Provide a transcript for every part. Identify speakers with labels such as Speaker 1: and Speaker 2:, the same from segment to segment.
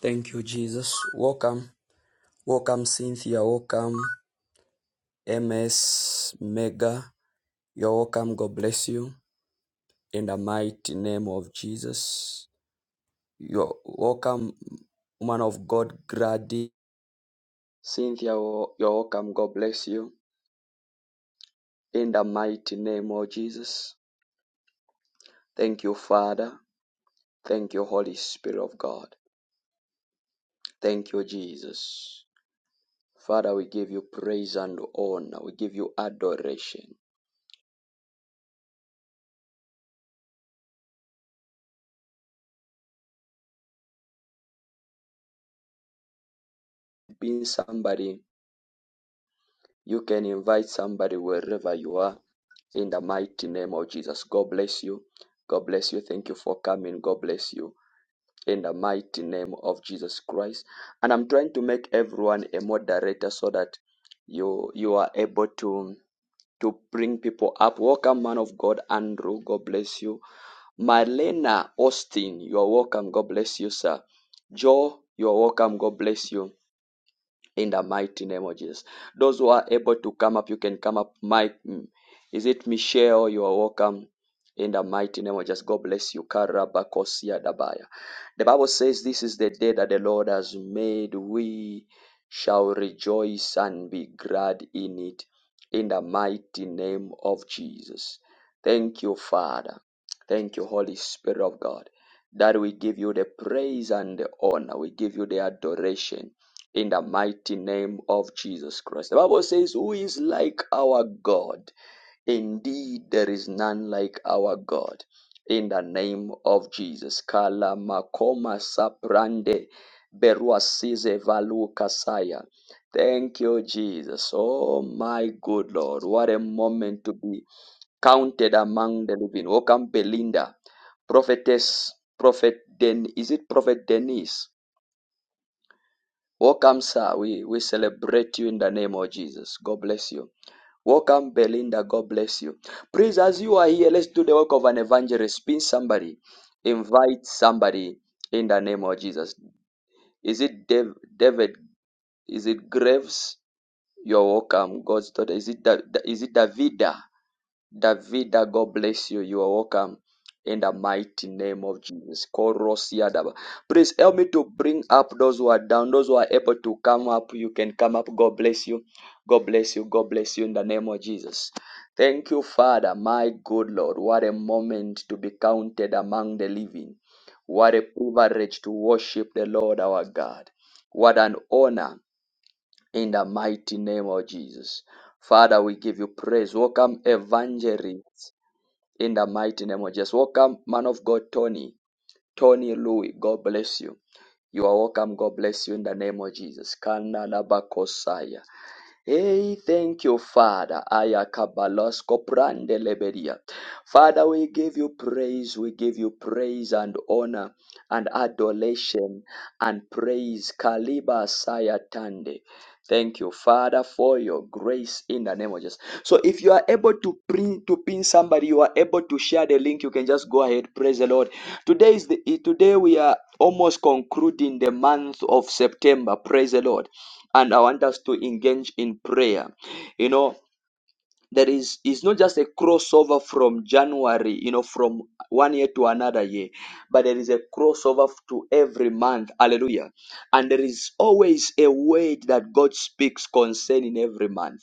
Speaker 1: Thank you, Jesus. Welcome. Welcome, Cynthia. Welcome, MS Mega. You're welcome. God bless you. In the mighty name of Jesus. You're welcome, woman of God, Grady. Cynthia, you're welcome. God bless you. In the mighty name of Jesus. Thank you, Father. Thank you, Holy Spirit of God. Thank you, Jesus. Father, we give you praise and honor. We give you adoration. Being somebody You can invite somebody wherever you are in the mighty name of Jesus. God bless you. God bless you. Thank you for coming. God bless you in the mighty name of Jesus Christ. And I'm trying to make everyone a moderator so that you you are able to to bring people up. Welcome, man of God, Andrew. God bless you. Marlena Austin, you are welcome. God bless you, sir. Joe, you are welcome. God bless you in the mighty name of Jesus. Those who are able to come up, you can come up. Mike, mm, is it Michelle? You are welcome in the mighty name of Jesus. God bless you. Karabakosia dabaya. The Bible says, This is the day that the Lord has made. We shall rejoice and be glad in it in the mighty name of Jesus. Thank you, Father. Thank you, Holy Spirit of God, that we give you the praise and the honor. We give you the adoration in the mighty name of Jesus Christ. The Bible says, Who is like our God? Indeed, there is none like our God. In the name of Jesus. Kala makoma saprande beruasize valu kasaya. Thank you, Jesus. Oh, my good Lord. What a moment to be counted among the living. Welcome, Belinda. Prophetess, Prophet Den. Is it Prophet Denise? Welcome, sir. We, we celebrate you in the name of Jesus. God bless you. Welcome, Belinda. God bless you. Please, as you are here, let's do the work of an evangelist. Pin somebody, invite somebody in the name of Jesus. Is it Dev, David? Is it Graves? You're welcome. God's daughter. Is it, da, Da- is it Davida? Davida, God bless you. You are welcome in the mighty name of Jesus. Korosiadaba. Please help me to bring up those who are down, those who are able to come up. You can come up. God bless you. God bless you. God bless you in the name of Jesus. Thank you, Father, my good Lord. What a moment to be counted among the living. What a privilege to worship the Lord our God. What an honor in the mighty name of Jesus. Father, we give you praise. Welcome, evangelists, in the mighty name of Jesus. Welcome, man of God, Tony. Tony Louis, God bless you. You are welcome. God bless you in the name of Jesus. Kana labakosaya. Hey, thank you, Father. Ayakabalos koprande lebedia. Father, we give you praise. We give you praise and honor and adoration and praise. Kaliba Sayatande. Thank you, Father, for your grace in the name of Jesus. So if you are able to pin to pin somebody, you are able to share the link, you can just go ahead. Praise the Lord. Today is the today we are almost concluding the month of September. Praise the Lord and I want us to engage in prayer. You know, there is is not just a crossover from January, you know, from one year to another year, but there is a crossover to every month. Hallelujah. And there is always a word that God speaks concerning every month.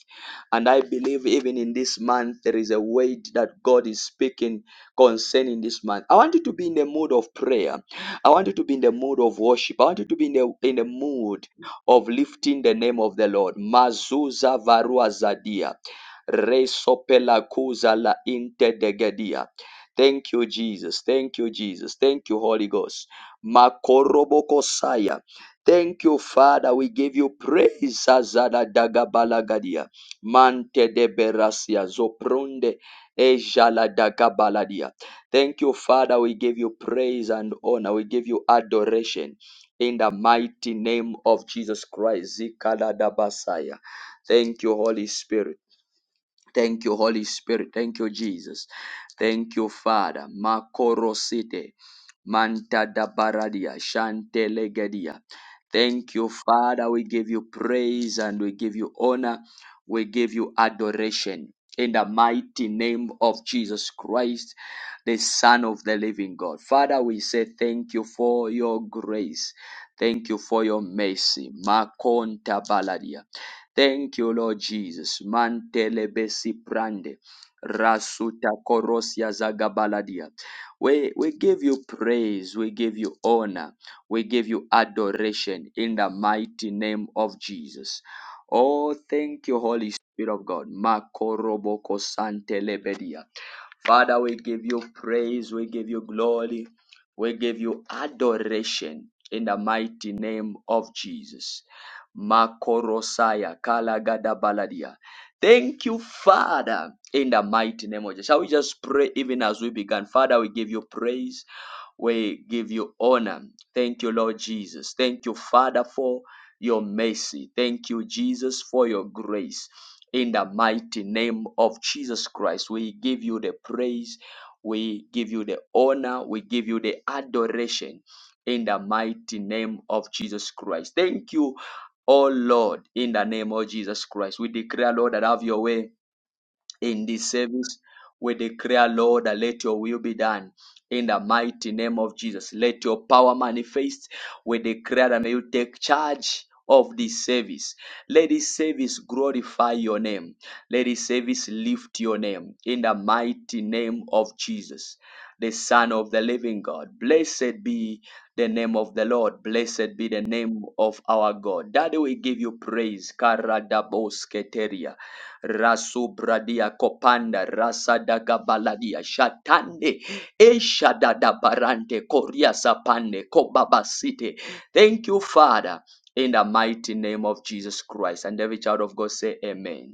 Speaker 1: And I believe even in this month, there is a word that God is speaking concerning this month. I want you to be in the mood of prayer. I want you to be in the mood of worship. I want you to be in the, in the mood of lifting the name of the Lord. Mazuza varua zadia. Resopela kuza la intedegedia. Thank you, Jesus. Thank you, Jesus. Thank you, Holy Ghost. Makorobokosaya. Thank you, Father. We give you praise. Azada dagabalagadia. Mante de berasia. Zoprunde. Ejala dagabaladia. Thank you, Father. We give you praise and honor. We give you adoration. In the mighty name of Jesus Christ. Zikala dabasaya. Thank you, Holy Spirit. Thank you, Holy Spirit. Thank you, Jesus. Thank you, Father. Makorosite. Manta da baradia. Shante Thank you, Father. We give you praise and we give you honor. We give you adoration. In the mighty name of Jesus Christ, the Son of the living God. Father, we say thank you for your grace. Thank you for your mercy. Makonta baladia. Thank you, Lord Jesus. Mantelebesi prande. Rasuta korosia zagabaladia. We, we give you praise. We give you honor. We give you adoration in the mighty name of Jesus. Oh, thank you, Holy Spirit of God. Makoroboko santelebedia. Father, we give you praise. We give you glory. We give you adoration in the mighty name of Jesus. Makorosaya Kalagada Baladia. Thank you, Father, in the mighty name of Jesus. Shall we just pray even as we began? Father, we give you praise. We give you honor. Thank you, Lord Jesus. Thank you, Father, for your mercy. Thank you, Jesus, for your grace. In the mighty name of Jesus Christ, we give you the praise. We give you the honor. We give you the adoration in the mighty name of Jesus Christ. Thank you Oh Lord, in the name of Jesus Christ, we declare, Lord, that have your way in this service. We declare, Lord, that let your will be done in the mighty name of Jesus. Let your power manifest. We declare that may you take charge of this service. Let this service glorify your name. Let this service lift your name in the mighty name of Jesus, the Son of the living God. Blessed be the name of the Lord. Blessed be the name of our God. Daddy, we give you praise. Karadaboske rasubradia kopanda rasadagabaladia shatande eshadada barante koria sapande kobabasite thank you father in the mighty name of jesus christ and every child of god say amen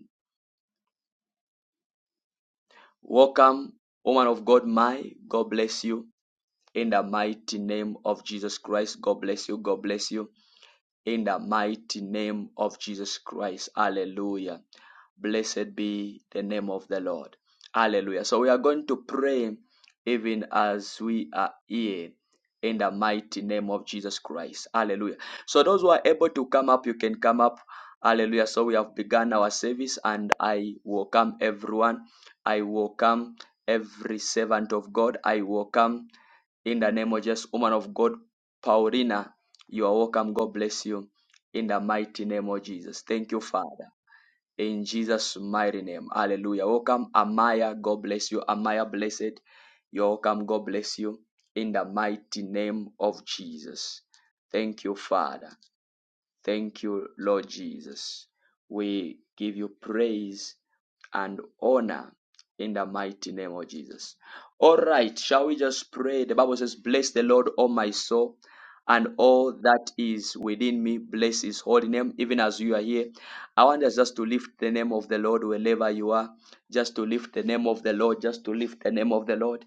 Speaker 1: Welcome, woman of God, my God bless you in the mighty name of Jesus Christ. God bless you. God bless you in the mighty name of Jesus Christ. Hallelujah. Blessed be the name of the Lord. Hallelujah. So we are going to pray even as we are here in the mighty name of Jesus Christ. Hallelujah. So those who are able to come up, you can come up. Hallelujah. So we have begun our service and I welcome everyone. I welcome every servant of God. I welcome in the name of Jesus, woman of God, Paulina. You are welcome. God bless you in the mighty name of Jesus. Thank you, Father. In Jesus' mighty name. Hallelujah. Welcome, Amaya. God bless you. Amaya, blessed. You're welcome. God bless you in the mighty name of Jesus. Thank you, Father. Thank you, Lord Jesus. We give you praise and honor in the mighty name of Jesus. All right, shall we just pray? The Bible says, Bless the Lord, O my soul, and all that is within me. Bless his holy name, even as you are here. I want us just to lift the name of the Lord wherever you are. Just to lift the name of the Lord, just to lift the name of the Lord.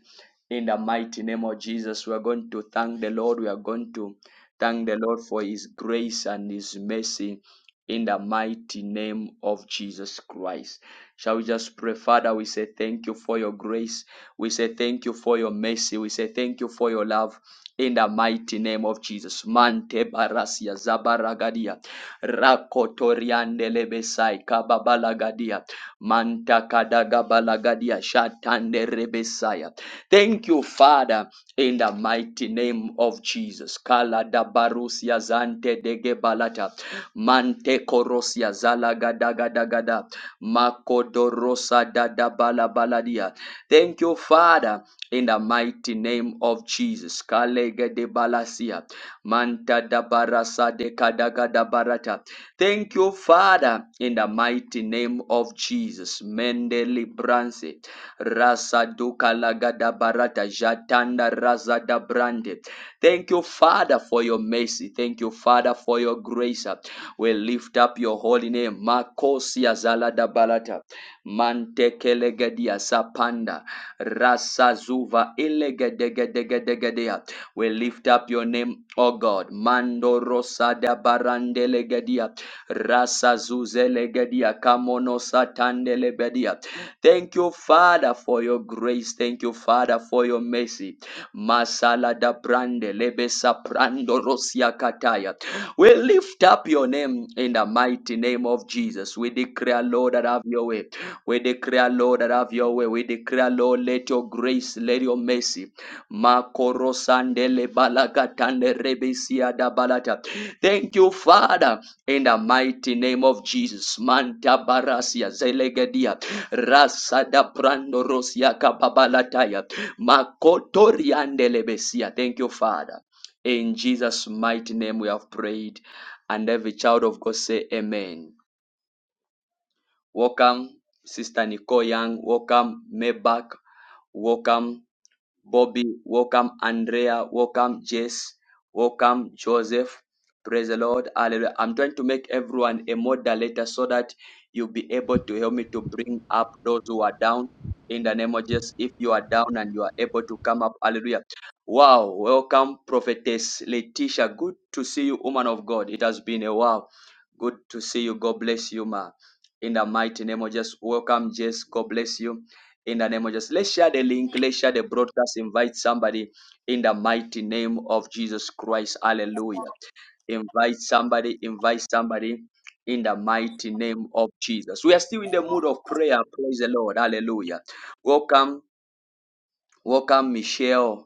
Speaker 1: In the mighty name of Jesus, we are going to thank the Lord. We are going to Thank the Lord for his grace and his mercy in the mighty name of Jesus Christ. Shall we just pray, Father? We say thank you for your grace. We say thank you for your mercy. We say thank you for your love. In the mighty name of Jesus. Mante barasia zabaragadia. Rakotoriande lebesai kababalagadia. Manta kadagabalagadia shatande rebesaya. Thank you, Father. In the mighty name of Jesus. Kala da barusia zante dege balata. Mante korosia zala gada gada gada. Makodorosa da da bala baladia. Thank you, Father, in the mighty name of Jesus. Kalege de balasia. Manta da barasa de kada gada barata. Thank you, Father, in the mighty name of Jesus. Mende libranse. Rasa duka lagada barata jatanda razada brande. Thank you, Father, for your mercy. Thank you, Father, for your grace. We lift up your holy name. Makosia zalada balata. Mantekelegadia sapanda. Rasazuva ilegadegadegadegadea. We lift up your name, O God. Mando rosada barandelegadia. Rasazuzelegadia kamono satandelebedia. Thank you, Father, for your grace. Thank you, Father, for your mercy. Masala da brande lebesa prando rosia kataya. We lift up your name in the mighty name of Jesus. We declare, Lord, that have your way. We declare, Lord, that have your way. We declare, Lord, let your grace, let your mercy. Makorosandele balagatande rebesia da balata. Thank you, Father, in the mighty name of Jesus. Manta barasia zelegedia. Rasada prando rosia kababalataya. Makotori andelebesia. Thank you, Father. In Jesus' mighty name we have prayed. And every child of God say amen. Welcome, Sister Nicole Young. Welcome, Maybach. Welcome. Bobby, welcome Andrea, welcome Jess, welcome Joseph. Praise the Lord. Hallelujah. I'm trying to make everyone a moderator so that you'll be able to help me to bring up those who are down in the name of Jesus. If you are down and you are able to come up, hallelujah. Wow, welcome, prophetess Letitia. Good to see you, woman of God. It has been a while. Good to see you. God bless you, ma. In the mighty name of Jesus, welcome, Jess. God bless you in the name of Jesus. Let's share the link. Let's share the broadcast. Invite somebody in the mighty name of Jesus Christ. Hallelujah. Invite somebody. Invite somebody in the mighty name of Jesus. We are still in the mood of prayer. Praise the Lord. Hallelujah. Welcome. Welcome, Michelle.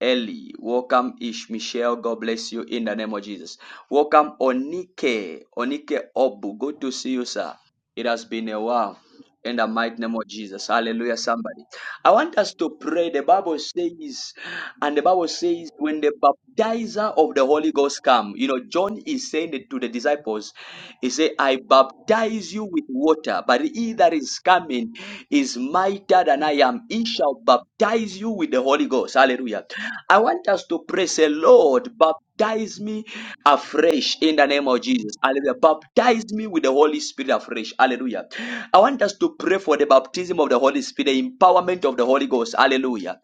Speaker 1: Ellie, welcome Ish Michelle. God bless you in the name of Jesus. Welcome Onike, Onike Obu. Good to see you, sir. It has been a while. In the mighty name of Jesus. Hallelujah, somebody. I want us to pray. The Bible says, and the Bible says, when the baptizer of the Holy Ghost come, you know, John is saying it to the disciples, he said, I baptize you with water, but he that is coming is mightier than I am. He shall baptize you with the Holy Ghost. Hallelujah. I want us to pray, say, Lord, baptize me afresh in the name of Jesus. Hallelujah. Baptize me with the Holy Spirit afresh. Hallelujah. I want us to pray for the baptism of the Holy Spirit, the empowerment of the Holy Ghost. Hallelujah.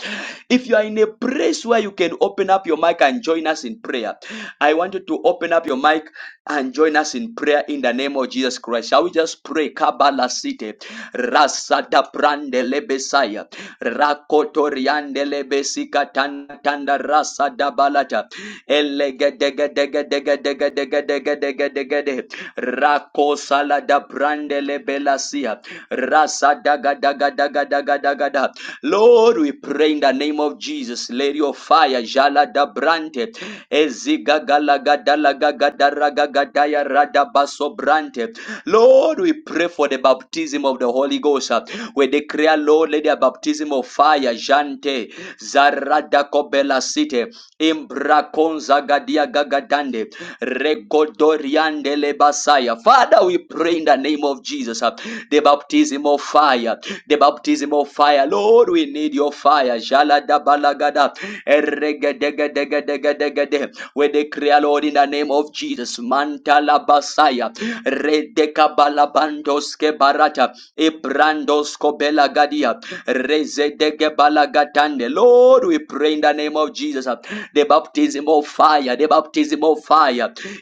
Speaker 1: If you are in a place where you can open up your mic and join us in prayer, I want you to open up your mic and join us in prayer in the name of Jesus Christ. Shall we just pray? Kabala City, Rasada Brande Lebesaya, Rakotoriande Lebesika Tanda Rasada Balata, Elegedegedegedegedegedegedegedegede, Rakosala da brandele belasia. Rasa daga daga daga daga daga da. Lord, we pray in the name of Jesus. Let your fire jala da brante. Eziga galaga dalaga gadaraga gadaya rada baso brante. Lord, we pray for the baptism of the Holy Ghost. uh, We declare, Lord, let the baptism of fire jante zarada kobela site imbra konza gadia gagadande Rekodoriandele basaya. Father, we pray in the name of Jesus. uh, The baptism of fire. The baptism of fire. Lord, we need your fire. Jalada balagada. Eregedegedegedegede. We declare, Lord, in the name of Jesus. Mantala basaya. Redeka balabandoske barata. Ibrandosko belagadia. Rezedege balagatande. Lord, we pray in the name of Jesus. uh, The baptism of fire. The baptism of fire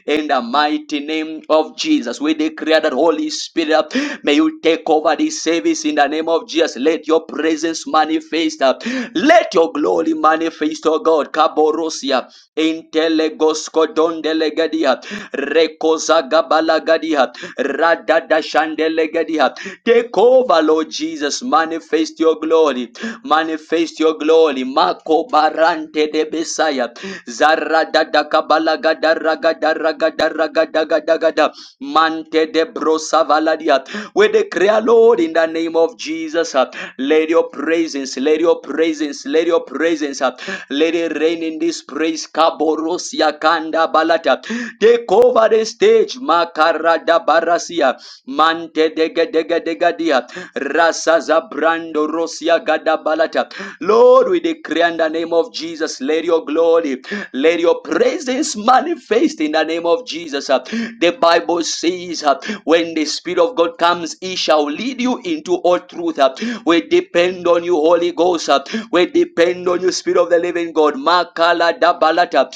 Speaker 1: in the mighty name of Jesus. We declare that Holy Spirit, may you take over this service in the name of Jesus. Let your presence manifest. uh, Let your glory manifest, oh God. Kaborosia, intelegoskodondelegadia, rekozagabalagadia, radadashandelegadia. Take over, Lord Jesus. Manifest your glory. Manifest your glory. Mako barante de Messiah. Zara dada kabala gada raga da raga da raga da gada gada. Mante de brosa valadia. We declare, Lord, in the name of Jesus, uh, let your presence, let your presence, let your presence, uh, let it rain in this praise. Kaborosia kanda balata. Take over the stage. Makarada barasia. Mante dega dega dega dia. Rasa zabrando rosia gada balata. Lord, we declare in the name of Jesus, let your glory. Let your presence manifest in the name of Jesus. Uh, The Bible says, uh, when the Spirit of God comes, He shall lead you into all truth. Uh, We depend on you, Holy Ghost. Uh, We depend on you, Spirit of the Living God. Makala da balata,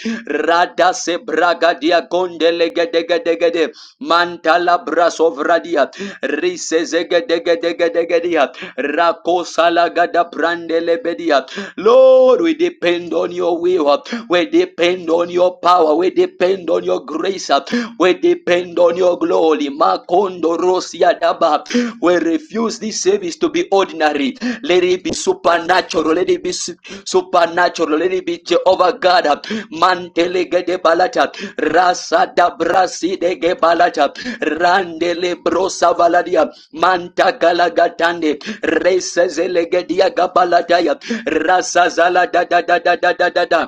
Speaker 1: rada se braga dia gondele gede gede gede, mantala braso vradia, rise zege dege dege dege dia, rako sala gada brandele bedia. Lord, we depend on your will. We depend on your power. We depend on your grace. uh, We depend on your glory. Makondo Rosia Daba. We refuse this service to be ordinary. Let it be supernatural. Let it be supernatural. Let it be Jehovah God. uh, Mantele gede balata. Rasa da brasi de ge balata. Randele brosa valadia. Manta galagatande. Resa zelegedia gabalataya. Rasa zala da da da da da da da da.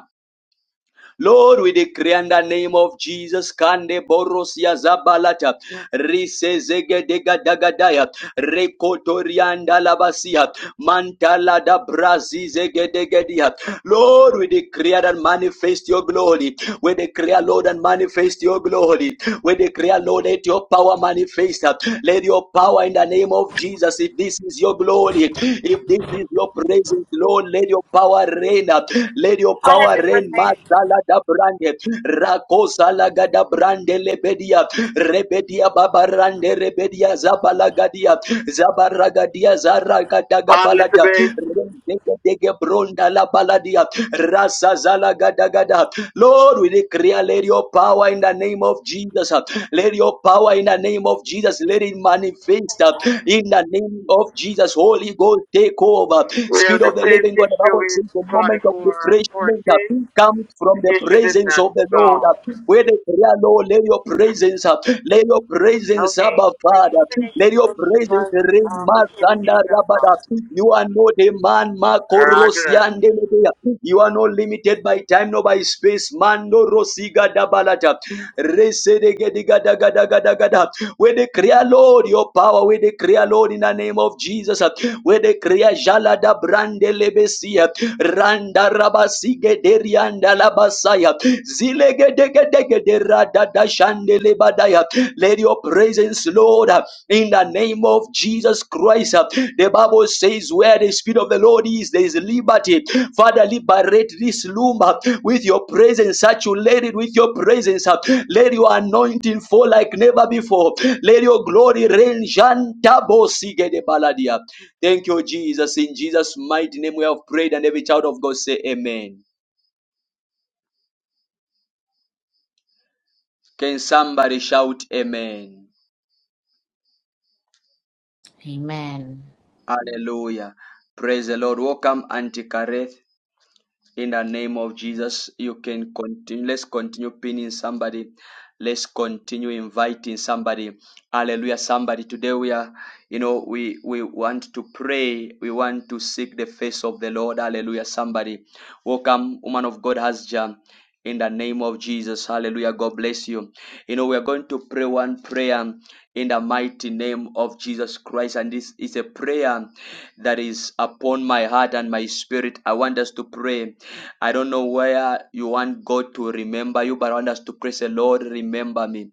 Speaker 1: Lord, we decree in the name of Jesus, Kande Borosia Zabalata, Risezege Degadaya, Rekotorianda Labasia, Mantala da Brazizegedegedia. Lord, we decree and manifest your glory. We decree, Lord, and manifest your glory. We decree, Lord, let your power manifest. Let your power in the name of Jesus, if this is your glory, if this is your praise praise Lord. Let your power reign. Let your power reign. Masala da brande. Rakosa laga da brande lebedia. Rebedia babarande rebedia zabala gadia. Zabaraga dia zaraga daga
Speaker 2: On
Speaker 1: balada.
Speaker 2: Elizabeth,
Speaker 1: Dege dege bronda la baladia. Rasa zala gada gada. Lord, we declare, let your power in the name of Jesus. uh, Let your power in the name of Jesus. Let it manifest uh, in the name of Jesus. Holy Ghost, take over.
Speaker 2: we have
Speaker 1: Spirit
Speaker 2: the
Speaker 1: of the
Speaker 2: same
Speaker 1: living God, the
Speaker 2: issue
Speaker 1: Bible says the
Speaker 2: with
Speaker 1: moment of refreshment
Speaker 2: 2414.
Speaker 1: come from
Speaker 2: The
Speaker 1: the
Speaker 2: issue did
Speaker 1: presence
Speaker 2: not
Speaker 1: of the Lord.
Speaker 2: solve.
Speaker 1: We declare, Lord, let your presence, uh, let your presence, Abba Father, let your presence reign, Masanda Rabada. You are not a man,
Speaker 2: Roger that.
Speaker 1: Makorosiandelebea. You are not limited by time nor by space, Mando Rosiga Dabalata. Resedegedigadagadagadagada. We declare, Lord, your power. We declare, Lord, in the name of Jesus. We declare, Jala da brande lebesia. Randa rabasige derianda labasaya. Zilege dege dege derada da Let your presence, Lord, in the name name of Jesus Christ. The Bible says, Where the Spirit of the Lord is, there is liberty. Father, liberate this loom with your presence, saturate it with your presence. Let your anointing fall like never before. Let your glory reign. Jantabo sigede baladia. Thank you, Jesus. In Jesus' mighty name, we have prayed, and every child of God say, Amen. Can somebody shout, Amen?
Speaker 3: Amen.
Speaker 1: Hallelujah. Praise the Lord. Welcome, Auntie Kareth. in the name of jesus you can continue let's continue pinning somebody let's continue inviting somebody hallelujah somebody today we are you know we we want to pray we want to seek the face of the lord hallelujah somebody welcome woman of god hasja in the name of Jesus. Hallelujah. God bless you. You know, we are going to pray one prayer in the mighty name of Jesus Christ. And this is a prayer that is upon my heart and my spirit. I want us to pray. I don't know where you want God to remember you, but I want us to pray, say, Lord, remember me.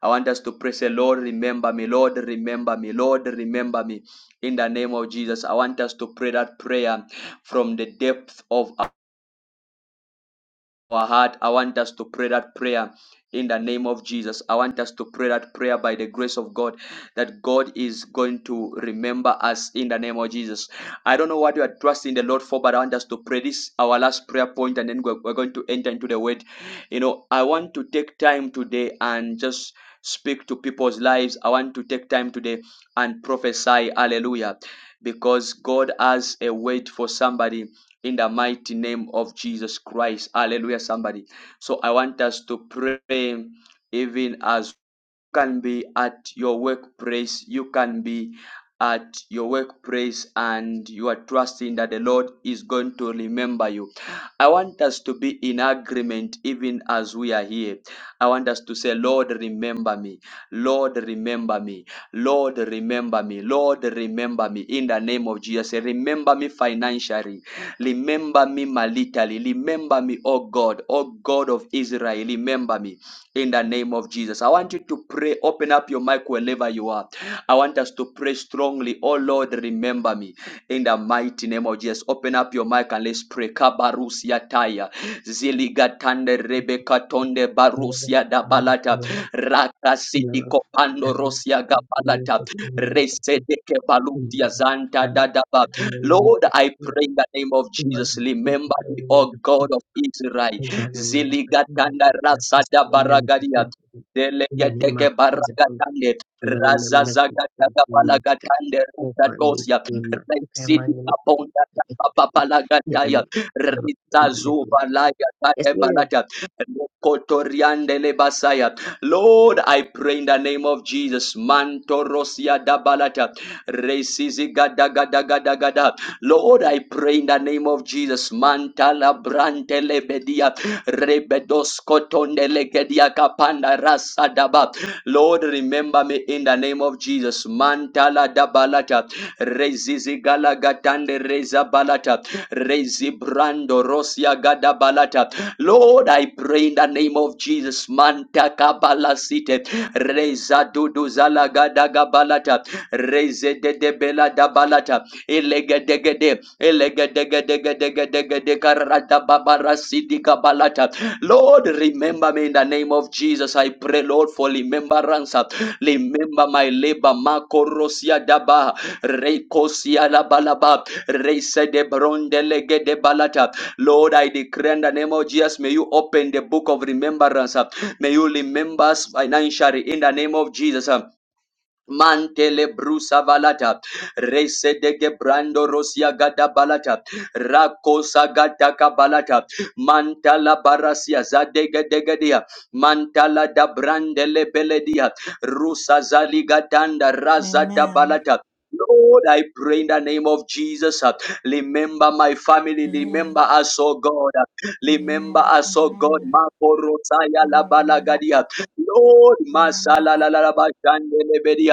Speaker 1: I want us to pray, say, Lord, remember me. Lord, remember me. Lord, remember me. In the name of Jesus, I want us to pray that prayer from the depth of our heart. I want us to pray that prayer in the name of Jesus. I want us to pray that prayer by the grace of God that God is going to remember us in the name of Jesus. I don't know what you are trusting the Lord for, but I want us to pray this, our last prayer point, and then we're, we're going to enter into the word. You know, I want to take time today and just speak to people's lives. I want to take time today and prophesy. Hallelujah. Because God has a word for somebody in the mighty name of Jesus Christ. Hallelujah, somebody. So I want us to pray even as can be at your workplace you can be at your workplace and you are trusting that the lord is going to remember you i want us to be in agreement even as we are here i want us to say lord remember me lord remember me lord remember me lord remember me in the name of jesus Say, remember me financially remember me maritally remember me oh god oh god of israel remember me in the name of Jesus. I want you to pray. Open up your mic whenever you are. I want us to pray strongly. Oh Lord, remember me in the mighty name of Jesus. Open up your mic and let's pray. Kabarusia taya ziligatande rebeka tonde
Speaker 4: In the
Speaker 1: barusia da balata
Speaker 4: name
Speaker 1: rakasiti
Speaker 4: of
Speaker 1: kopando rosia gabalata resede ke balutia zanta dadaba.
Speaker 4: Jesus,
Speaker 1: Lord, I pray in the name of Jesus. Remember me, O God of Israel.
Speaker 4: oh God, I remember that
Speaker 1: Ziligatanda rasada baragadia. Delegedeke baragatande.
Speaker 4: we sent
Speaker 1: Razazagataga
Speaker 4: you my ticket.
Speaker 1: balagatande
Speaker 4: Oh, Father, we
Speaker 1: rutadosia.
Speaker 4: pray, Master, come on,
Speaker 1: Rexidi
Speaker 4: you
Speaker 1: kaponda
Speaker 4: make it. Yeah,
Speaker 1: papapalagataya. Ritazuva laya
Speaker 4: Yes, ma'am.
Speaker 1: taebalata. Kotoriande lebasaya. Lord, I pray in the name of Jesus. Mantorosia dabalata. Resizigadagadagadagada. Lord, I pray in the name of Jesus. Mantala brante lebedia. Rebedos kotondelegedia kapanda rasa Lord, remember me in the name of Jesus. Mantala dabalata. Rezizigala gatande reza balata. Rezibrando rosia gada balata. Lord, I pray in the name of Jesus. Manta kabala Reza dudu zala gada gabalata. Reze de debela dabalata. Elegedegede, elegedegedegedegede, karadababarasidikabalata. Lord, remember me in the name of Jesus. I pray, Lord, for remembrance. Remember my labor. Makorosia daba, rekosia labalaba, reise de brondelege de balata. Lord, I declare in the name of Jesus, may you open the book of remembrance. May you remember us financially in the name of Jesus. Mantele brusa valata, rese de gebrando rosia gada balata, rakosa gata kabalata, mantala barasia zadega degadia, mantala da brandele beledia, rusa zaligatanda raza da
Speaker 3: Amen.
Speaker 1: balata. Lord, I pray in the name of Jesus. uh, Remember my family. Remember
Speaker 3: Amen.
Speaker 1: us, oh God. uh, Remember
Speaker 3: Amen.
Speaker 1: us, oh God.
Speaker 3: Amen.
Speaker 1: Makorosaya la
Speaker 3: Father, remember
Speaker 1: balagadia.
Speaker 3: us.
Speaker 1: Lord,
Speaker 3: Remember
Speaker 1: masala la
Speaker 3: us.
Speaker 1: la la ba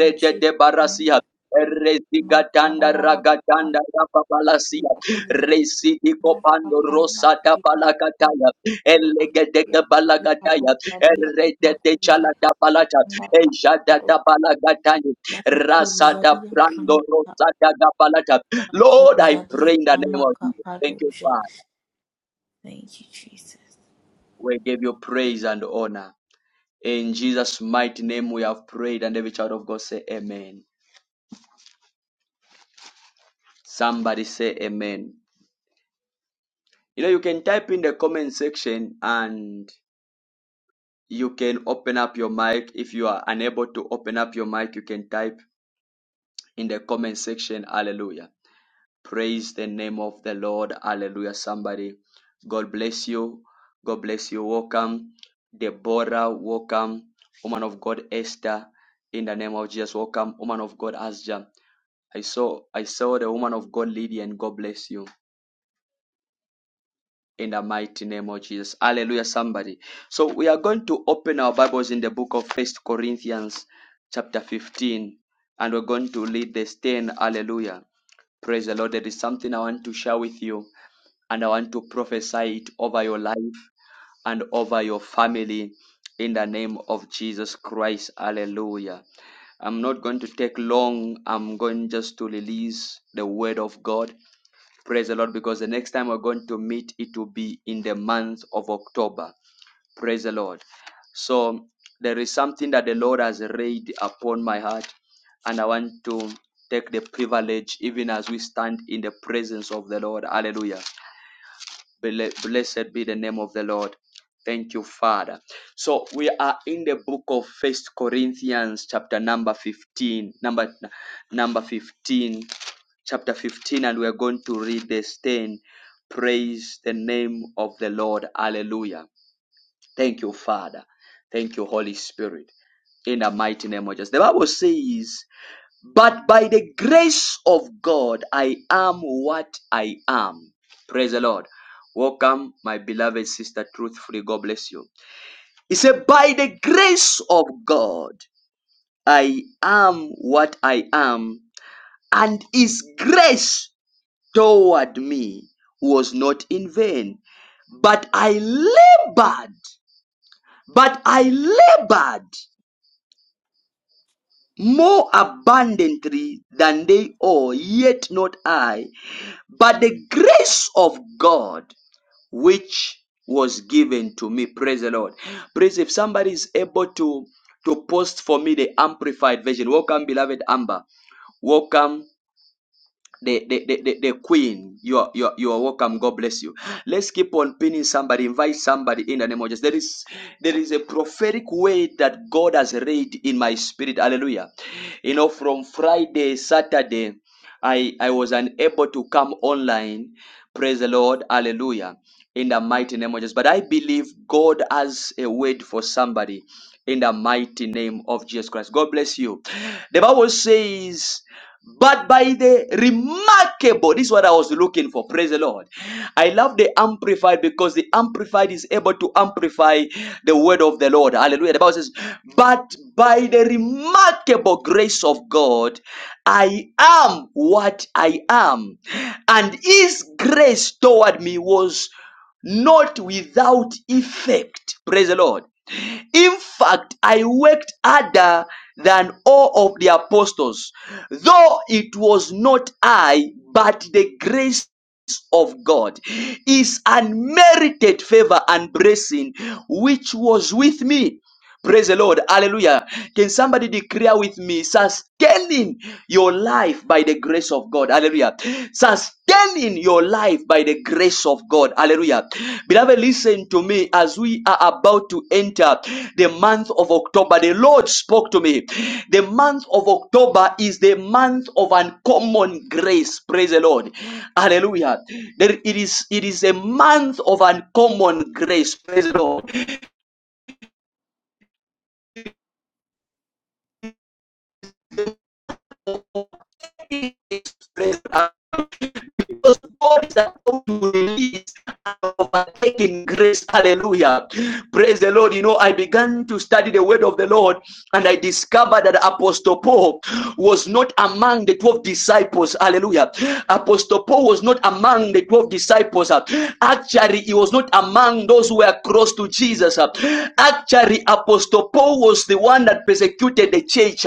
Speaker 3: In Jesus'
Speaker 1: de
Speaker 3: name.
Speaker 1: barasia. Rezigatanda
Speaker 3: Makadabada
Speaker 1: ragatanda rababalasia.
Speaker 3: Shipaduja.
Speaker 1: Residi kopando
Speaker 3: Makapalama
Speaker 1: rosada
Speaker 3: Shipaduja.
Speaker 1: balakataya. Elegede
Speaker 3: Randia
Speaker 1: balagataya.
Speaker 3: Ipaduja Dia
Speaker 1: Erede de
Speaker 3: Makuja.
Speaker 1: chalada balata.
Speaker 3: Randa
Speaker 1: Ejada
Speaker 3: Padu.
Speaker 1: da balagatani.
Speaker 3: Eva Kuja
Speaker 1: Rasada
Speaker 3: Dia
Speaker 1: brando
Speaker 3: Prandata.
Speaker 1: rosada da balata. Lord, I
Speaker 3: Kuja Dia
Speaker 1: pray in the name of
Speaker 3: Tamaka
Speaker 1: Jesus. Thank you,
Speaker 3: Paduja.
Speaker 1: Father.
Speaker 3: Thank you, Jesus.
Speaker 1: We give you praise and honor. In Jesus' mighty name we have prayed, and every child of God say amen. Somebody say amen. You know, you can type in the comment section and you can open up your mic. If you are unable to open up your mic, you can type in the comment section. Hallelujah. Praise the name of the Lord. Hallelujah. Somebody, God bless you. God bless you. Welcome, Deborah. Welcome, woman of God, Esther. In the name of Jesus, welcome, woman of God, Asja. I saw, I saw the woman of God, Lydia, and God bless you. in the mighty name of Jesus. Hallelujah, somebody. So we are going to open our Bibles in the book of First Corinthians, chapter 15, and we're going to lead the stand. Hallelujah. Praise the Lord. There is something I want to share with you, and I want to prophesy it over your life and over your family in the name of Jesus Christ. Hallelujah. I'm not going to take long. I'm going just to release the word of God Praise the Lord, because the next time we're going to meet, it will be in the month of October. Praise the Lord. So there is something that the Lord has laid upon my heart, and I want to take the privilege, even as we stand in the presence of the Lord. Hallelujah. Blessed be the name of the Lord. Thank you, Father. So we are in the book of First Corinthians, chapter number 15, number number 15 chapter 15, and we're going to read this 10. Praise the name of the Lord. Hallelujah. Thank you, Father. Thank you, Holy Spirit in the mighty name of Jesus. The Bible says, But by the grace of God, I am what I am. Praise the Lord. Welcome, my beloved sister, truthfully. God bless you. He said, By the grace of God, I am what I am, and His grace toward me was not in vain, but I labored, but I labored more abundantly than they all, yet not I, but the grace of God which was given to me. Praise the Lord. Praise if somebody is able to to post for me the amplified version. Welcome, beloved Amber. Welcome the the, the, the, the queen you are, you are you are welcome god bless you let's keep on pinning somebody invite somebody in the name of jesus there is there is a prophetic way that god has read in my spirit hallelujah you know from friday saturday i i was unable to come online praise the lord hallelujah in the mighty name of jesus but i believe god has a word for somebody in the mighty name of jesus christ god bless you the bible says but by the remarkable, this is what I was looking for. Praise the Lord. I love the amplified because the amplified is able to amplify the word of the Lord. Hallelujah. The Bible says, But by the remarkable grace of God, I am what I am. And his grace toward me was not without effect. Praise the Lord. In fact, I worked harder than all of the apostles, though it was not I, but the grace of God is unmerited favor and blessing which was with me. Praise the Lord. Hallelujah. Can somebody declare with me, sustaining your life by the grace of God? Hallelujah. Sustaining your life by the grace of God. Hallelujah. Beloved, listen to me as we are about to enter the month of October. The Lord spoke to me. The month of October is the month of uncommon grace. Praise the Lord. Hallelujah. There, it is it is a month of uncommon grace. Praise the Lord because God is about to release and overtaking grace. Hallelujah. Praise the Lord. You know, I began to study the word of the Lord and I discovered that Apostle Paul was not among the 12 disciples. Hallelujah. Apostle Paul was not among the 12 disciples. Actually, he was not among those who were close to Jesus. Actually, Apostle Paul was the one that persecuted the church.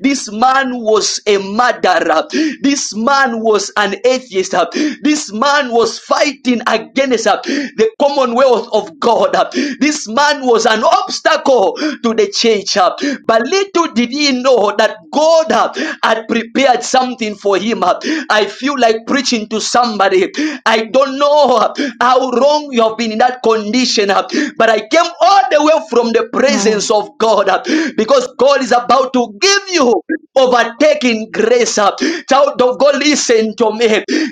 Speaker 1: This man was a murderer. This man was an atheist. This man was fighting against the commonwealth of God. This man was an obstacle to the church. But little Little did he know that God uh, had prepared something for him? uh? I feel like preaching to somebody. I don't know uh, how long you have been in that condition, uh, but I came all the way from the presence
Speaker 5: Mm.
Speaker 1: of God uh, because God is about to give you overtaking grace. uh. Child of God, listen to me.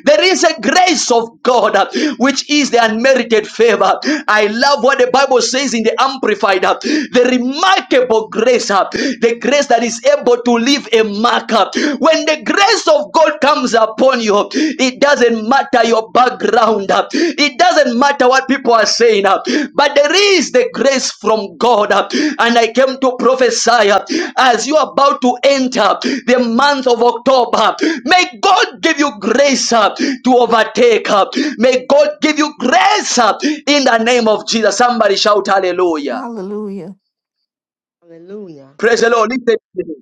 Speaker 1: There is a grace of God uh, which is the unmerited favor. I love what the Bible says in the Amplified. uh, The remarkable remarkable grace, uh, the grace that is able to leave a mark. uh. When the grace of God comes upon you, it doesn't matter your background, uh, it doesn't matter what people are saying, uh, but there is the grace from God. uh, And I came to prophesy uh, as you are about to enter the month of October, may God give you grace uh, to overtake. uh. May God give you grace uh, in the name of Jesus. Somebody shout hallelujah.
Speaker 5: Hallelujah.
Speaker 4: Hallelujah.
Speaker 1: Praise the Lord. Listen to me.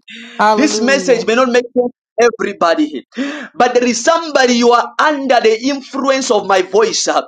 Speaker 1: This message
Speaker 5: Hallelujah.
Speaker 1: may not make sense to everybody here, but there is somebody you are under the influence of my voice uh,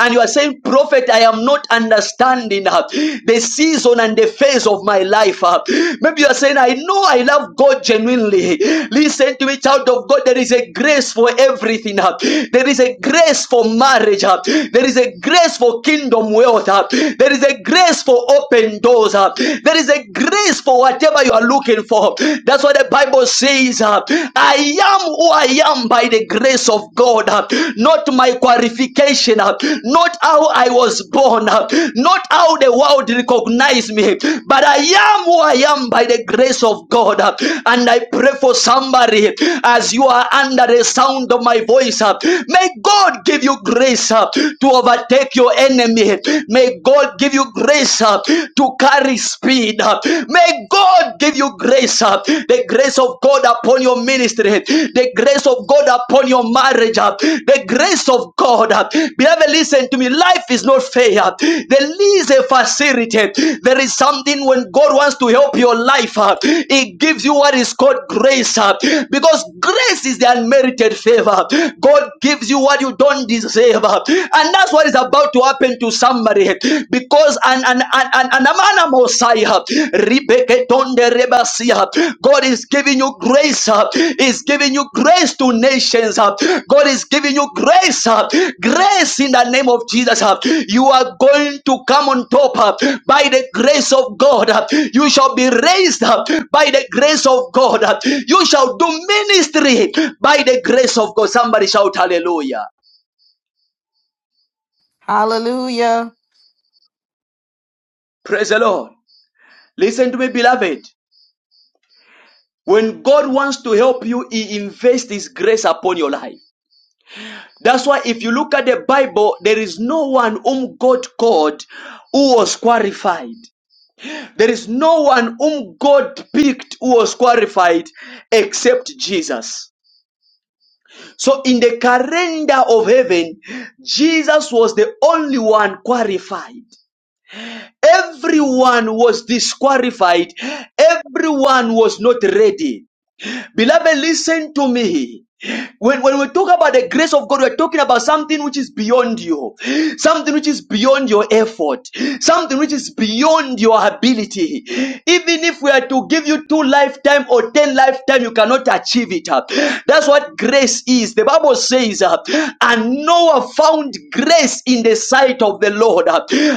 Speaker 1: and you are saying prophet i am not understanding uh, the season and the phase of my life uh." maybe you are saying i know i love god genuinely listen to me child of god there is a grace for everything uh. there is a grace for marriage uh. there is a grace for kingdom wealth uh. there is a grace for open doors doors. uh, There is a grace for whatever you are looking for. That's what the Bible says. uh, I am who I am by the grace of God, uh, not my qualification, uh, not how I was born, uh, not how the world recognized me, but I am who I am by the grace of God. uh, And I pray for somebody as you are under the sound of my voice. uh, May God give you grace uh, to overtake your enemy. May God give you grace uh, to carry speed. uh. May God give you grace, uh, the grace of God upon your ministry, the grace of God upon your marriage, uh, the grace of God. uh. Beloved, listen to me. Life is not fair. Uh, There is a facility. There is something when God wants to help your life, uh, He gives you what is called grace, uh, because grace is the unmerited favor. God gives you what you don't deserve, uh, and that's what is about to happen to somebody because an an an an, an amana mosaiha ribeketonde rebasiha God is giving you grace uh, is giving you grace to nations uh, God is giving you grace uh, grace in the name of Jesus uh, you are going to come on top uh, by the grace of God uh, you shall be raised up by the grace of God uh, you shall do ministry by the grace of God somebody shout hallelujah
Speaker 5: Hallelujah.
Speaker 1: praise the Lord Listen to me, beloved. When God wants to help you, He invests His grace upon your life. That's why if you look at the Bible, there is no one whom God called who was qualified. There is no one whom God picked who was qualified except Jesus. So in the calendar of heaven, Jesus was the only one qualified. Everyone was disqualified. Everyone was not ready. Beloved, listen to me. When, when we talk about the grace of God, we're talking about something which is beyond you, something which is beyond your effort, something which is beyond your ability. Even if we are to give you two lifetime or ten lifetime, you cannot achieve it. That's what grace is. The Bible says, uh, and Noah found grace in the sight of the Lord.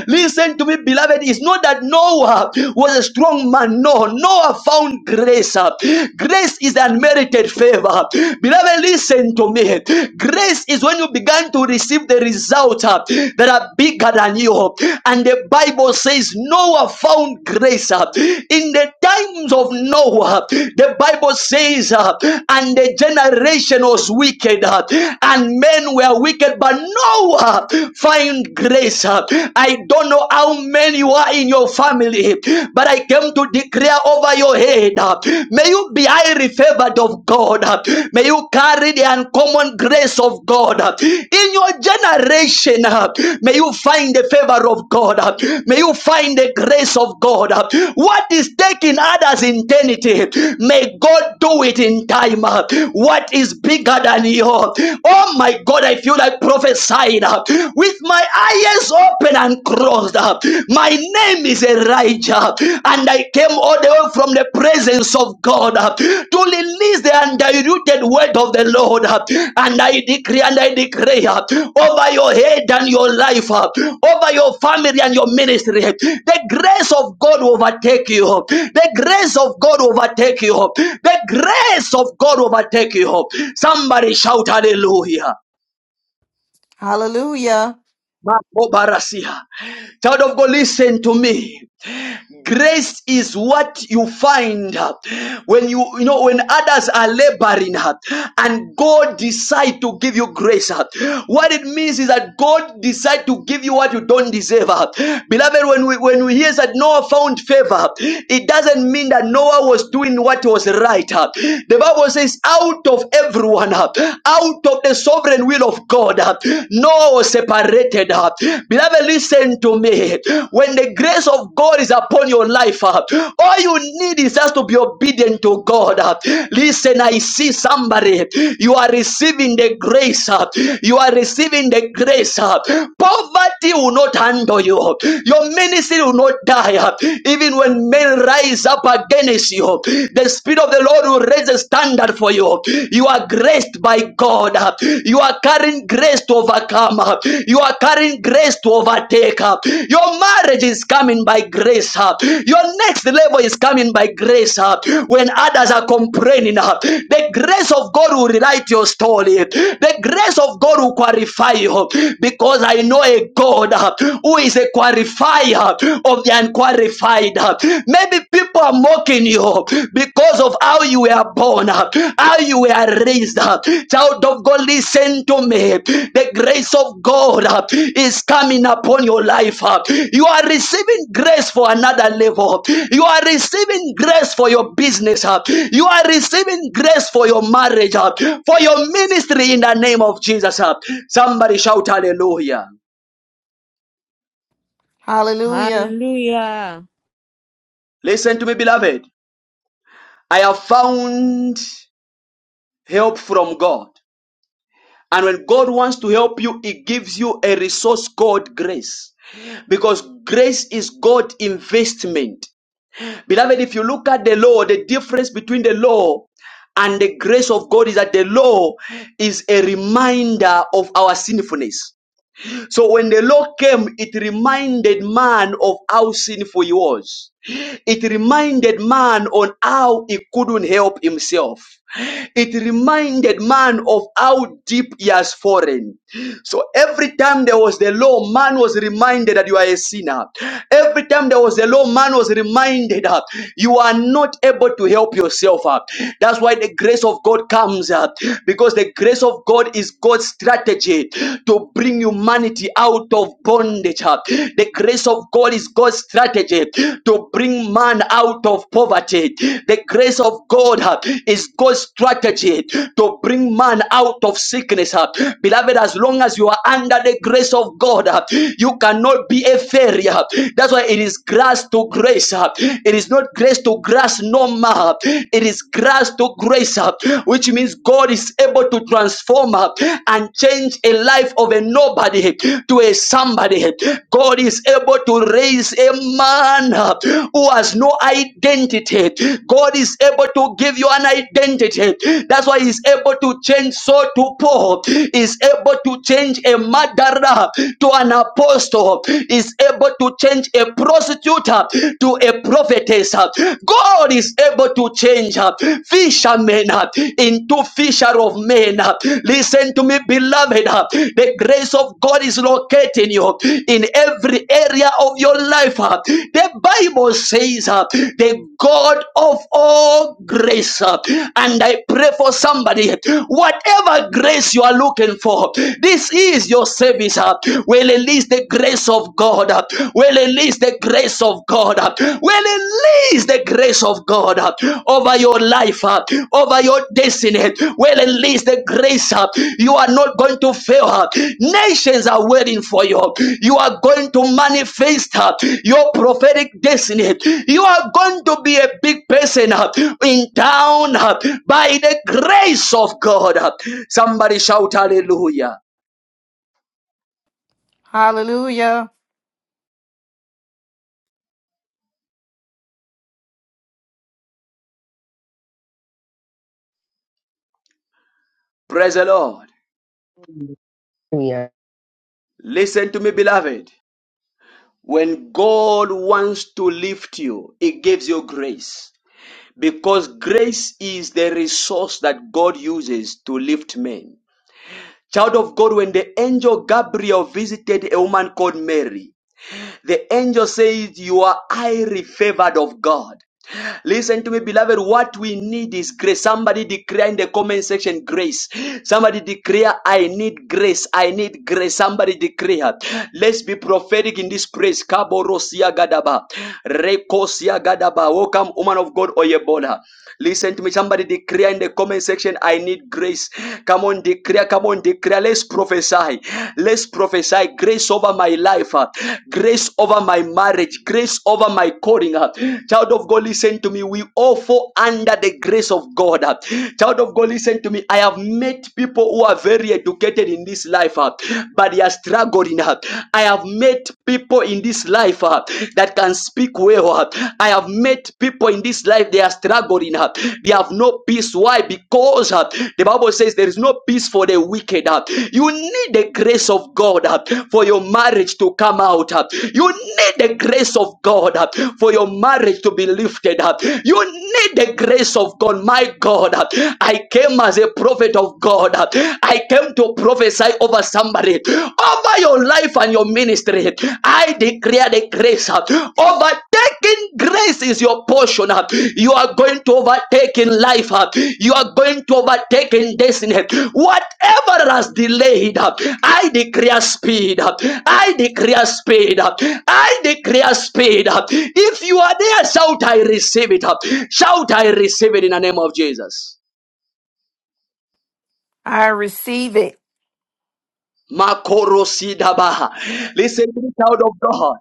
Speaker 1: Listen to me, beloved. It's not that Noah was a strong man. No, Noah found grace grace. uh, Grace is unmerited favor. Beloved, listen to me. Grace is when you began to receive the results uh, that are bigger than you. And the Bible says Noah found grace uh, in the times of Noah. The Bible says, uh, and the generation was wicked, uh, and men were wicked, but Noah found grace. uh. I don't know how many you are in your family family, but I came to declare over your head. uh, May you be highly favored of God. uh, May you carry the uncommon grace of God. uh, In your generation, uh, may you find the favor of God. uh, May you find the grace of God. uh, What is taking others in eternity, may God do it in time. uh, What is bigger than you? Oh my God, I feel like prophesying. uh, With my eyes ears open and crossed. My name is Elijah, and I came all the way from the presence of God to release the undiluted word of the Lord. And I decree and I declare over your head and your life, over your family and your ministry, the grace of God will overtake you. The grace of God will overtake you. The grace of God will overtake you. Somebody shout hallelujah.
Speaker 5: Hallelujah.
Speaker 1: Makobarasia. Child of God, listen to me. Grace is what you find uh, when you you know when others are laboring uh, and God decide to give you grace. uh. What it means is that God decide to give you what you don't deserve. uh. Beloved, when we when we hear that Noah found favor, it doesn't mean that Noah was doing what was right. uh. The Bible says, out of everyone, uh, out of the sovereign will of God, uh, Noah was separated. uh. Beloved, listen to me. When the grace of God is upon your life, uh, all you need is just to be obedient to God. uh. Listen, I see somebody. You are receiving the grace. uh. You are receiving the grace. uh. Poverty will not handle you. Your ministry will not die. uh. Even when men rise up against you, the Spirit of the Lord will raise a standard for you you. You are graced by God. You are carrying grace to overcome. You are carrying grace to overtake. Your marriage is coming by grace. Your next level is coming by grace. When others are complaining, the grace of God will rewrite your story. The grace of God will qualify you because I know a God who is a qualifier of the unqualified. Maybe people are mocking you because of how you were born, how you were raised. Child of God, listen to me. The grace of God is coming upon your life. You are receiving grace for another level. You are receiving grace for your business. You are receiving grace for your marriage, for your ministry in the name of Jesus. Somebody shout hallelujah.
Speaker 5: Hallelujah.
Speaker 3: Hallelujah.
Speaker 1: Listen to me, beloved. I have found help from God. And when God wants to help you, He gives you a resource called grace. Because grace is God's investment. Beloved, if you look at the law, the difference between the law and the grace of God is that the law is a reminder of our sinfulness. So when the law came, it reminded man of how sinful he was. It reminded man on how he couldn't help himself. It reminded man of how deep he has fallen. So every time there was the law, man was reminded that you are a sinner. Every time there was the law, man was reminded that you are not able to help yourself up. That's why the grace of God comes up because the grace of grace of God is God's strategy to bring humanity out of bondage. The grace of God is God's strategy to bring man out of poverty. The grace of God uh, is God's strategy to bring man out of sickness. uh. Beloved, as long as you are under the grace of God, uh, you cannot be a failure. That's why it is grace to grace. uh. It is not grace to grace no more. It is grace grace to grace, uh, which means God is able to transform uh, and change a life of a nobody to a somebody. God is able to raise a man uh, who has no identity. God is able to give you an identity. That's why He's able to change Saul to Paul. He's able to change a murderer to an apostle. He's able to change a prostitute uh, to a a prophetess. uh, God is able to change uh, fishermen uh, into fisher of men. uh. Listen to me, beloved. uh, The grace of God is locating you in every area of your life. uh. The Bible says uh, the God of all grace. uh, And I pray for somebody, whatever grace you are looking for, this is your service. uh, We release the grace of of God. We release the grace of God. We release the grace of God over your life, over your destiny. We release the grace. You are not going to fail. Nations are waiting for you. You are going to manifest your prophetic destiny. You are going to be a big person in town by the grace of God. Somebody shout hallelujah.
Speaker 5: Hallelujah.
Speaker 1: Praise the Lord.
Speaker 4: Hallelujah.
Speaker 1: Listen to me, beloved. When God wants to lift you, He gives you grace. Because grace is the resource that God uses to lift men. Child of God, when the angel Gabriel visited a woman called Mary, the angel says, You are highly favored of God. Listen to me, beloved. What we need is grace. Somebody declare in the comment section grace. Somebody declare, I need grace. I need grace. Somebody declare. Let's be prophetic in this place. Kaborosia gadaba. Rekosia gadaba. Welcome, woman of God, Oyebola. Listen to me. Somebody declare in the comment section, I need grace. Come on, declare. Come on, declare. Let's prophesy. Let's prophesy grace over my life, uh, grace over my marriage, grace over my calling. uh. Child of God, listen to me. We all fall under the grace of God. uh. Child of God, listen to me. I have met people who are very educated in this life, uh, but they are struggling. uh. I have met people in this life. uh, that can speak well. I have met people in this life, they are struggling. They have no peace. Why? Because uh, the Bible says there is no peace for the wicked. Uh, You need the grace of God uh, for your marriage to come out. Uh, You need the grace of God uh, for your marriage to be lifted up. You need the grace of God. My God, uh, I came as a prophet of God. Uh, I came to prophesy over somebody over your life and your ministry. I declare the grace uh, overtaking grace is your portion. uh. You are going to overtake in life, uh. you are going to overtake in destiny. Whatever has delayed, uh, I declare speed, uh. I declare speed, uh. I declare speed. uh. If you are there, shout, I receive it. uh. Shout, I receive it in the name of Jesus.
Speaker 5: I receive it.
Speaker 1: Makoro Sidabaha. Listen to the child of God.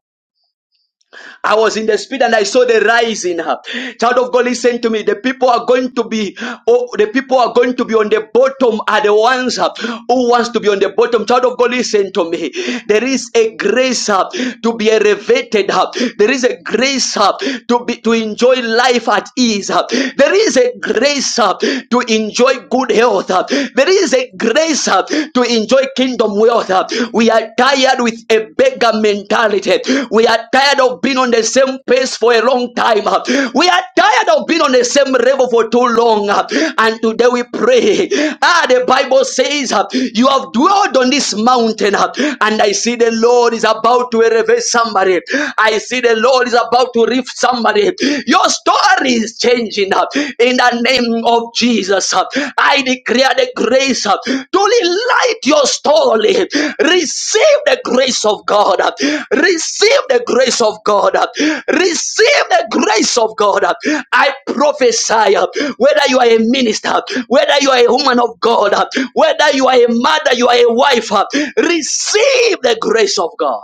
Speaker 1: I was in the spirit and I saw the rising. Child of God, listen to me. The people are going to be, oh, the people are going to be on the bottom are the ones uh, who wants to be on the bottom. Child of God, listen to me. There is a grace uh, to be elevated. uh, There is a grace uh, to be to enjoy life at ease. uh, There is a grace uh, to enjoy good health. uh, There is a grace uh, to to enjoy kingdom wealth. uh, We are tired with a beggar mentality. We are tired of being on the same pace for a long time. uh, We are tired of being on the same level for too long. uh, And today we pray. Ah, the Bible says, uh, You have dwelled on this mountain, uh, and I see the Lord is about to elevate somebody. I see the Lord is about to lift somebody. Your story is changing changing uh, in the name of Jesus. uh, I declare the grace uh, to light your story. Receive the grace of God. uh, Receive the grace of God. uh, Receive the grace of God. uh, I prophesy uh, whether you are a minister, whether you are a woman of God, uh, whether you are a mother, you are a wife, uh, receive the grace of God.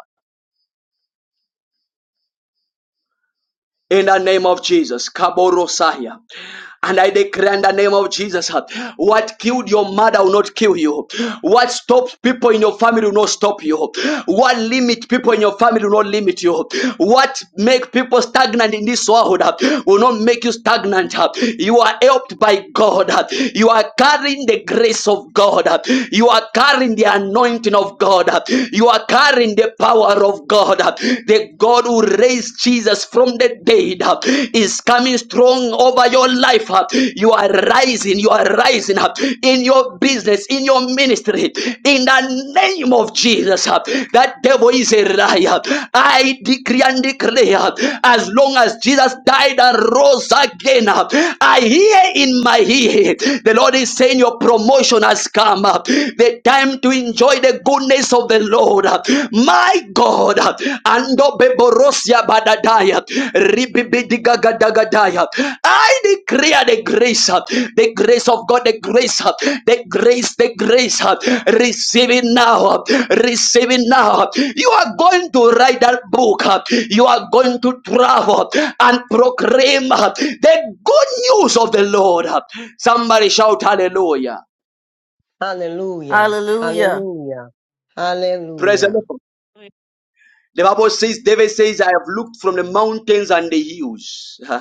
Speaker 1: in the name of Jesus. Kaborosaya. And I declare in the name of Jesus, uh, what killed your mother will not kill you. What stops people in your family will not stop you. What limit people in your family will not limit you. What make people stagnant in this world uh, will not make you stagnant. uh. You are helped by God. uh. You are carrying the grace of God. uh. You are carrying the anointing of God. uh. You are carrying the power of God. God, uh, the God who raised Jesus from the dead, uh, is coming strong over your life. uh. You are rising, you are rising up in your business, in your ministry, in the name of Jesus. uh. That devil is a liar. I decree and declare, uh, as long as Jesus died and rose again, uh, I hear in my ear, the Lord is saying, Your promotion has come up. The time to enjoy the goodness of the Lord. My God, Ando Beborosia Badadaya, Ribibidigagadagadaya. I declare the grace, the grace of God, the grace, the grace, the grace. Receive it now, receive it now. You are going to write that book, you are going to travel and proclaim the good news of the Lord. Somebody shout hallelujah.
Speaker 4: Hallelujah.
Speaker 5: Hallelujah.
Speaker 4: Hallelujah.
Speaker 1: Praise the Lord.
Speaker 4: Hallelujah.
Speaker 6: Lord
Speaker 1: The Bible says, David says, I have looked from the mountains and the hills.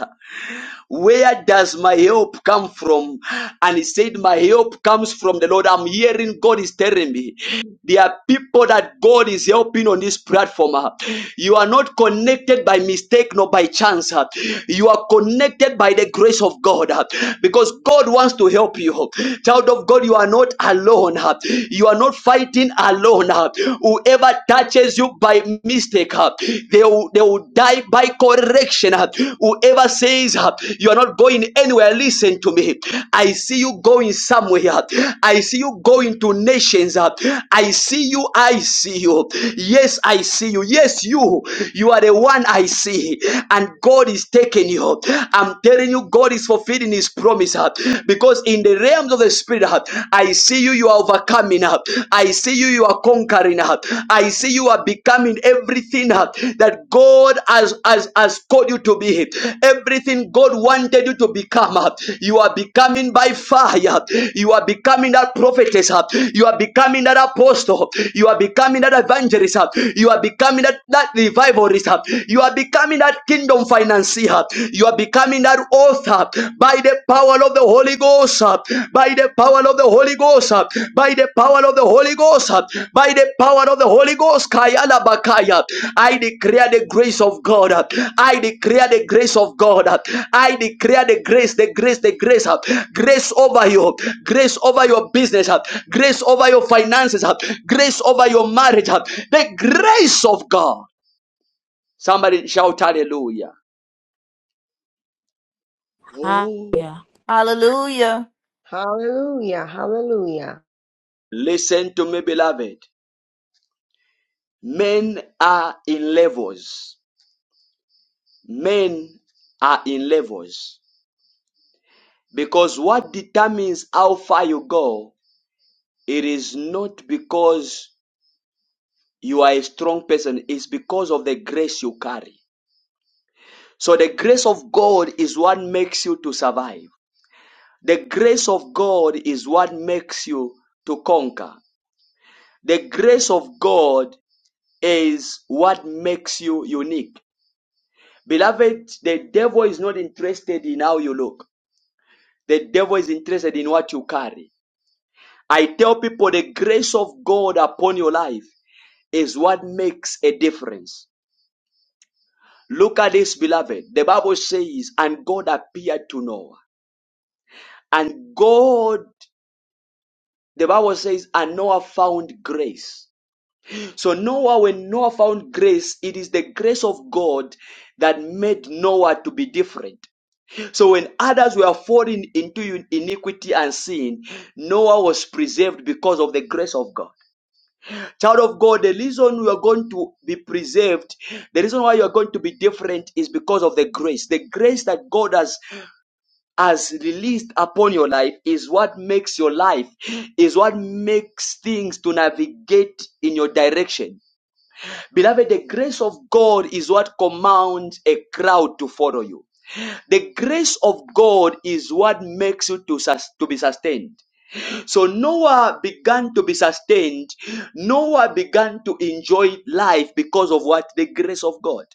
Speaker 1: Where does my help come from? And he said, My help comes from the Lord. I'm hearing God is telling me. There are people that God is helping on this platform. uh. You are not connected by mistake nor by chance. uh. You are connected by the grace of God uh, because God wants to help you. Child of God, you are not alone. uh. You are not fighting alone. uh. Whoever touches you by mistake, mistake. uh, They will, they will die by correction. uh. Whoever says uh, you are not going anywhere, listen to me. I see you going somewhere. uh. I see you going to nations. uh. I see you. I see you. Yes, I see you. Yes, you. You are the one I see. And God is taking you. I'm telling you, God is fulfilling His promise. uh, Because in the realms of the Spirit, uh, I see you you are overcoming. uh, I see you, you are conquering. uh, I see you are becoming everything uh, that God has, has, has called you to be. Everything God wanted you to become. uh, You are becoming by fire. You are becoming that prophetess. uh, You are becoming that apostle. You are becoming that evangelist. uh, You are becoming that, that revivalist. uh, You are becoming that kingdom financier. You are becoming that Ghost, uh, by the power of the Holy Ghost, uh, by the power of the Holy Ghost, uh, by the power of the Holy Ghost, uh, by the power of the Holy Ghost, Kayala Bakaya. I declare the grace of God. uh, I declare the grace of God. uh, I declare the grace, the grace, the grace, uh, grace over you, grace over your business, uh, grace over your finances, uh, grace over your marriage, uh, the grace of God. Somebody shout hallelujah. Oh,
Speaker 3: Hallelujah.
Speaker 5: Hallelujah.
Speaker 4: Hallelujah. Hallelujah.
Speaker 1: listen to me, beloved. Men are in levels. Men are in levels. Because what determines how far you go, it is not because you are a strong person, it's because of the grace you carry. So the grace of God is what makes you to survive. The grace of God is what makes you to conquer. The grace of God is what makes you unique. Beloved, the devil is not interested in how you look. The devil is interested in what you carry. I tell people the grace of God upon your life is what makes a difference. Look at this, beloved. The Bible says, and God appeared to Noah. And God, the Bible says, and Noah found grace. So Noah, when Noah found grace, it is the grace of God that made Noah to be different. So when others were falling into iniquity and sin, Noah was preserved because of the grace of God. Child of God, the reason you are going to be preserved, the reason why you are going to be different is because of the grace. The grace that God has has released upon your life is what makes your life, is what makes things to navigate in your direction. Beloved, the grace of God is what commands a crowd to follow you. The grace of God is what makes you to, sus- to be sustained. So Noah began to be sustained. Noah began to enjoy life because of what? The grace of God.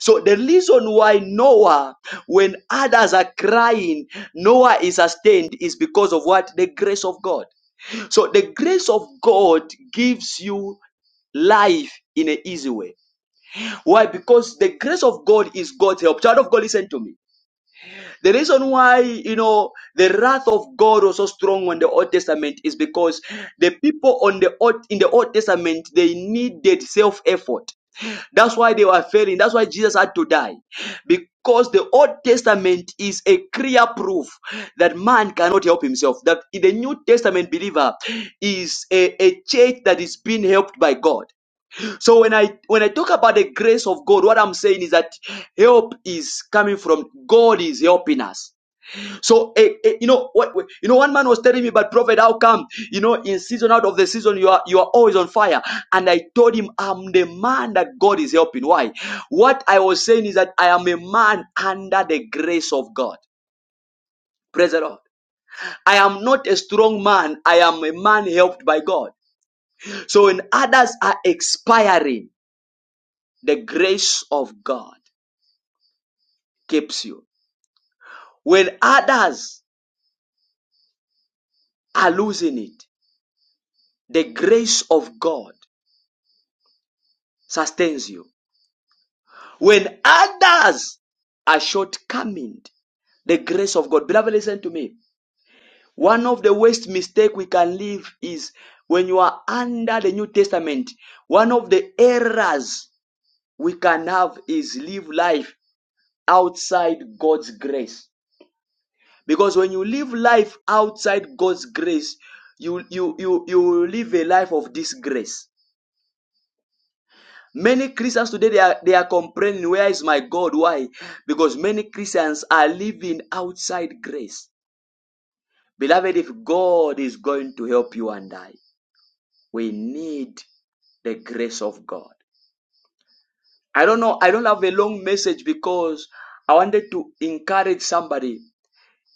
Speaker 1: So the reason why Noah, when others are crying, Noah is sustained is because of what? The grace of God. So the grace of God gives you life in an easy way. Why? Because the grace of God is God's help. Child of God, listen to me. The reason why, you know, the wrath of God was so strong on the Old Testament is because the people on the old, in the Old Testament, they needed self-effort. That's why they were failing. That's why Jesus had to die. Because the Old Testament is a clear proof that man cannot help himself. That the New Testament believer is a, a church that is being helped by God. So when I when I talk about the grace of God, what I'm saying is that help is coming from God is helping us. So, eh, eh, you know what? what- You know, one man was telling me, "But prophet, how come? You know, in season out of the season, you are you are always on fire." And I told him, "I'm the man that God is helping." Why? What I was saying is that I am a man under the grace of God. Praise the Lord. I am not a strong man. I am a man helped by God. So when others are expiring, the grace of God keeps you. When others are losing it, the grace of God sustains you. When others are shortcoming, the grace of God. Beloved, listen to me. One of the worst mistake we can live is when you are under the New Testament. One of the errors we can have is live life outside God's grace. Because when you live life outside God's grace, you you you you live a life of disgrace. Many Christians today they are they are complaining, where is my God? Why? Because many Christians are living outside grace. Beloved, if God is going to help you and I, we need the grace of God. I don't know, I don't have a long message because I wanted to encourage somebody,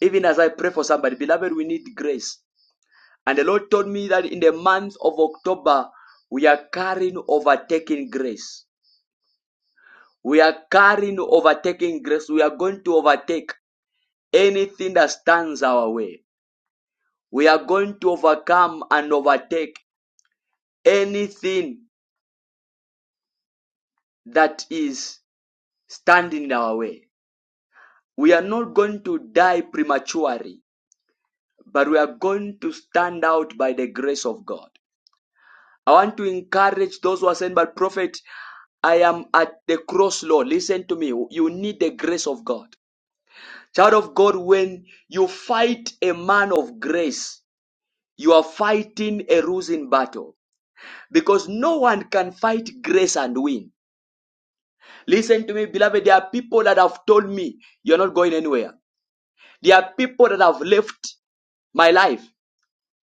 Speaker 1: even as I pray for somebody. Beloved, we need grace. And the Lord told me that in the month of October, we are carrying overtaking grace. We are carrying overtaking grace. We are going to overtake anything that stands our way. We are going to overcome and overtake anything that is standing in our way. We are not going to die prematurely, but we are going to stand out by the grace of God. I want to encourage those who are saying, but prophet, I am at the cross, Lord. Listen to me. You need the grace of God. Child of God, when you fight a man of grace, You are fighting a losing battle because no one can fight grace and win. Listen to me, beloved. There are people that have told me you're not going anywhere. There are people that have left my life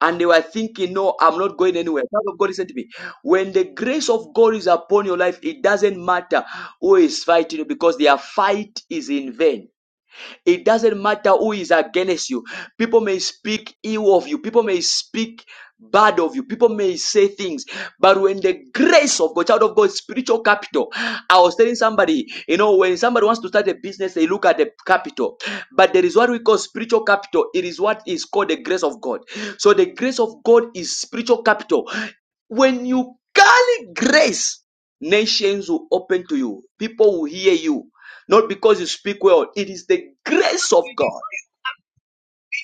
Speaker 1: and they were thinking, no, I'm not going anywhere. Child of God, listen to me. When the grace of God is upon your life, it doesn't matter who is fighting you because their fight is in vain. It doesn't matter who is against you. People may speak ill of you. People may speak bad of you. People may say things. But when the grace of God, child of God, spiritual capital, I was telling somebody, you know, when somebody wants to start a business, they look at the capital. But there is what we call spiritual capital. It is what is called the grace of God. So the grace of God is spiritual capital. When you carry grace, nations will open to you. People will hear you not because you speak well. It is the grace of
Speaker 7: It's
Speaker 1: God.
Speaker 7: like,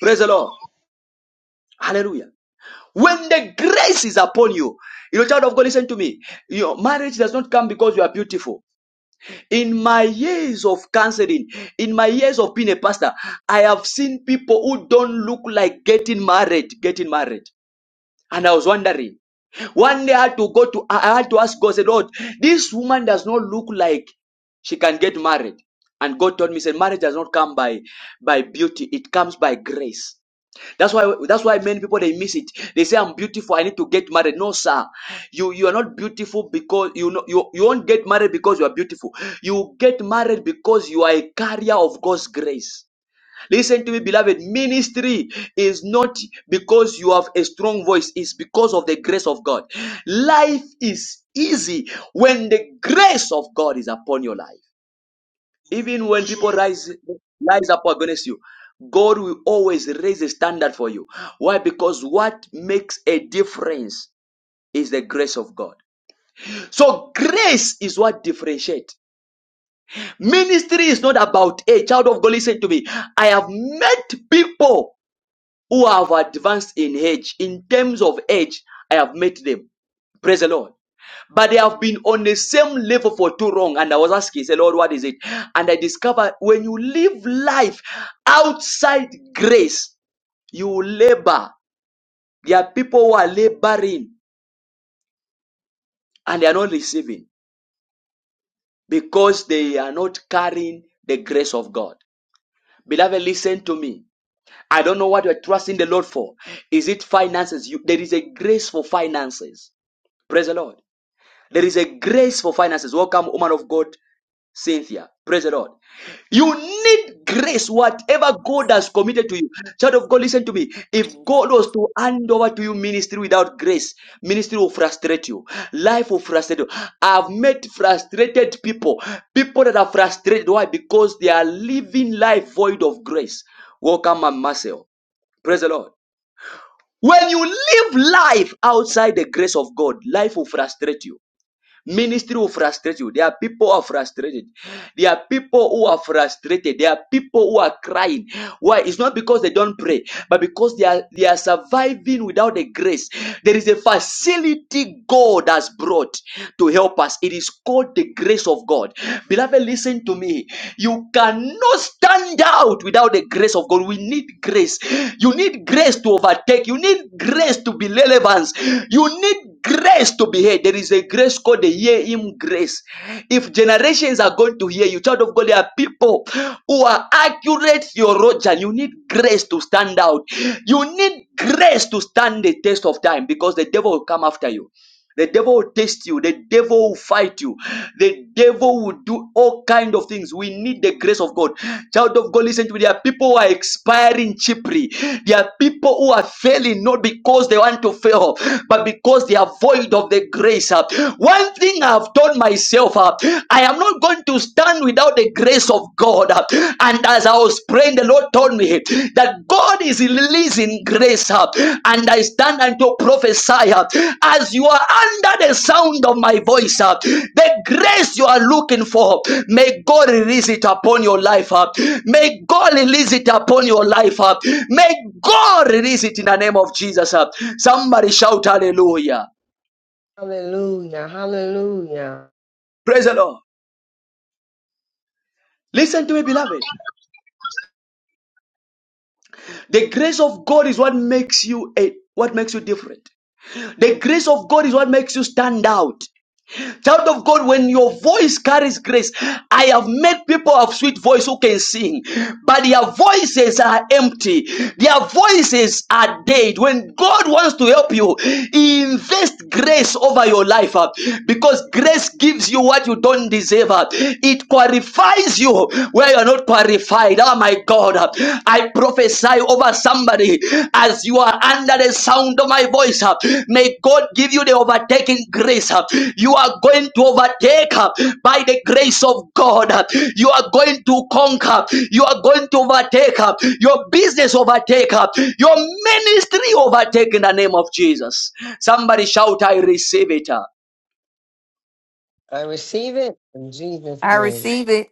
Speaker 1: Praise the Lord.
Speaker 7: true.
Speaker 1: Hallelujah. When the grace is upon you, you know, child of God, listen to me. Your marriage does not come because you are beautiful. In my years of counseling, in my years of being a pastor, I have seen people who don't look like getting married, getting married. And I was wondering, One day I had to go to, I had to ask God, said, Lord, this woman does not look like she can get married. And God told me, said, marriage does not come by, by beauty. It comes by grace. That's why, that's why many people, they miss it. They say, I'm beautiful. I need to get married. No, sir. You, you are not beautiful because you know, you, you won't get married because you are beautiful. You get married because you are a carrier of God's grace. Listen to me, beloved. Ministry is not because you have a strong voice, it's because of the grace of God. Life is easy when the grace of God is upon your life. Even when people
Speaker 8: Whosoever
Speaker 1: rise, rise up against you, God will always raise a standard for you. Why? Because what makes a difference is the grace of God. So grace is what differentiates. Ministry is not about a child of God. Listen to me. I have met people. who have advanced in age. In terms of age, I have met them. Praise the Lord. But they have been on the same level for too long. And I was asking, say, Lord, what is it? And I discovered when you live life outside grace, you labor. There are people who are laboring and they are not receiving because they are not carrying the grace of God. Beloved, listen to me. I don't know what you're trusting the Lord for. Is it finances? You, there is a grace for finances. Praise the Lord. There is a grace for finances. Welcome, woman of God, Cynthia. Praise the Lord. You need grace, whatever God has committed to you. Child of God, listen to me. If God was to hand over to you ministry without grace, ministry will frustrate you. Life will frustrate you. I've met frustrated people. People that are frustrated. Why? Because they are living life void of grace. Welcome, Mama Marcel. Praise the Lord. When you live life outside the grace of God, life will frustrate you. Ministry will frustrate you. There are people who are frustrated. There are people who are frustrated. There are people who are crying. Why? It's not because they don't pray, but because they are they are surviving without the grace. There is a facility God has brought to help us. It is called the grace of God. Beloved, listen to me. You cannot stand out without the grace of God. We need grace. You need grace to overtake. You need grace to be relevant. You need grace to be heard. There is a grace called the Hear Him grace. If generations are going to hear you, child of God, there are people who are accurate theologian. You need grace to stand out. You need grace to stand the test of time because the devil will come after you. The devil will test you. The devil will fight you. The devil will do all kind of things. We need the grace of God. Child of God, listen to me. There are people who are expiring cheaply. There are people who are failing not because they want to fail, but because they are void of the grace. Uh, One thing I've told myself, uh, I am not going to stand without the grace of God. Uh, And as as I was praying, the Lord told me that God is releasing grace up, and I stand and to prophesy up as you are under the sound of my voice up. The grace you are looking for, may God release it upon your life up. May God release it upon your life up. May God release it in the name of Jesus up. Somebody shout hallelujah.
Speaker 4: Hallelujah. Hallelujah.
Speaker 1: Praise the Lord. Listen to me, beloved. The grace of God is what makes you a what makes you different. The grace of God is what makes you stand out. Child of God, when your voice carries grace, I have met people of sweet voice who can sing, but their voices are empty. Their voices are dead. When God wants to help you, He invests grace over your life uh, because grace gives you what you don't deserve. uh. It qualifies you where you're not qualified. Oh my God. uh. I I prophesy over somebody as you are under the sound of my voice. uh, May God give you the overtaking grace. uh, You are going to overtake uh, by the grace of God. uh, You are going to conquer. You are going to overtake. uh, Your business overtake. uh, Your ministry overtake in the name of Jesus. Somebody shout, I receive it.
Speaker 4: I receive it in Jesus'
Speaker 5: I
Speaker 4: name.
Speaker 5: receive it.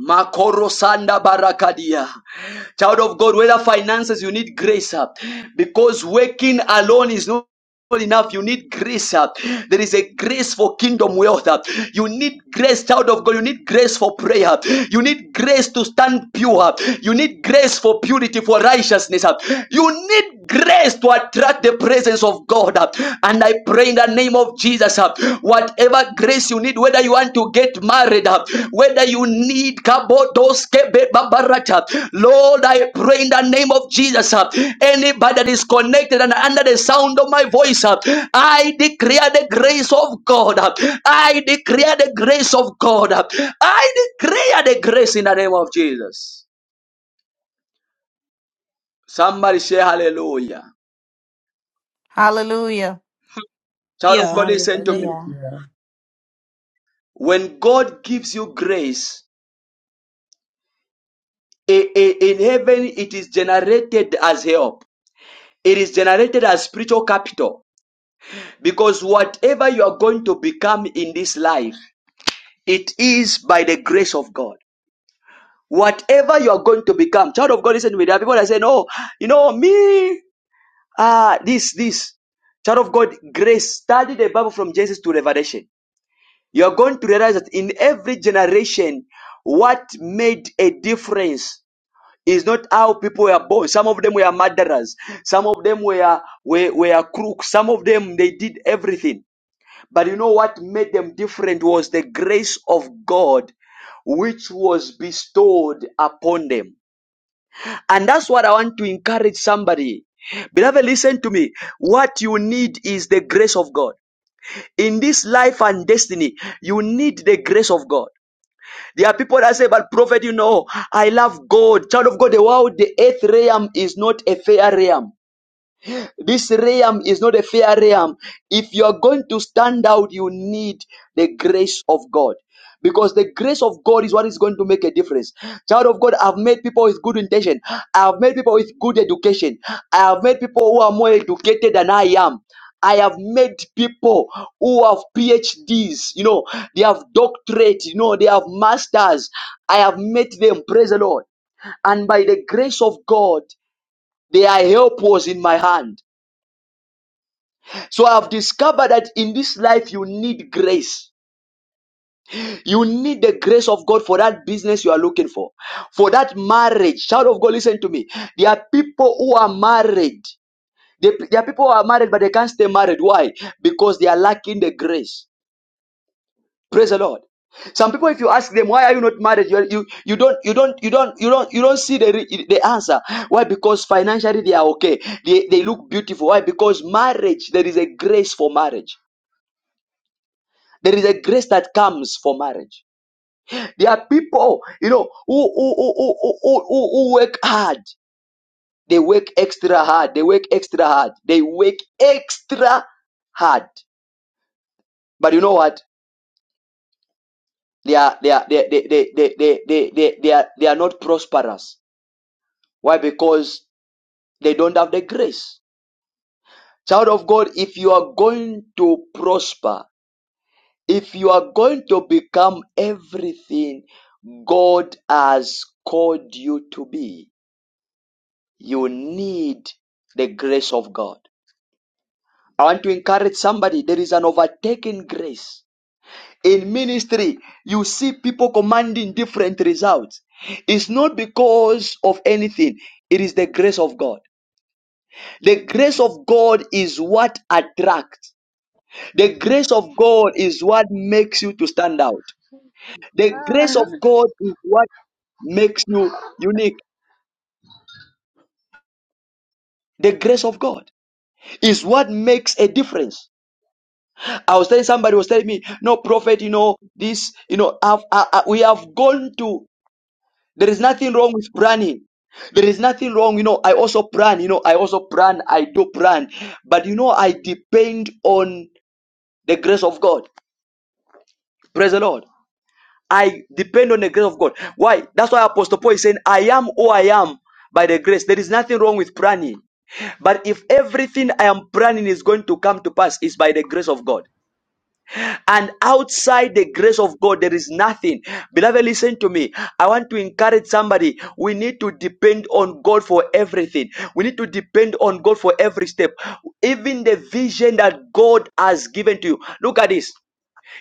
Speaker 1: Makoro Sanda Barakadia. Child of God, whether finances, you need grace up, because working alone is not enough you need grace up. there is a grace for kingdom wealth uh. you need grace child of god you need grace for prayer you need grace to stand pure uh. you need grace for purity for righteousness uh. you need grace to attract the presence of god uh. and i pray in the name of jesus uh, whatever grace you need whether you want to get married, uh, whether you need kabodoske be babarata. Lord, I pray in the name of Jesus. uh, Anybody that is connected and under the sound of my voice, uh, I declare the grace of God. uh, I declare the grace of God. uh, I declare the grace in the name of Jesus. Somebody say hallelujah.
Speaker 5: Hallelujah.
Speaker 1: Child of
Speaker 9: Hallelujah.
Speaker 1: God, listen to me.
Speaker 3: Hallelujah.
Speaker 4: Hallelujah.
Speaker 1: When God gives you grace, i- i- in heaven it is generated as help It is generated as spiritual capital because whatever you are going to become in this life, it is by the grace of God. Whatever you are going to become, child of God, listen to me. There are people that say, "No, you know me, ah, this, this." Child of God, grace. Study the Bible from Genesis to Revelation. You are going to realize that in every generation, what made a difference is not how people were born. Some of them were murderers. Some of them were, were, were crooks. Some of them, they did everything. But you know what made them different was the grace of God which was bestowed upon them. And that's what I want to encourage somebody. Beloved, listen to me. What you need is the grace of God. In this life and destiny, you need the grace of God. There are people that say, but prophet, you know, I love God. Child of God, the world, the earth realm is not a fair realm. This realm is not a fair realm. If you are going to stand out, you need the grace of God. Because the grace of God is what is going to make a difference. Child of God, I've made people with good intention. I've made people with good education. I have made people who are more educated than I am. I have made people who have PhDs, you know, they have doctorate, you know, they have masters. I have met them, praise the Lord. And by the grace of God, they are helpers in my hand. So I've discovered that in this life you need grace. You need the grace of God for that business you are looking for, for that marriage. Child of God, listen to me. There are people who are married. There are people who are married, but they can't stay married. Why? Because they are lacking the grace. Praise the Lord. Some people, if you ask them why are you not married, you you, you don't you don't you don't you don't you don't see the the answer. Why? Because financially they are okay. They they look beautiful. Why? Because marriage there is a grace for marriage. There is a grace that comes for marriage. There are people, you know, who, who, who, who, who, who who work hard. They work extra hard. They work extra hard. They work extra hard. But you know what? They are, they are, they, they, they, they, they, they, they, they are, they are not prosperous. Why? Because they don't have the grace. Child of God, if you are going to prosper, if you are going to become everything God has called you to be, you need the grace of God. I want to encourage somebody. There is an overtaking grace. In ministry, you see people commanding different results. It's not because of anything, it is the grace of God. The grace of God is what attracts. The grace of God is what makes you to stand out. The grace of God is what makes you unique. The grace of God is what makes a difference. I was telling somebody was telling me, no prophet, you know this, you know, I've, I, I, we have gone to. There is nothing wrong with planning. There is nothing wrong, you know. I also plan, you know. I also plan. I do plan, but you know, I depend on the grace of God. Praise the Lord. I depend on the grace of God. Why? That's why Apostle Paul is saying, "I am who I am by the grace." There is nothing wrong with planning, but if everything I am planning is going to come to pass, it's by the grace of God. And outside the grace of God, there is nothing. Beloved, listen to me. I want to encourage somebody. We need to depend on God for everything. We need to depend on God for every step. Even the vision that God has given to you. Look at this.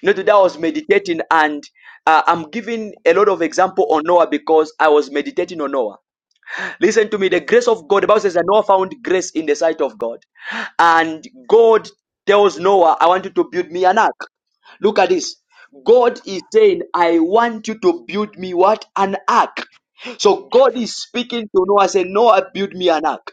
Speaker 1: You know, today I was meditating and uh, I'm giving a lot of example on Noah because I was meditating on Noah. Listen to me. The grace of God, the Bible says that Noah found grace in the sight of God. And God tells Noah, I want you to build me an ark. Look at this. God is saying, I want you to build me what? An ark. So God is speaking to Noah, saying, Noah, build me an ark.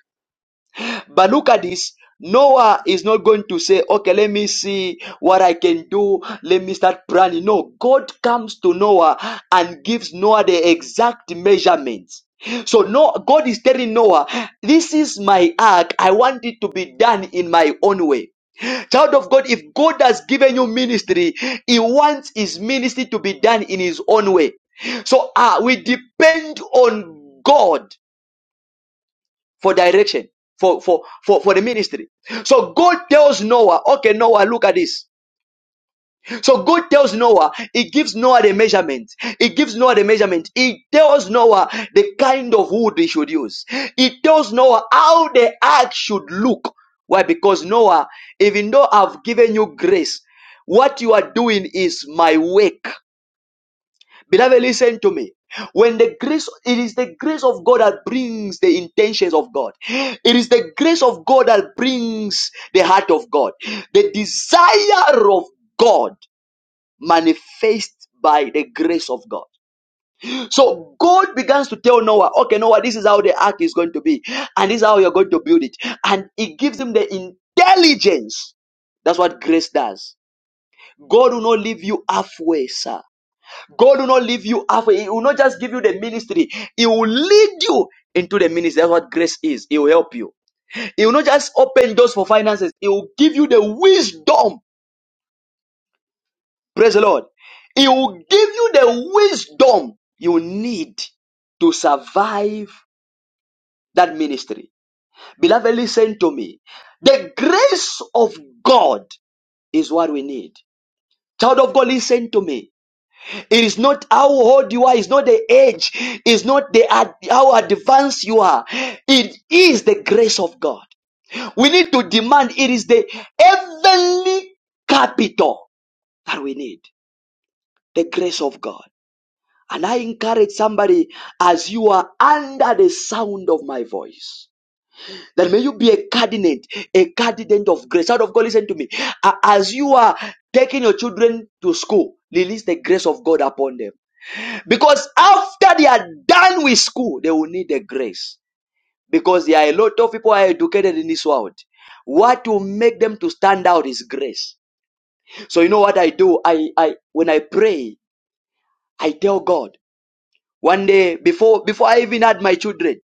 Speaker 1: But look at this. Noah is not going to say, okay, let me see what I can do. Let me start planning. No, God comes to Noah and gives Noah the exact measurements. So no, God is telling Noah, this is my ark. I want it to be done in my own way. Child of God, if God has given you ministry, He wants His ministry to be done in His own way. So uh, we depend on God for direction for for for, for the ministry so god tells noah okay noah look at this so god tells noah he gives noah the measurement he gives noah the measurement he tells noah the kind of wood he should use he tells noah how the ark should look why because noah even though i've given you grace what you are doing is my work Beloved, listen to me. When the grace, it is the grace of God that brings the intentions of God. It is the grace of God that brings the heart of God. The desire of God manifests by the grace of God. So God begins to tell Noah, okay, Noah, this is how the ark is going to be, and this is how you're going to build it. And He gives him the intelligence. That's what grace does. God will not leave you halfway, sir. God will not leave you halfway. He will not just give you the ministry. He will lead you into the ministry. That's what grace is. He will help you. He will not just open doors for finances. He will give you the wisdom. Praise the Lord. He will give you the wisdom you need to survive that ministry. Beloved, listen to me. The grace of God is what we need. Child of God, listen to me. It is not how old you are, it's not the age, it's not the ad- how advanced you are. It is the grace of God. We need to demand it is the heavenly capital that we need, the grace of God. And I encourage somebody as you are under the sound of my voice. That may you be a cardinate, a cardinate of grace. Out of God, listen to me. A- As you are taking your children to school, release the grace of God upon them Because after they are done with school, they will need the grace. Because there are a lot of people who are educated in this world. What will make them to stand out is grace. So you know what I do? I, I when I pray, I tell God. One day before before I even had my children,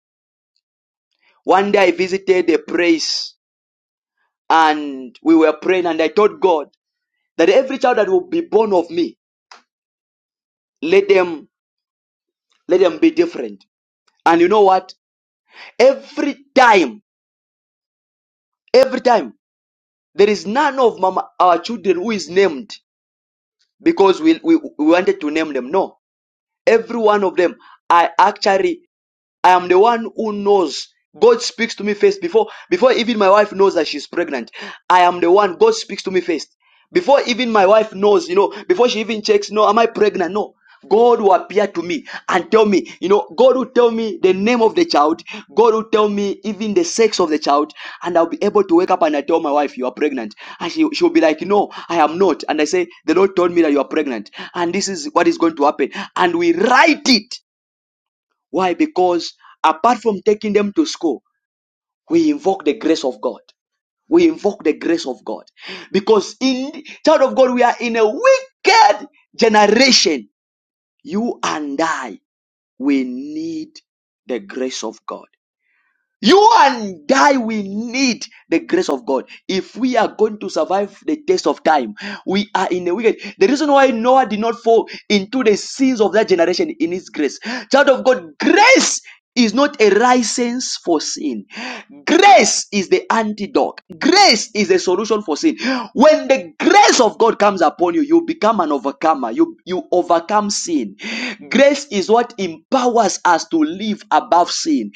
Speaker 1: one day I visited a place and we were praying and I told God that every child that will be born of me, let them let them be different. And you know what? Every time, every time. There is none of mama, our children who is named because we, we, we wanted to name them. No. Every one of them are actually I am the one who knows. God speaks to me first before before even my wife knows that she's pregnant. I am the one. God speaks to me first. Before even my wife knows, you know, before she even checks, no, am I pregnant? No. God will appear to me and tell me, you know, God will tell me the name of the child. God will tell me even the sex of the child. And I'll be able to wake up and I tell my wife, you are pregnant. And she, she'll be like, no, I am not. And I say, the Lord told me that you are pregnant. And this is what is going to happen. And we write it why? Because apart from taking them to school, we invoke the grace of God. We invoke the grace of God. Because in child of God, we are in a wicked generation. You and I, we need the grace of God. You and I, we need the grace of God. If we are going to survive the test of time, we are in the wicked. The reason why Noah did not fall into the sins of that generation in his grace. Child of God, grace is not a license for sin. Grace is the antidote. Grace is the solution for sin. When the grace of God comes upon you, you become an overcomer. You, you overcome sin. Grace is what empowers us to live above sin.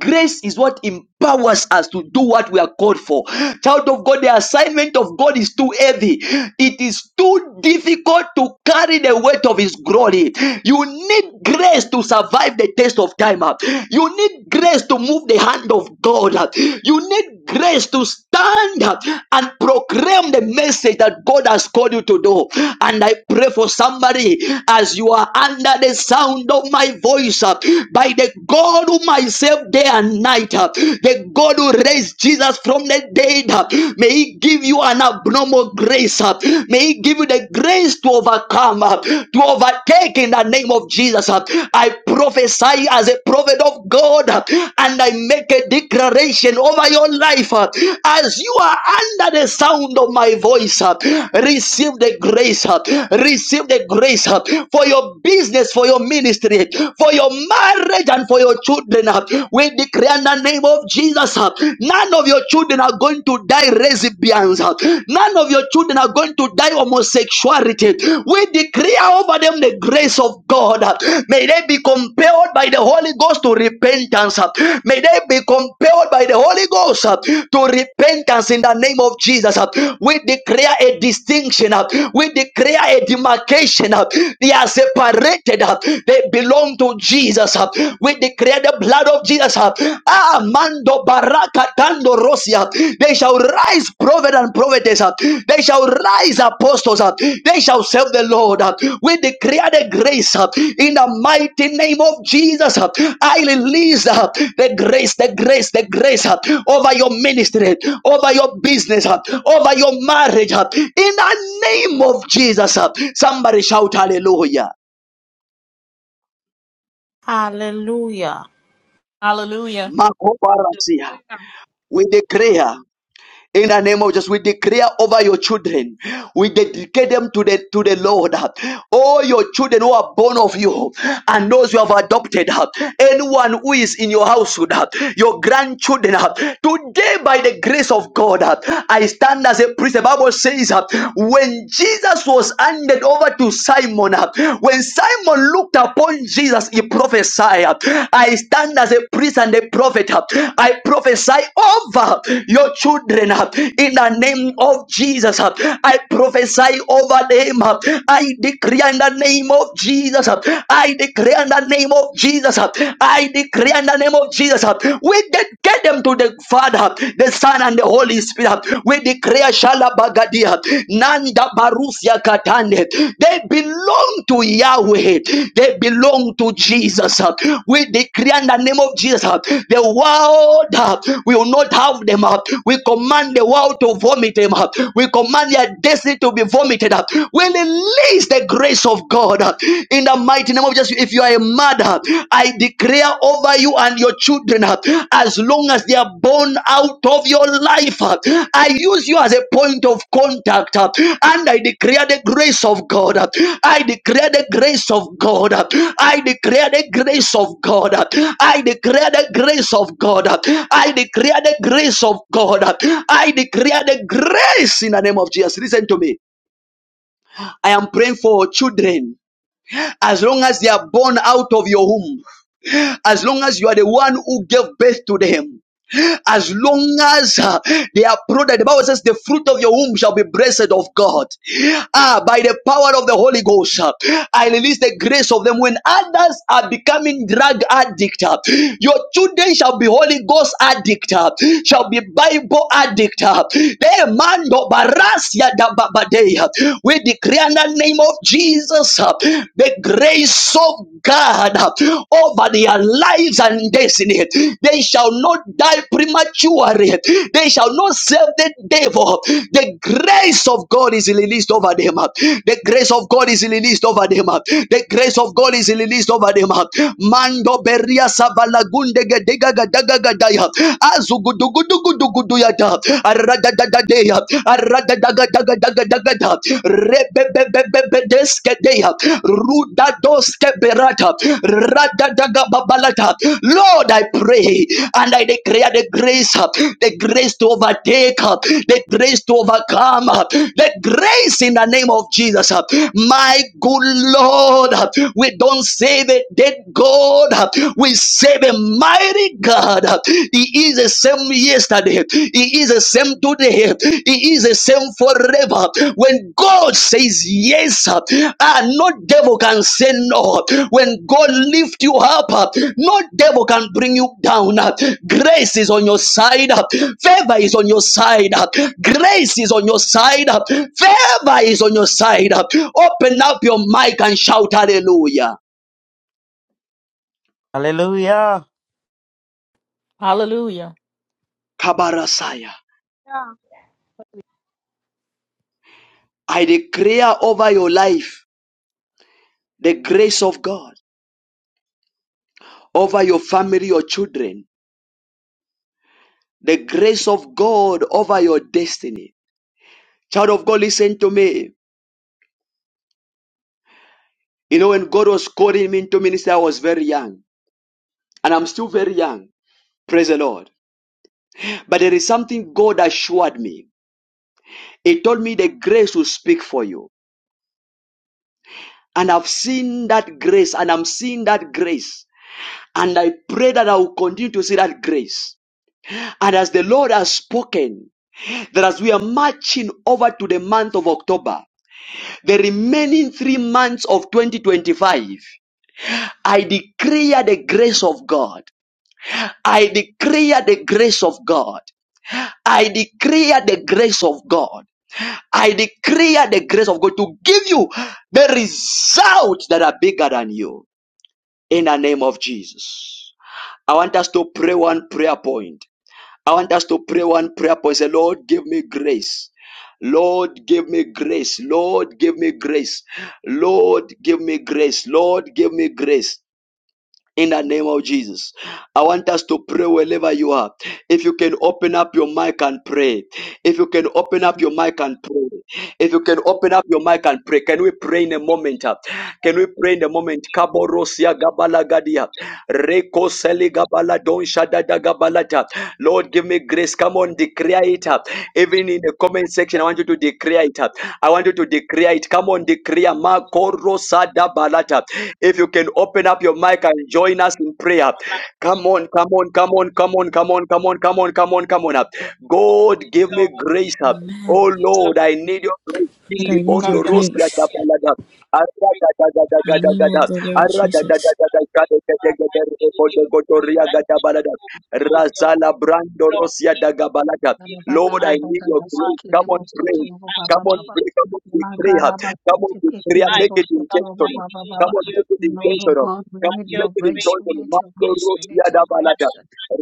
Speaker 1: Grace is what empowers us to do what we are called for. Child of God, the assignment of God is too heavy. It is too difficult to carry the weight of His glory glory. You need grace to survive the test of time. uh. You need grace to move the hand of God. uh. You need grace to stand up and proclaim the message that God has called you to do. And I pray for somebody as you are under the sound of my voice, uh, by the God who myself day and night, uh, the God who raised Jesus from the dead, uh, may He give you an abnormal grace uh, May He give you the grace to overcome, uh, to overtake in the name of Jesus. uh. I prophesy as a prophet of God uh, and I make a declaration over your life uh, as you are under the sound of my voice. uh, Receive the grace, uh, receive the grace uh, for your business, for your ministry, for your marriage, and for your children. uh. We declare in the name of Jesus, uh, none of your of your children are going to die recipients. None of your children are going to die homosexuality. We decree over them the grace of God. May they be compelled by the Holy Ghost to repentance. May they be compelled by the Holy Ghost to repentance in the name of Jesus. We declare a distinction. We declare a demarcation. They are separated. They belong to Jesus. We declare the blood of Jesus. uh, Ah, mando baraka tando rosia. They shall rise prophet and prophetess. uh, They shall rise apostles. uh, They shall serve the Lord. uh. We declare the grace uh, in the mighty name of Jesus. uh. I release uh, the grace, the grace, the grace uh, over your ministry, over your business, uh, over your marriage. uh, In the name of Jesus, uh. somebody shout hallelujah.
Speaker 3: Hallelujah.
Speaker 5: Hallelujah.
Speaker 1: Makobarasia. We declare In the name of Jesus, we declare over your children. We dedicate them to the to the Lord. All your children who are born of you and those you have adopted. Anyone who is in your household, your grandchildren. Today, by the grace of God, I stand as a priest. The Bible says when Jesus was handed over to Simon, when Simon looked upon Jesus, he prophesied. I stand stand as a priest and a prophet. I prophesy over your children in the name of Jesus. I prophesy over them. I declare in the name of Jesus. I declare in the name of Jesus. I declare in the name of Jesus. We get, get them to the Father, the Son, and the Holy Spirit. We declare Shalabagadia. None Manda Barusia Katande. They belong to Yahweh. They belong to Jesus. We decree in the name of Jesus. The world uh, will not have them up. We command the world to vomit them up. We command their destiny to be vomited up. We release the grace of God uh, in the mighty name of Jesus. If you are a mother, I declare over you and your children uh, as long as they are born out of your life. uh, I use you as a point of contact uh, and I declare the grace of God. uh, I declare the grace of God. uh, I declare the grace of God. uh, I declare the grace of God. uh, I declare the grace of God. uh, I declare the grace in the name of Jesus. Listen to me. I am praying for children as long as they are born out of your womb, as long as you are the one who gave birth to them as long as uh, they are prudent. The Bible says, The fruit of your womb shall be blessed of God. Ah, by the power of the Holy Ghost, uh, I release the grace of them. When others are becoming drug addict, uh, your children shall be Holy Ghost addict, uh, shall be Bible addict. uh. They mando barasia da babadea. We declare in the name of Jesus uh, the grace of God over their lives and destiny. They shall not die prematurely. They shall not serve the devil. The grace of God is released over them. The grace of God is released over them. The grace of God is released over them. Mando beria savalagunde gedega gadaga gadaya. Azuguduguduguduguduya da. Aradadadadeya dagada rebebebebebedeskadeya rudadoske berata radadagababalata Lord I pray and I declare the grace uh, the grace to overtake uh, the grace to overcome uh, the grace in the name of Jesus uh. my good Lord uh, we don't save a dead God uh, we save a mighty God uh is the same yesterday. He is the same today. He is the same forever. When God says yes, uh, ah, no devil can say no. When God lift you up, uh, no devil can bring you down. uh. Grace is on your side. uh. Favor is on your side. uh. Grace is on your side. uh. Favor is on your side. uh. Open up your mic and shout hallelujah.
Speaker 10: Hallelujah.
Speaker 5: Hallelujah.
Speaker 1: Kabarasaya. I declare over your life the grace of God. over your family, your children, the grace of God over your destiny. Child of God, listen to me. You know, when God was calling me into ministry, I was very young, and I'm still very young. Praise the Lord. But there is something God assured me. He told me the grace will speak for you. And I've seen that grace, and I'm seeing that grace. And I pray that I will continue to see that grace. And as the Lord has spoken, that as we are marching over to the month of October, The remaining three months of 2025, I declare the grace of God. I declare the grace of God. I declare the grace of God. I declare the grace of God to give you the results that are bigger than you in the name of Jesus. I want us to pray one prayer point. I want us to pray one prayer point. Say, Lord, give me grace. Lord, give me grace. Lord, give me grace. Lord, give me grace. Lord, give me grace in the name of Jesus. I want us to pray wherever you are. If you can open up your mic and pray. If you can open
Speaker 9: His
Speaker 1: up your mic and pray. If you can open up your mic and pray. Can we pray in a moment? uh? Can we pray in a moment? Kaborosia gabala gadia. Reko seli gabala don shadada gabalata. Lord, give me grace. Come on, declare it. uh. Even in the comment section, I want you to declare it. uh. I want you to declare it. Come on, declare. Makoro sada balata. If you can open up your mic and join us in prayer. Come on, come on, come on, come on, come on, come on, come on, come on, come on. up. God, give me
Speaker 9: Lord,
Speaker 1: grace. up.
Speaker 3: Amen.
Speaker 1: Oh
Speaker 9: his
Speaker 1: Lord,
Speaker 9: Lord,
Speaker 1: I need your grace.
Speaker 3: But
Speaker 9: his
Speaker 1: Kindi
Speaker 3: I need
Speaker 9: God
Speaker 3: your
Speaker 1: bondo rosi ya
Speaker 3: grace.
Speaker 9: Almighty. I
Speaker 1: tapalada. Arra da
Speaker 9: praise-
Speaker 1: da da da
Speaker 9: I
Speaker 1: da
Speaker 3: In the
Speaker 1: da da
Speaker 3: name
Speaker 1: da.
Speaker 3: of
Speaker 9: need
Speaker 3: the
Speaker 9: your
Speaker 3: Lord
Speaker 1: Arra da
Speaker 9: praise.
Speaker 1: da da
Speaker 3: Jesus.
Speaker 1: da
Speaker 9: I
Speaker 1: da da
Speaker 9: need
Speaker 1: da da
Speaker 9: God.
Speaker 1: da
Speaker 9: I
Speaker 1: da da.
Speaker 9: need
Speaker 1: Kodo
Speaker 9: your
Speaker 1: kodo
Speaker 9: praise.
Speaker 1: ria
Speaker 9: I
Speaker 1: ga da
Speaker 9: thank you
Speaker 1: balada.
Speaker 9: for all your
Speaker 1: Razala brando
Speaker 9: Lord.
Speaker 1: rosi ya
Speaker 9: Give
Speaker 1: da ga balada.
Speaker 9: me
Speaker 6: oh
Speaker 1: Lord, I
Speaker 9: my
Speaker 6: God,
Speaker 1: need your grace.
Speaker 9: heart.
Speaker 1: Come on, pray.
Speaker 9: I
Speaker 1: Come on,
Speaker 9: need
Speaker 1: pray. Come on,
Speaker 9: your
Speaker 1: we pray.
Speaker 9: praise.
Speaker 1: huh?
Speaker 9: oh
Speaker 1: Come on,
Speaker 9: God.
Speaker 1: we pray. yeah,
Speaker 9: I
Speaker 1: Make it
Speaker 9: need God. I
Speaker 1: intentional.
Speaker 9: need
Speaker 1: Come on,
Speaker 9: your
Speaker 1: make it
Speaker 9: praise.
Speaker 1: intentional.
Speaker 9: oh
Speaker 6: we
Speaker 1: Come
Speaker 9: God.
Speaker 1: on,
Speaker 6: need
Speaker 9: Your
Speaker 6: your
Speaker 1: make it
Speaker 6: grace,
Speaker 9: grace
Speaker 6: we
Speaker 9: is
Speaker 1: intentional.
Speaker 6: need your
Speaker 1: Mando
Speaker 6: grace, we
Speaker 9: sufficient.
Speaker 1: rosia
Speaker 6: need your
Speaker 1: da
Speaker 9: oh God
Speaker 6: grace,
Speaker 1: balada.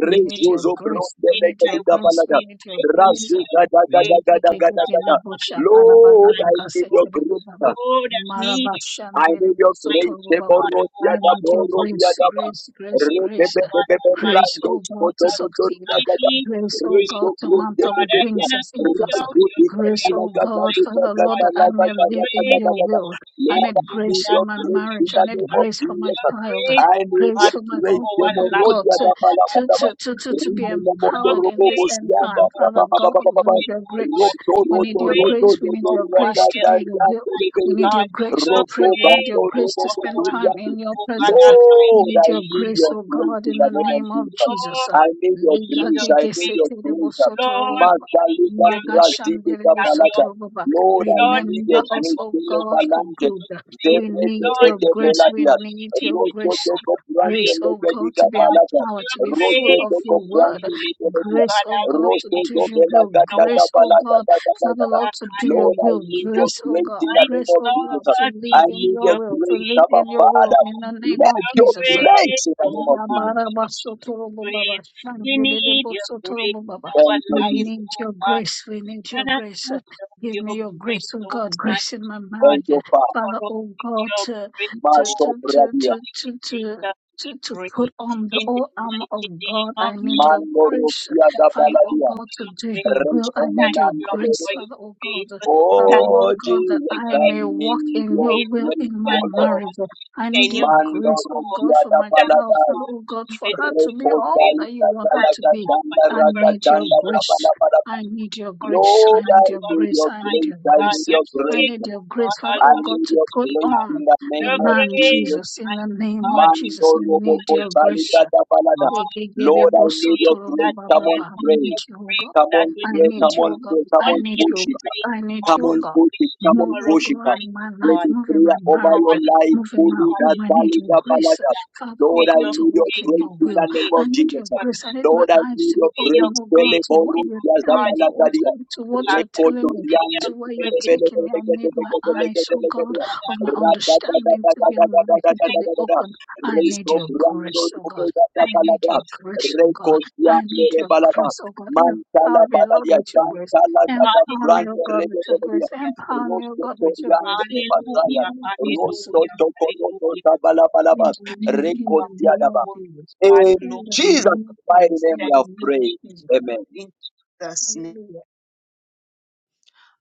Speaker 6: we need
Speaker 9: Jesus.
Speaker 6: your
Speaker 1: Rezuzo bro
Speaker 6: grace,
Speaker 1: de
Speaker 6: we
Speaker 9: In
Speaker 6: need
Speaker 9: my
Speaker 6: your
Speaker 1: de da
Speaker 6: grace, we
Speaker 1: balada.
Speaker 9: weakness,
Speaker 6: need
Speaker 9: I
Speaker 6: your
Speaker 9: need
Speaker 6: grace.
Speaker 1: Razu
Speaker 9: your
Speaker 1: da da
Speaker 6: I
Speaker 1: da da
Speaker 9: praise.
Speaker 1: da da
Speaker 9: oh
Speaker 1: da
Speaker 9: God
Speaker 1: da da. Lord, I give
Speaker 9: Almighty.
Speaker 1: your grace. huh?
Speaker 9: Lord, I need you. to
Speaker 1: I
Speaker 9: be
Speaker 1: need your grace.
Speaker 9: Mighty God,
Speaker 1: Teboro
Speaker 9: oh
Speaker 1: dia da
Speaker 9: God,
Speaker 6: need your
Speaker 9: oh
Speaker 1: boro
Speaker 9: God,
Speaker 1: dia
Speaker 6: grace,
Speaker 1: da
Speaker 9: with
Speaker 1: ba.
Speaker 9: you.
Speaker 6: grace, grace,
Speaker 1: Rebe be
Speaker 9: Oh
Speaker 6: grace,
Speaker 1: be
Speaker 9: God,
Speaker 1: be be
Speaker 6: grace,
Speaker 9: Almighty
Speaker 1: rando
Speaker 6: oh God,
Speaker 1: skoto
Speaker 6: to
Speaker 9: Jesus,
Speaker 1: bodo
Speaker 6: succeed.
Speaker 9: I
Speaker 1: dia da da.
Speaker 9: need your
Speaker 6: Grace, O
Speaker 9: grace,
Speaker 6: God,
Speaker 1: Risto
Speaker 6: to
Speaker 1: kru
Speaker 9: oh
Speaker 6: mount
Speaker 1: de
Speaker 6: up
Speaker 1: de
Speaker 9: God.
Speaker 6: with
Speaker 1: de
Speaker 9: I
Speaker 1: de.
Speaker 6: wings
Speaker 9: cannot
Speaker 6: as
Speaker 9: do
Speaker 6: eagles.
Speaker 9: without
Speaker 1: Randu
Speaker 9: your
Speaker 1: di da da
Speaker 6: Grace,
Speaker 9: grace,
Speaker 1: la
Speaker 6: O
Speaker 1: ga da
Speaker 6: God,
Speaker 1: di
Speaker 9: Almighty
Speaker 1: da
Speaker 6: Father,
Speaker 1: ga
Speaker 6: Lord,
Speaker 1: da
Speaker 9: God.
Speaker 6: that I
Speaker 1: la ga
Speaker 6: may
Speaker 9: Your
Speaker 1: da da
Speaker 6: live
Speaker 1: da
Speaker 6: in
Speaker 1: da
Speaker 9: grace
Speaker 1: da
Speaker 6: your
Speaker 9: is
Speaker 1: da da.
Speaker 6: will. I
Speaker 9: sufficient,
Speaker 1: Lord, I
Speaker 6: need
Speaker 9: oh
Speaker 1: need
Speaker 6: grace
Speaker 9: God,
Speaker 6: in
Speaker 1: your
Speaker 6: my
Speaker 1: grace
Speaker 9: Almighty
Speaker 1: in
Speaker 6: marriage. I
Speaker 1: the
Speaker 6: need
Speaker 1: name
Speaker 9: Jesus.
Speaker 1: of
Speaker 6: grace for my
Speaker 9: Your
Speaker 1: Jesus.
Speaker 6: child.
Speaker 9: grace,
Speaker 1: I
Speaker 9: oh
Speaker 1: need
Speaker 6: Grace
Speaker 1: your
Speaker 9: God,
Speaker 6: for my
Speaker 9: for
Speaker 1: grace.
Speaker 6: husband,
Speaker 9: our
Speaker 6: oh
Speaker 1: Teboro
Speaker 9: life,
Speaker 6: God,
Speaker 1: dia
Speaker 6: to,
Speaker 1: da
Speaker 9: oh
Speaker 1: ba
Speaker 9: God,
Speaker 1: la ba
Speaker 6: to,
Speaker 1: da ba.
Speaker 6: to,
Speaker 9: Almighty
Speaker 6: to, to, to be
Speaker 9: Jesus.
Speaker 1: Rime na mondo
Speaker 9: Your
Speaker 6: empowered in
Speaker 1: robo
Speaker 6: this end
Speaker 9: grace,
Speaker 6: time.
Speaker 1: bosianda da
Speaker 6: Father
Speaker 1: ba ba ba
Speaker 6: God,
Speaker 1: ba
Speaker 6: we
Speaker 1: ba ba.
Speaker 6: need your
Speaker 9: oh God,
Speaker 6: grace.
Speaker 1: Roto
Speaker 6: We
Speaker 9: your
Speaker 1: roto
Speaker 6: need your
Speaker 9: grace
Speaker 1: roto
Speaker 6: grace.
Speaker 1: roto
Speaker 6: We
Speaker 9: O
Speaker 6: need
Speaker 1: roto roto roto
Speaker 9: God,
Speaker 6: your
Speaker 9: our
Speaker 6: grace to
Speaker 9: heal,
Speaker 6: do your will.
Speaker 1: roto roto
Speaker 9: mighty
Speaker 6: We
Speaker 1: roto
Speaker 6: need your
Speaker 9: God.
Speaker 6: grace to
Speaker 9: Your
Speaker 6: pray.
Speaker 1: Roto
Speaker 6: We need
Speaker 9: grace
Speaker 1: Bando
Speaker 6: your
Speaker 9: O
Speaker 6: grace
Speaker 1: Robo
Speaker 6: to
Speaker 9: God,
Speaker 6: spend
Speaker 9: our
Speaker 6: time
Speaker 9: heal,
Speaker 1: Koturianti.
Speaker 6: in your
Speaker 9: O God
Speaker 6: presence. We
Speaker 1: Lord,
Speaker 9: Almighty
Speaker 6: need
Speaker 1: I
Speaker 6: your
Speaker 1: need
Speaker 6: grace,
Speaker 1: your
Speaker 9: Jesus,
Speaker 6: oh
Speaker 1: grace
Speaker 6: God,
Speaker 1: in
Speaker 9: mighty
Speaker 6: in
Speaker 1: the
Speaker 6: the
Speaker 1: name
Speaker 9: God.
Speaker 1: of
Speaker 6: name of
Speaker 1: Jesus.
Speaker 6: Jesus.
Speaker 1: I
Speaker 9: Lord,
Speaker 1: need your
Speaker 9: we need
Speaker 6: Ligage
Speaker 1: grace.
Speaker 9: your
Speaker 1: I need
Speaker 9: grace.
Speaker 1: your
Speaker 6: gesetere
Speaker 1: grace.
Speaker 6: bosotoro
Speaker 9: Lord,
Speaker 6: baba
Speaker 9: we thank you,
Speaker 1: Masalika
Speaker 9: dear grace,
Speaker 1: Brazilika
Speaker 9: carry
Speaker 1: Balata.
Speaker 9: us.
Speaker 6: Ligagegesetelebosotoroba. baba.
Speaker 1: Lord, I
Speaker 9: Lord, we
Speaker 1: need
Speaker 6: Remember
Speaker 1: your
Speaker 9: cannot
Speaker 6: us,
Speaker 1: grace.
Speaker 6: O
Speaker 9: function
Speaker 1: Tele
Speaker 6: God, for
Speaker 9: without
Speaker 1: Balanje.
Speaker 6: good.
Speaker 9: your grace.
Speaker 6: We
Speaker 1: Dereke
Speaker 6: need
Speaker 9: Lord,
Speaker 6: your
Speaker 9: we
Speaker 1: Ede
Speaker 6: grace.
Speaker 9: cannot
Speaker 6: We
Speaker 1: Beladia.
Speaker 9: do
Speaker 6: need
Speaker 9: anything
Speaker 6: your
Speaker 1: Roto
Speaker 9: without
Speaker 6: grace.
Speaker 9: your
Speaker 1: Toko Brande
Speaker 6: Grace,
Speaker 9: grace,
Speaker 6: O
Speaker 1: Leke
Speaker 6: God,
Speaker 9: mighty
Speaker 1: Dika
Speaker 6: to be
Speaker 9: God.
Speaker 1: Balata.
Speaker 6: empowered,
Speaker 9: Your
Speaker 6: to be full
Speaker 1: Roto
Speaker 9: grace
Speaker 6: of
Speaker 9: is
Speaker 1: Toko
Speaker 6: your
Speaker 1: Brande
Speaker 6: word.
Speaker 9: sufficient,
Speaker 1: Leke
Speaker 9: oh
Speaker 1: Dika.
Speaker 6: Grace,
Speaker 9: God
Speaker 6: O God,
Speaker 1: Roto
Speaker 6: to
Speaker 9: Almighty
Speaker 6: do
Speaker 1: Toko
Speaker 9: Jesus,
Speaker 6: your will.
Speaker 1: Belaka
Speaker 9: in our
Speaker 1: Taka
Speaker 6: Grace, O
Speaker 1: Balata
Speaker 9: weakness,
Speaker 6: God,
Speaker 1: Taka
Speaker 9: oh
Speaker 6: Father
Speaker 9: God
Speaker 1: Balata.
Speaker 6: Lord, to do your
Speaker 1: Lord,
Speaker 9: Almighty
Speaker 1: I
Speaker 6: will.
Speaker 1: need your
Speaker 9: Jesus.
Speaker 6: Grace, O
Speaker 1: grace
Speaker 6: God.
Speaker 1: in the name
Speaker 9: Mighty
Speaker 6: Grace,
Speaker 1: of
Speaker 6: O
Speaker 1: Jesus.
Speaker 6: God, to
Speaker 9: God, we
Speaker 6: live
Speaker 1: I
Speaker 6: in
Speaker 9: need
Speaker 1: need
Speaker 6: your
Speaker 1: your
Speaker 9: your
Speaker 6: will, to
Speaker 1: grace,
Speaker 9: grace,
Speaker 6: live
Speaker 1: Abba
Speaker 6: in your
Speaker 9: oh
Speaker 6: will in
Speaker 9: God
Speaker 1: Father.
Speaker 6: the name
Speaker 1: Let
Speaker 6: of
Speaker 9: your
Speaker 1: your
Speaker 6: Jesus.
Speaker 1: grace
Speaker 9: grace,
Speaker 1: in the
Speaker 9: oh
Speaker 1: name of
Speaker 9: God,
Speaker 1: Jesus.
Speaker 9: we need your
Speaker 6: Yabarabasotorobo-baba,
Speaker 9: grace. We need your grace in
Speaker 6: shandelelebosotorobo-baba.
Speaker 9: our
Speaker 1: Thank you,
Speaker 6: We
Speaker 9: life,
Speaker 1: Jesus.
Speaker 6: need
Speaker 9: oh
Speaker 6: your
Speaker 9: God.
Speaker 6: grace. We
Speaker 9: We
Speaker 6: need your
Speaker 9: cannot
Speaker 6: grace.
Speaker 9: do without
Speaker 6: Give
Speaker 9: your
Speaker 6: me your
Speaker 9: grace,
Speaker 6: grace, oh God, grace
Speaker 9: Almighty
Speaker 6: in my
Speaker 9: God.
Speaker 1: Thank
Speaker 6: marriage.
Speaker 1: you, Father.
Speaker 9: Cover
Speaker 6: Father,
Speaker 9: us
Speaker 6: oh
Speaker 9: with
Speaker 6: God,
Speaker 9: your
Speaker 6: to
Speaker 9: grace,
Speaker 6: to
Speaker 9: oh
Speaker 1: Master of
Speaker 6: to
Speaker 9: God,
Speaker 6: to
Speaker 1: Radia.
Speaker 6: to
Speaker 9: Almighty
Speaker 6: to to
Speaker 9: Jesus, we
Speaker 6: to, to
Speaker 9: pray.
Speaker 6: put on the
Speaker 9: In the
Speaker 6: whole armor
Speaker 9: mighty
Speaker 6: of
Speaker 9: name
Speaker 6: God,
Speaker 9: of
Speaker 6: I need your
Speaker 1: Mando
Speaker 9: Jesus.
Speaker 6: grace.
Speaker 1: Rukia
Speaker 9: Thank you,
Speaker 6: Father, oh
Speaker 9: Lord,
Speaker 1: Gabaladia.
Speaker 6: God,
Speaker 9: for
Speaker 6: to
Speaker 9: your
Speaker 6: do your
Speaker 9: grace.
Speaker 6: will,
Speaker 1: Rest
Speaker 6: I
Speaker 1: on the
Speaker 6: need
Speaker 9: Thank
Speaker 6: your
Speaker 9: you,
Speaker 1: land
Speaker 9: Lord,
Speaker 6: grace,
Speaker 9: for your
Speaker 6: Father, oh God.
Speaker 9: grace.
Speaker 6: Father,
Speaker 9: Thank you,
Speaker 6: Lord
Speaker 1: Oh,
Speaker 6: God,
Speaker 9: Lord,
Speaker 6: that
Speaker 9: for
Speaker 1: Jesus, I
Speaker 6: I
Speaker 9: your
Speaker 6: may walk
Speaker 9: infinite
Speaker 1: need
Speaker 6: in
Speaker 1: your
Speaker 6: your
Speaker 9: grace.
Speaker 6: will
Speaker 1: grace,
Speaker 6: in my
Speaker 1: O
Speaker 9: Thank you,
Speaker 1: Lord.
Speaker 9: God,
Speaker 6: marriage.
Speaker 9: for
Speaker 6: I
Speaker 9: sustain
Speaker 6: need your
Speaker 9: your
Speaker 1: Mando
Speaker 9: grace,
Speaker 6: grace, oh
Speaker 9: Lord.
Speaker 6: God,
Speaker 1: Rukia
Speaker 6: for my
Speaker 9: Thank
Speaker 6: child,
Speaker 9: you,
Speaker 1: Gabaladai.
Speaker 6: Father,
Speaker 9: God,
Speaker 6: oh
Speaker 9: for
Speaker 6: God, for
Speaker 9: giving
Speaker 6: her to
Speaker 9: your
Speaker 6: be all
Speaker 9: grace.
Speaker 1: Reposali
Speaker 6: that you want her
Speaker 9: Thank
Speaker 6: to
Speaker 9: you,
Speaker 6: be.
Speaker 9: God, for
Speaker 1: Gagalagaganda
Speaker 9: your
Speaker 6: I need your
Speaker 9: protection.
Speaker 1: Ragaganda
Speaker 9: Thank you
Speaker 6: grace.
Speaker 1: Rabalabala.
Speaker 6: I
Speaker 9: For
Speaker 6: need
Speaker 9: your
Speaker 6: your grace. I
Speaker 1: Lord,
Speaker 9: protection
Speaker 1: I
Speaker 6: need your
Speaker 9: over
Speaker 1: need
Speaker 9: us,
Speaker 6: grace.
Speaker 1: your
Speaker 6: I
Speaker 9: my
Speaker 6: need
Speaker 1: grace.
Speaker 6: your
Speaker 1: I
Speaker 9: God.
Speaker 1: need
Speaker 6: grace.
Speaker 1: your
Speaker 9: Your
Speaker 6: I
Speaker 1: grace.
Speaker 9: grace,
Speaker 6: need your
Speaker 9: oh
Speaker 6: grace,
Speaker 9: God
Speaker 6: Father,
Speaker 1: I
Speaker 6: oh
Speaker 9: Almighty
Speaker 6: God,
Speaker 1: need
Speaker 6: to
Speaker 1: your
Speaker 6: put
Speaker 9: Jesus.
Speaker 1: grace
Speaker 6: on
Speaker 1: in the
Speaker 6: the
Speaker 1: name
Speaker 9: Your
Speaker 1: of
Speaker 6: man
Speaker 9: grace,
Speaker 1: Jesus.
Speaker 6: Jesus in
Speaker 9: my
Speaker 6: the name
Speaker 9: God,
Speaker 6: of
Speaker 9: we
Speaker 1: Mando
Speaker 6: Jesus.
Speaker 9: call
Speaker 6: I
Speaker 1: robo
Speaker 9: upon
Speaker 6: need
Speaker 9: your
Speaker 6: your grace.
Speaker 1: kotalika
Speaker 9: grace,
Speaker 1: da
Speaker 9: oh
Speaker 1: balada.
Speaker 9: God your
Speaker 1: Lord, I need your
Speaker 9: grace
Speaker 1: grace.
Speaker 9: that
Speaker 1: Come
Speaker 9: will
Speaker 1: on,
Speaker 9: help
Speaker 6: Legegerebosotorobobababa. I
Speaker 9: us,
Speaker 1: pray.
Speaker 6: need
Speaker 9: your
Speaker 6: you, oh God.
Speaker 9: grace
Speaker 1: Come
Speaker 9: that
Speaker 1: on,
Speaker 9: will
Speaker 6: I
Speaker 1: pray.
Speaker 9: keep
Speaker 1: Come
Speaker 6: need you,
Speaker 1: on,
Speaker 6: oh
Speaker 9: us.
Speaker 6: God.
Speaker 1: pray. Come
Speaker 6: I
Speaker 1: on,
Speaker 9: Only
Speaker 6: need
Speaker 9: your
Speaker 6: you,
Speaker 1: push
Speaker 6: oh
Speaker 1: it
Speaker 6: God.
Speaker 1: up.
Speaker 9: grace
Speaker 6: I need
Speaker 1: Come
Speaker 6: you,
Speaker 9: offers
Speaker 6: oh
Speaker 1: on,
Speaker 6: God.
Speaker 1: push it.
Speaker 9: sufficient
Speaker 1: Come on,
Speaker 6: Move,
Speaker 9: for
Speaker 6: oh
Speaker 9: us,
Speaker 1: push it
Speaker 6: God,
Speaker 1: up.
Speaker 6: in
Speaker 9: mighty
Speaker 6: my
Speaker 1: When
Speaker 6: life.
Speaker 9: God.
Speaker 1: you
Speaker 6: Move in
Speaker 1: pray
Speaker 6: my
Speaker 1: over
Speaker 6: marriage.
Speaker 1: your
Speaker 9: Hallelujah,
Speaker 1: life,
Speaker 6: Moving my
Speaker 1: Guru, that
Speaker 6: home, I need
Speaker 9: hallelujah,
Speaker 6: your
Speaker 1: Balada
Speaker 6: grace,
Speaker 1: Balada.
Speaker 9: hallelujah.
Speaker 6: Father, oh
Speaker 9: May
Speaker 1: Lord, I
Speaker 6: God,
Speaker 9: your
Speaker 6: to
Speaker 1: need your
Speaker 6: walk
Speaker 9: grace
Speaker 6: in
Speaker 1: grace
Speaker 6: your
Speaker 1: in the
Speaker 6: will.
Speaker 1: name
Speaker 9: overtake
Speaker 1: of
Speaker 6: I need
Speaker 1: Jesus.
Speaker 6: your
Speaker 9: us,
Speaker 6: grace. I need my
Speaker 1: Lord, I
Speaker 6: eyes
Speaker 1: need
Speaker 6: to be
Speaker 1: your
Speaker 9: May your
Speaker 6: open,
Speaker 1: grace.
Speaker 6: oh
Speaker 1: Pele
Speaker 6: God,
Speaker 9: grace
Speaker 6: to
Speaker 9: be
Speaker 6: what
Speaker 1: Boru,
Speaker 6: you're
Speaker 1: Yaza
Speaker 6: telling, to
Speaker 9: regarded
Speaker 1: Balada
Speaker 6: what,
Speaker 9: to
Speaker 1: Dia.
Speaker 9: be
Speaker 6: to what you're
Speaker 9: contacted.
Speaker 6: telling
Speaker 1: Rekoto
Speaker 6: me,
Speaker 9: May
Speaker 1: Yande,
Speaker 9: your
Speaker 6: to where you're
Speaker 1: Pele
Speaker 9: grace
Speaker 1: Pele
Speaker 6: taking
Speaker 1: Pele
Speaker 6: me.
Speaker 1: Pele
Speaker 9: flow
Speaker 6: I need my
Speaker 9: through
Speaker 1: Pele
Speaker 9: such
Speaker 1: Pele
Speaker 6: eyes,
Speaker 9: a
Speaker 6: oh
Speaker 1: Pele
Speaker 9: you,
Speaker 6: God,
Speaker 1: Pele.
Speaker 9: God
Speaker 6: of my
Speaker 9: Almighty. Jesus.
Speaker 1: Rata Da Da
Speaker 6: understanding to
Speaker 1: Da
Speaker 6: be
Speaker 1: Da Da Da Da Da
Speaker 6: enlightened, to
Speaker 1: Da
Speaker 9: Thank
Speaker 6: be
Speaker 1: Da
Speaker 9: you
Speaker 1: Da Da.
Speaker 9: for
Speaker 6: open.
Speaker 9: your
Speaker 6: I
Speaker 9: grace.
Speaker 6: need
Speaker 1: Resto
Speaker 6: your
Speaker 1: Brando,
Speaker 6: grace, oh
Speaker 1: Pele
Speaker 6: God.
Speaker 1: Da Da
Speaker 6: I
Speaker 9: Thank you for your grace. Thank you
Speaker 6: need
Speaker 9: for
Speaker 1: Balada.
Speaker 6: your
Speaker 9: your
Speaker 6: grace,
Speaker 9: grace.
Speaker 6: oh God.
Speaker 1: Rekoto
Speaker 9: Thank you,
Speaker 6: I need
Speaker 1: Yande,
Speaker 6: your
Speaker 9: Jesus.
Speaker 1: Balada.
Speaker 6: grace, oh God.
Speaker 1: Mantala
Speaker 6: Empower me, Lord,
Speaker 1: Badalia,
Speaker 6: with your grace.
Speaker 1: Santala Tata
Speaker 9: Hallelujah.
Speaker 6: Empower me,
Speaker 1: Brande
Speaker 6: oh God, with your
Speaker 1: Rebelia,
Speaker 6: grace. Empower me, oh
Speaker 1: Rosso
Speaker 6: God, with your
Speaker 1: Toriande
Speaker 6: grace.
Speaker 1: de
Speaker 6: In the
Speaker 1: Basaya,
Speaker 6: name
Speaker 9: Hallelujah.
Speaker 6: of Jesus.
Speaker 1: Rosso
Speaker 9: Hallelujah.
Speaker 1: Chocoroto
Speaker 9: Hallelujah.
Speaker 1: Sabala
Speaker 6: We
Speaker 1: Balaba,
Speaker 6: believe in the blood
Speaker 1: Recotiadaba.
Speaker 6: of
Speaker 9: Hallelujah.
Speaker 6: Jesus,
Speaker 9: God,
Speaker 1: In
Speaker 6: in
Speaker 9: glory
Speaker 6: the
Speaker 1: Jesus'
Speaker 9: to
Speaker 6: name of
Speaker 9: God.
Speaker 1: mighty
Speaker 6: Jesus,
Speaker 1: name
Speaker 6: in
Speaker 1: we
Speaker 9: Thank
Speaker 6: the
Speaker 1: have
Speaker 9: you,
Speaker 6: name of
Speaker 1: prayed.
Speaker 9: Jesus.
Speaker 6: Jesus.
Speaker 1: Amen.
Speaker 9: In Jesus'
Speaker 6: Hallelujah.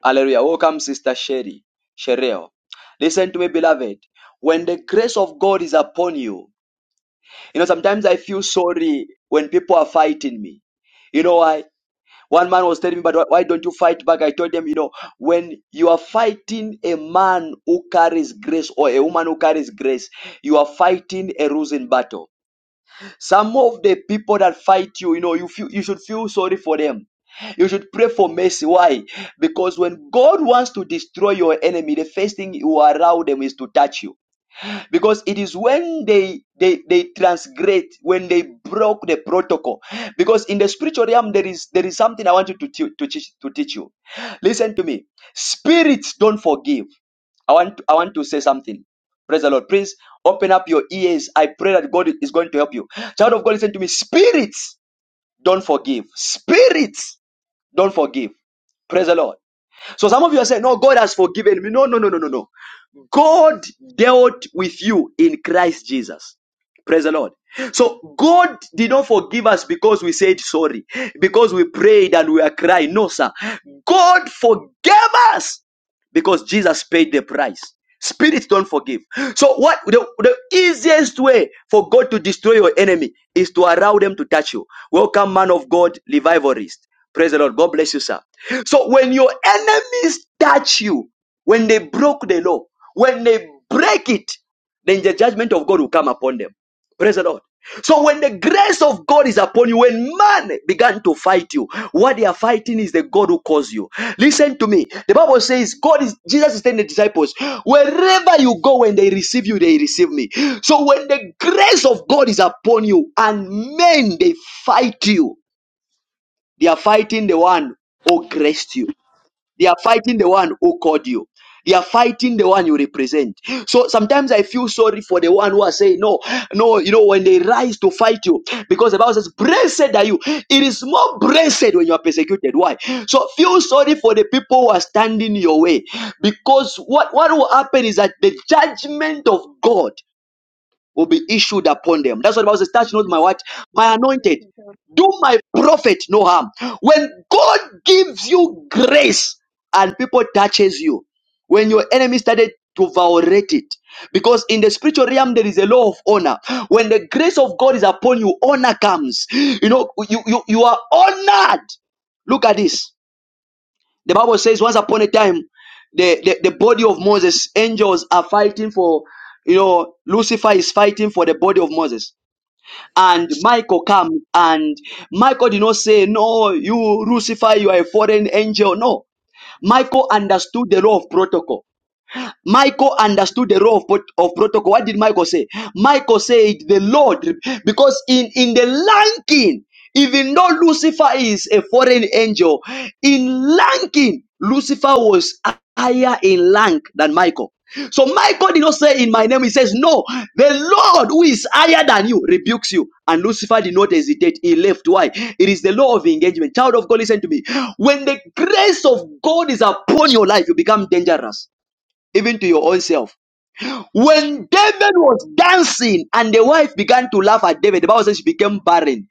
Speaker 1: Hallelujah. Welcome, Sister Sherry. Shereo. Listen to me, beloved. When the grace of God is upon you, you know, sometimes I feel sorry when people are fighting me. You know why? One man was telling me, but why don't you fight back? I told him, you know, when you are fighting a man who carries grace or a woman who carries grace, you are fighting a losing battle. Some of the people that fight you, you know, you feel you should feel sorry for them. You should pray for mercy. Why? Because when God wants to destroy your enemy, the first thing you allow them is to touch you because it is when they they they transgrade when they broke the protocol because in the spiritual realm there is there is something i want you to, tu- to teach to teach you listen to me spirits don't forgive i want i want to say something praise the lord please open up your ears i pray that god is going to help you child of god listen to me spirits don't forgive spirits don't forgive praise the lord so some of you are saying, No, God has forgiven me. No, no, no, no, no, no. God dealt with you in Christ Jesus. Praise the Lord. So God did not forgive us because we said sorry, because we prayed and we are crying. No, sir. God forgave us because Jesus paid the price. Spirits don't forgive. So what the, the easiest way for God to destroy your enemy is to allow them to touch you. Welcome, man of God, revivalist. Praise the Lord. God bless you, sir. So when your enemies touch you, when they broke the law, when they break it, then the judgment of God will come upon them. Praise the Lord. So when the grace of God is upon you, when man began to fight you, what they are fighting is the God who caused you. Listen to me. The Bible says God is Jesus is telling the disciples, wherever you go, when they receive you, they receive me. So when the grace of God is upon you and men they fight you, they are fighting the one who graced you. They are fighting the one who called you. They are fighting the one you represent. So sometimes I feel sorry for the one who are saying, No, no, you know, when they rise to fight you, because the Bible says, Blessed are you. It is more blessed when you are persecuted. Why? So feel sorry for the people who are standing your way. Because what, what will happen is that the judgment of God will be issued upon them. That's what the Bible says, touch not my
Speaker 6: Yes,
Speaker 1: what? My
Speaker 6: yes, yes,
Speaker 1: anointed.
Speaker 6: yes.
Speaker 1: Do my prophet no harm. When God gives you grace and people touches you, when your enemy started to violate it, because in the spiritual realm there is a law of honor. When the grace of God is upon you, honor comes. You know, you you, you are honored. Look at this. The Bible says once upon a time, the, the, the body of Moses, angels are fighting for, you know, Lucifer is fighting for the body of Moses. And Michael comes and Michael did not say, no, you, Lucifer, you are a foreign angel. No. Michael understood the law of protocol. Michael understood the role of, of protocol. What did Michael say? Michael said, The Lord, because in, in the lanking, even though Lucifer is a foreign angel, in lanking, Lucifer was higher in rank than Michael. So Michael did not say in my name, he says, No, the Lord who is higher than you rebukes you. And Lucifer did not hesitate, he left. Why? It is the law of engagement. Child of God, listen to me. When the grace of God is upon your life, you become dangerous even to your own self. When David was dancing and the wife began to laugh at David, the Bible says she became barren.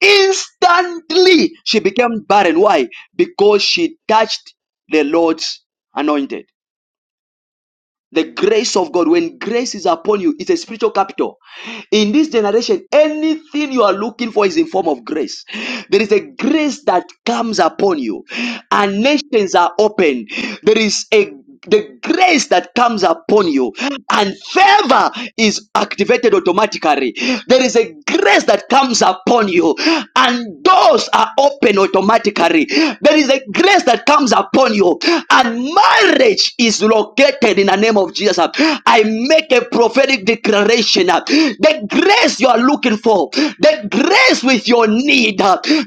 Speaker 1: Instantly, she became barren. Why? Because she touched the Lord's anointed. The grace of God, when grace is upon you, it's a spiritual capital. In this generation, anything you are looking for is in form of grace. There is a grace that comes upon you, and nations are open. There is a the grace that comes upon you and favor is activated automatically. There is a grace that comes upon you, and and doors are open automatically. There is a grace that comes upon you, and marriage is located in the name of Jesus. I make a prophetic declaration. The grace you are looking for, the grace with your need,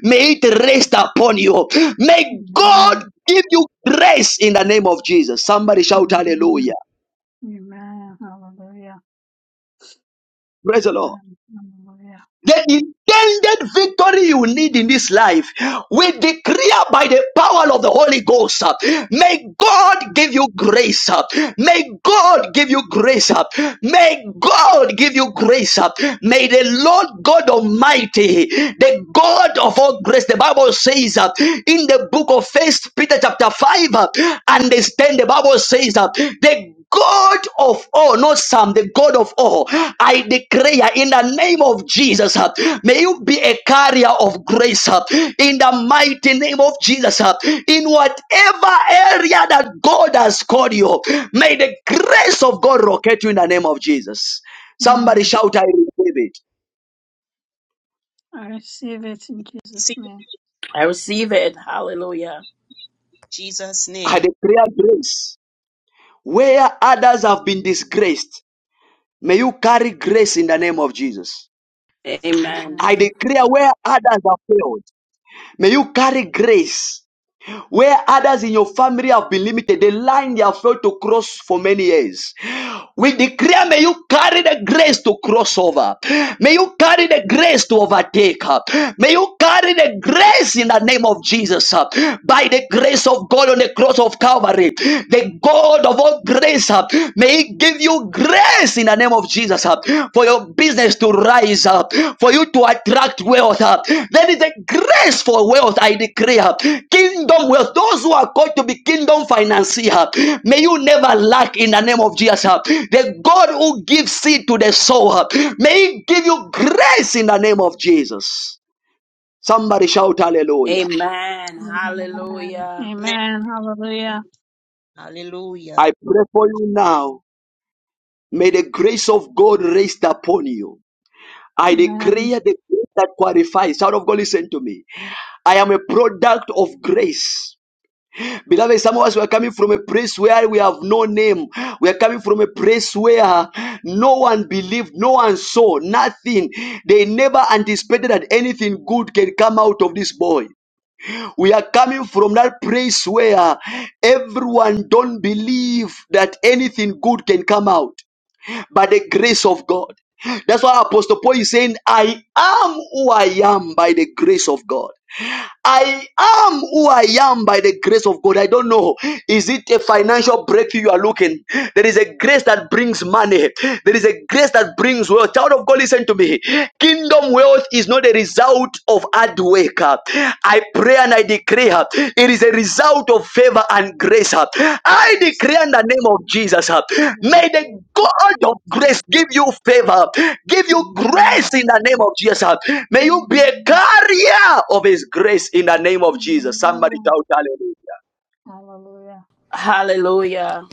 Speaker 1: may it rest upon you. May God
Speaker 6: Amen.
Speaker 1: give you grace in the name of Jesus. Somebody shout hallelujah.
Speaker 6: Amen. Amen. Hallelujah.
Speaker 1: Praise the Lord.
Speaker 6: Amen. Hallelujah.
Speaker 1: The intended victory you need in this life, we declare by the power of the Holy Ghost. uh, May God give you grace. uh, May God give you grace. uh, May God give you grace. uh, May the Lord God Almighty, the God of all grace, the Bible says uh, in the book of First Peter chapter 5, uh, understand the Bible says that the. God of all, not some, the God of all. I declare in the name of Jesus, uh, may you be a carrier of grace uh, in the mighty name of Jesus. uh, In whatever area that God has called you, may the grace of God rocket you in the name of Jesus. Somebody
Speaker 6: Amen.
Speaker 1: shout, I receive it.
Speaker 6: I receive it in Jesus'
Speaker 9: name.
Speaker 6: name.
Speaker 11: I receive it. Hallelujah.
Speaker 9: Jesus'
Speaker 1: I
Speaker 9: name.
Speaker 1: declare grace. Where others have been disgraced, may you carry grace in the name of Jesus.
Speaker 11: Amen.
Speaker 1: I
Speaker 6: Amen.
Speaker 1: declare where others have failed. May you carry grace. Where others in your family have been limited, the line they have failed to cross for many years. We declare, may you carry the grace to cross over. May you carry the grace to overtake. May you carry the grace in the name of Jesus. By the grace of God on the cross of Calvary, the God of all grace, may He give you grace in the name of Jesus uh, for your business to rise up, uh, for you to attract wealth. uh. There is a grace for wealth, I declare. Kingdom wealth, those who are called to be kingdom financier, uh, may you never lack in the name of Jesus. uh. The God who gives seed to the sower, uh, may He give you grace in the name of Jesus. Somebody shout hallelujah.
Speaker 11: Amen.
Speaker 6: Amen.
Speaker 11: Hallelujah.
Speaker 9: Amen.
Speaker 6: Amen. Hallelujah.
Speaker 9: Hallelujah.
Speaker 1: I pray for you now. May the grace of God rest upon you. I
Speaker 6: Amen.
Speaker 1: declare the grace that qualifies. Child of God, listen to me. I am a product of grace. Beloved, some of us were coming from a place where we have no name. We are coming from a place where no one believed, no one saw, nothing. They never anticipated that anything good can come out of this boy. We are coming from that place where everyone don't believe that anything good can come out by the grace of God. That's why Apostle Paul is saying, I am who I am by the grace of God. I am who I am by the grace of God. I don't know. Is it a financial breakthrough you are looking? There is a grace that brings money. There is a grace that brings wealth. Child of God, listen to me. Kingdom wealth is not a result of hard work. I pray and I decree uh, It is a result of favor and grace. uh. I
Speaker 6: Yes.
Speaker 1: declare in the name of Jesus, uh,
Speaker 6: Amen.
Speaker 1: may the
Speaker 6: Glory to
Speaker 1: God of
Speaker 6: Jesus'
Speaker 1: grace
Speaker 6: name.
Speaker 1: give you favor, give you
Speaker 6: Amen.
Speaker 1: grace in the name of Jesus. uh. May you be a
Speaker 6: Amen.
Speaker 1: carrier of His grace in the name of Jesus. Somebody
Speaker 6: Amen.
Speaker 1: shout hallelujah.
Speaker 6: Hallelujah.
Speaker 11: Hallelujah.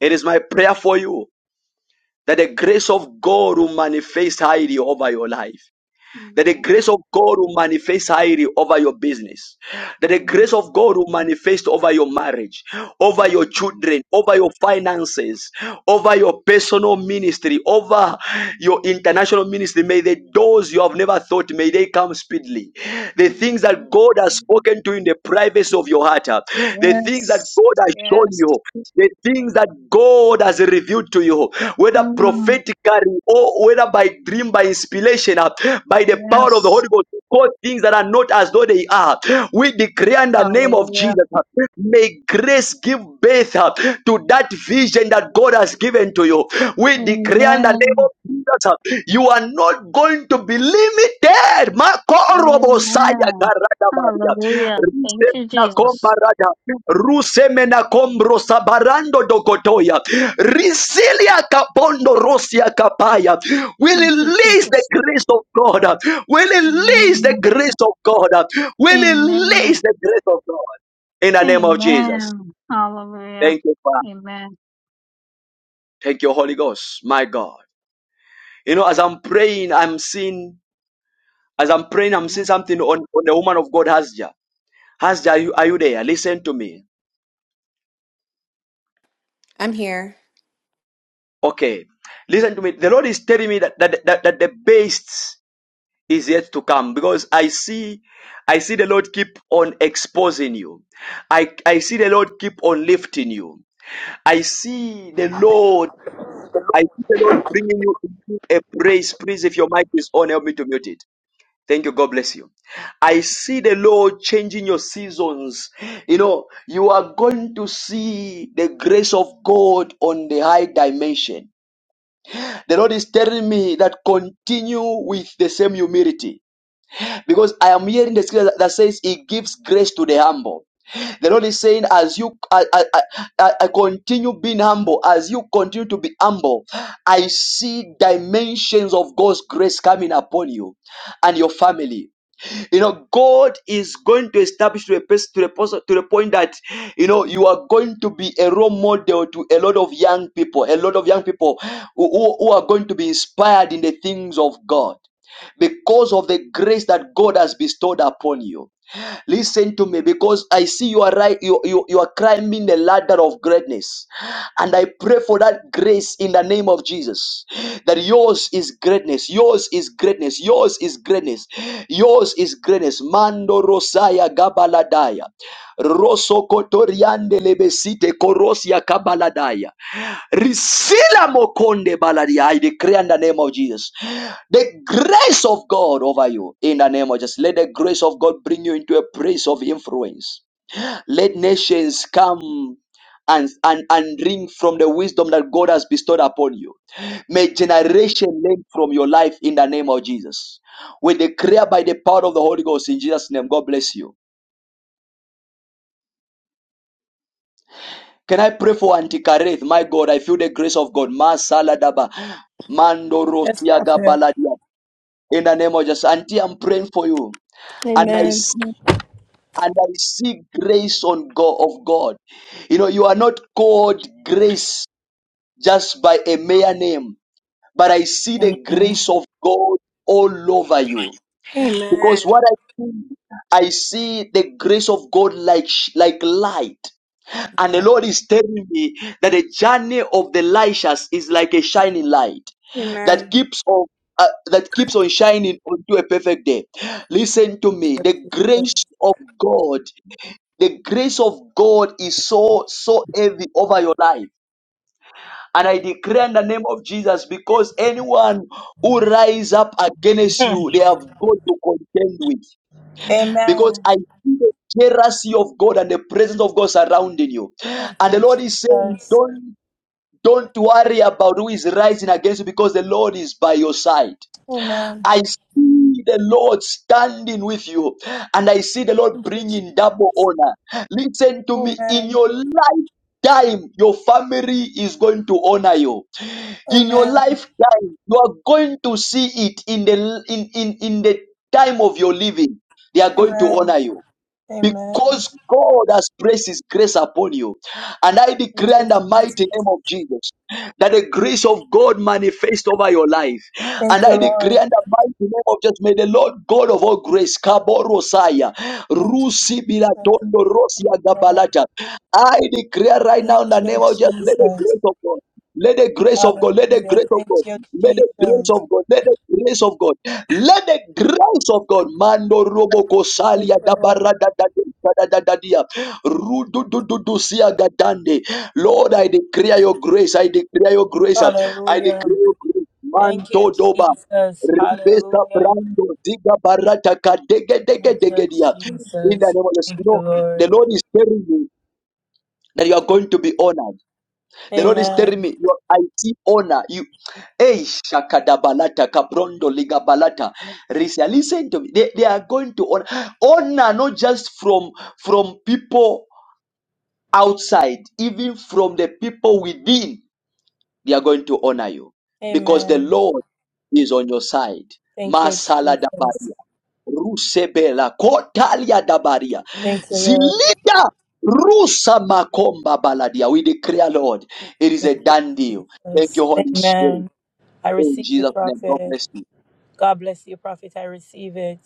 Speaker 1: It is my prayer for you that the grace of God will manifest highly over your life. that the
Speaker 6: Right.
Speaker 1: grace of God will manifest highly over your business, that the grace of God will manifest over your marriage, over your children, over your finances, over your personal ministry, over your international ministry. May the doors you have never thought, may they come speedily. The things that God has spoken to you in the privacy of your heart, up. The things that
Speaker 6: Yes,
Speaker 1: God has shown
Speaker 6: yes,
Speaker 1: you, the things that God has revealed to you, whether
Speaker 6: mm,
Speaker 1: prophetically or whether by dream, by inspiration, uh, by the power of the
Speaker 6: yes,
Speaker 1: Holy Ghost, God, things that are not as though they are. We declare in the name of
Speaker 6: hallelujah,
Speaker 1: Jesus, uh, may grace give birth uh, to that vision that God has given to you. We declare in the name
Speaker 6: amen,
Speaker 1: of Jesus, uh, you are not going to be limited. Makorobosaya
Speaker 6: amen,
Speaker 1: karadabaya.
Speaker 6: hallelujah. Thank you,
Speaker 1: Rusemena
Speaker 6: Jesus.
Speaker 1: kombarada, rusemena kombro sabarando dokotoya, risilia kapondo rosia kapaya. We
Speaker 6: Thank you,
Speaker 1: release the
Speaker 6: Jesus.
Speaker 1: grace of God. We release the
Speaker 6: Amen,
Speaker 1: grace of God. We
Speaker 6: amen,
Speaker 1: release the grace of God in the name of Jesus.
Speaker 6: amen, hallelujah,
Speaker 1: Thank you, Father.
Speaker 6: amen,
Speaker 1: Thank you, Holy Ghost, my God. You know, as I'm praying, I'm seeing. As I'm praying, I'm seeing
Speaker 6: amen.
Speaker 1: something on, on the woman of God, Hasja. Hasja, are you, are you there? Listen to me.
Speaker 12: I'm here.
Speaker 1: Okay, listen to me. The Lord is telling me that that, that, that the best is yet to come because I see I see the Lord keep on exposing you. I I see the Lord keep on lifting you. I see the Lord I see the Lord bringing you into a praise. Please, if your mic is on, help me to mute it. Thank you. God bless you. I see the Lord changing your seasons. You know, you are going to see the grace of God on the high dimension. The Lord is telling me that continue with the same humility because I am hearing the scripture that says He gives grace to the humble. The Lord is saying, as you I, I, I, I continue being humble, as you continue to be humble, I see dimensions of God's grace coming upon you and your family. You know, God is going to establish to a person to the person to the point that you know you are going to be a role model to a lot of young people, a lot of young people who, who who are going to be inspired in the things of God because of the grace that God has bestowed upon you. Listen to me because I see you are right, you, you, you are climbing the ladder of greatness. And I pray for that grace in the name of Jesus. That yours is greatness, yours is greatness, yours is greatness, yours is greatness. Mando Rosaya Gabaladaya. Rosso Kotoriande Lebesite Korosia Kabaladaya. Risila mokonde Baladi. I decree in the name of Jesus. The grace of God over you in the name of Jesus. Let the grace of God bring you into a place of influence. Let nations come and, and, and drink from the wisdom that God has bestowed upon you. May generation learn from your life in the name of Jesus. We declare by the power of the Holy Ghost in Jesus' name. God bless you. Can I pray for Auntie Kareth? My God, I feel the grace of God. Masaladaba. Mando
Speaker 2: Yes,
Speaker 1: Rosiaga
Speaker 2: Prophet.
Speaker 1: Baladia. In the name of Jesus. Auntie, I'm praying for you. And I
Speaker 2: Amen.
Speaker 1: see and I see grace on God of God. You know, you are not called grace just by a mere name, but I see the grace of God all over you.
Speaker 2: Amen.
Speaker 1: Because what I see, I see the grace of God like like light. And the Lord is telling me that the journey of the Elishas is like a shining light that
Speaker 2: Amen.
Speaker 1: keeps on. Uh, that keeps on shining unto a perfect day. Listen to me. The grace of God, the grace of God is so, so heavy over your life. And I declare in the name of Jesus, because anyone who rise up against you, they have got to contend with because
Speaker 2: Amen.
Speaker 1: I see the jealousy of God and the presence of God surrounding you.
Speaker 2: Thank
Speaker 1: And the
Speaker 2: you,
Speaker 1: Lord is saying,
Speaker 2: Jesus.
Speaker 1: don't don't worry about who is rising against you because the Lord is by your side.
Speaker 2: Amen.
Speaker 1: I see the Lord standing with you and I see the Lord
Speaker 2: Thank you,
Speaker 1: bringing double
Speaker 2: Jesus.
Speaker 1: honor. Listen to me in
Speaker 2: Amen.
Speaker 1: your lifetime, your family is going to honor you. In your
Speaker 2: Amen.
Speaker 1: lifetime, you are going to see it in the in, in, in the time of your living. They are going to
Speaker 2: Amen.
Speaker 1: honor you
Speaker 2: Amen.
Speaker 1: because God has placed His grace upon you. And I
Speaker 2: Thank
Speaker 1: declare
Speaker 2: you,
Speaker 1: in the
Speaker 2: Jesus.
Speaker 1: mighty name of Jesus that the grace of God manifest over your life. And
Speaker 2: Thank you,
Speaker 1: I
Speaker 2: Lord.
Speaker 1: declare in the mighty name of Jesus, may the Lord God of all grace, Kaborosaya,
Speaker 2: Thank you,
Speaker 1: Rusi
Speaker 2: Jesus. Thank
Speaker 1: Biratondo Rosia
Speaker 2: you, Lord.
Speaker 1: Gabalata. I declare right now in
Speaker 2: Thank
Speaker 1: the
Speaker 2: you,
Speaker 1: name of Jesus, let the
Speaker 2: Jesus.
Speaker 1: grace of God. Let the grace of God, let the
Speaker 2: Hallelujah.
Speaker 1: grace of God,
Speaker 2: Thank you,
Speaker 1: let the grace
Speaker 2: Jesus.
Speaker 1: of God, let the grace of God. Let the grace of God, Mando Roboko
Speaker 2: Thank
Speaker 1: Salia da
Speaker 2: you, Lord.
Speaker 1: Barada da da da da dia, Rudu du du du sia gadande. Lord, I declare your grace. I declare your grace. I declare
Speaker 2: Hallelujah.
Speaker 1: your grace.
Speaker 2: Thank you,
Speaker 1: Manto doba.
Speaker 2: Jesus.
Speaker 1: Ribesa
Speaker 2: Hallelujah.
Speaker 1: brando ziga barata ka dege dege
Speaker 2: Thank you,
Speaker 1: dege dia. In the
Speaker 2: Jesus.
Speaker 1: name of the
Speaker 2: Thank you,
Speaker 1: Lord, the
Speaker 2: Lord.
Speaker 1: Lord is telling you that you are going to be honored. The Lord is telling
Speaker 2: Amen.
Speaker 1: me your IT owner, you hey shakadabalata kabrondo ligabalata. Listen, listen to me. They, they are going to honor honor not just from from people outside, even from the people within they are going to honor you because the
Speaker 2: Amen.
Speaker 1: Lord is on your side.
Speaker 2: Thank you,
Speaker 1: Masala
Speaker 2: Jesus.
Speaker 1: dabaria, rusebela, kotalia dabaria,
Speaker 2: Thank you, Lord.
Speaker 1: zilida, rusa makomba baladia. We declare, Lord, it is
Speaker 2: Thank
Speaker 1: a done
Speaker 2: you,
Speaker 1: deal. Thank
Speaker 2: Jesus.
Speaker 1: you, Holy Spirit.
Speaker 2: Amen. I
Speaker 1: In
Speaker 2: receive
Speaker 1: Jesus'
Speaker 2: it,
Speaker 1: name, God
Speaker 2: prophet.
Speaker 1: bless you.
Speaker 2: God bless you, prophet. I receive it.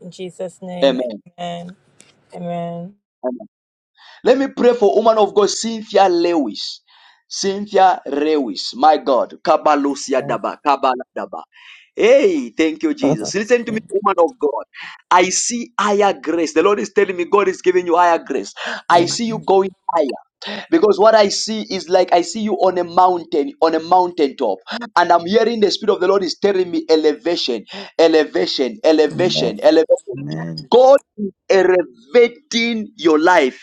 Speaker 2: In Jesus' name.
Speaker 1: Amen.
Speaker 2: Amen. Amen.
Speaker 1: Let me pray for woman of God, Cynthia Lewis. Cynthia Lewis, my God. Kabalusia daba, kabala daba. Hey, thank you, Jesus. Listen to me, woman of God. I see higher grace. The Lord is telling me God is giving you higher grace. I
Speaker 10: Amen.
Speaker 1: see you going higher because what I see is like I see you on a mountain, on a mountaintop, and I'm hearing the Spirit of the Lord is telling me elevation, elevation,
Speaker 10: Amen.
Speaker 1: elevation, elevation. God is elevating your life.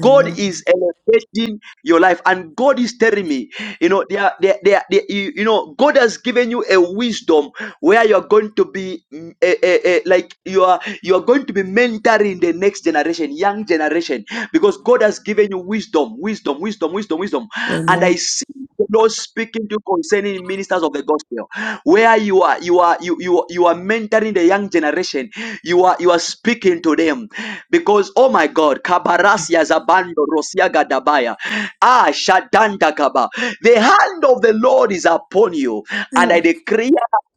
Speaker 1: God is elevating your life, and God is telling me, you know, they are, they are, they are, they- you, you know, God has given you a wisdom where you're going to be mm, eh, eh, eh, like you are you are going to be mentoring the next generation young generation because god has given you wisdom wisdom wisdom wisdom wisdom and i
Speaker 10: Amen.
Speaker 1: see the Lord speaking to you concerning ministers of the gospel where you are you are you you, you are mentoring the young generation you are you are speaking to them because oh my god kabarasia zabando rosia gadabaya ah shadanda kaba the hand of the lord is upon you and i
Speaker 10: Mm,
Speaker 1: decree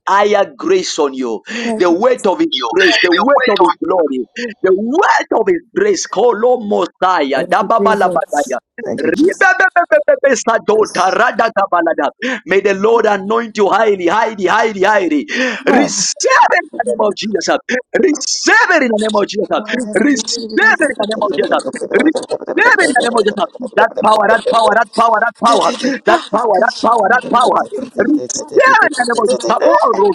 Speaker 1: higher grace on you. The
Speaker 10: Thank you.
Speaker 1: weight of his
Speaker 13: Yo,
Speaker 1: grace, the
Speaker 13: yo,
Speaker 1: weight of
Speaker 13: wait on.
Speaker 1: his glory, the weight of his grace. Kolomosaya,
Speaker 10: Thank you, Jesus.
Speaker 1: dababalabadaya,
Speaker 10: Thank you, Jesus.
Speaker 1: ribebebebebebesadota, radagabalada. May the Lord anoint you highly, highly, highly, highly.
Speaker 10: Oh.
Speaker 1: Receive it in the name of Jesus. Receive it in the name of Jesus. Receive it in the name of Jesus. Receive it in the name of Jesus. That power, that power, that power, that power,
Speaker 10: Jesus.
Speaker 1: that power, that power, that power. Return and about tomorrow.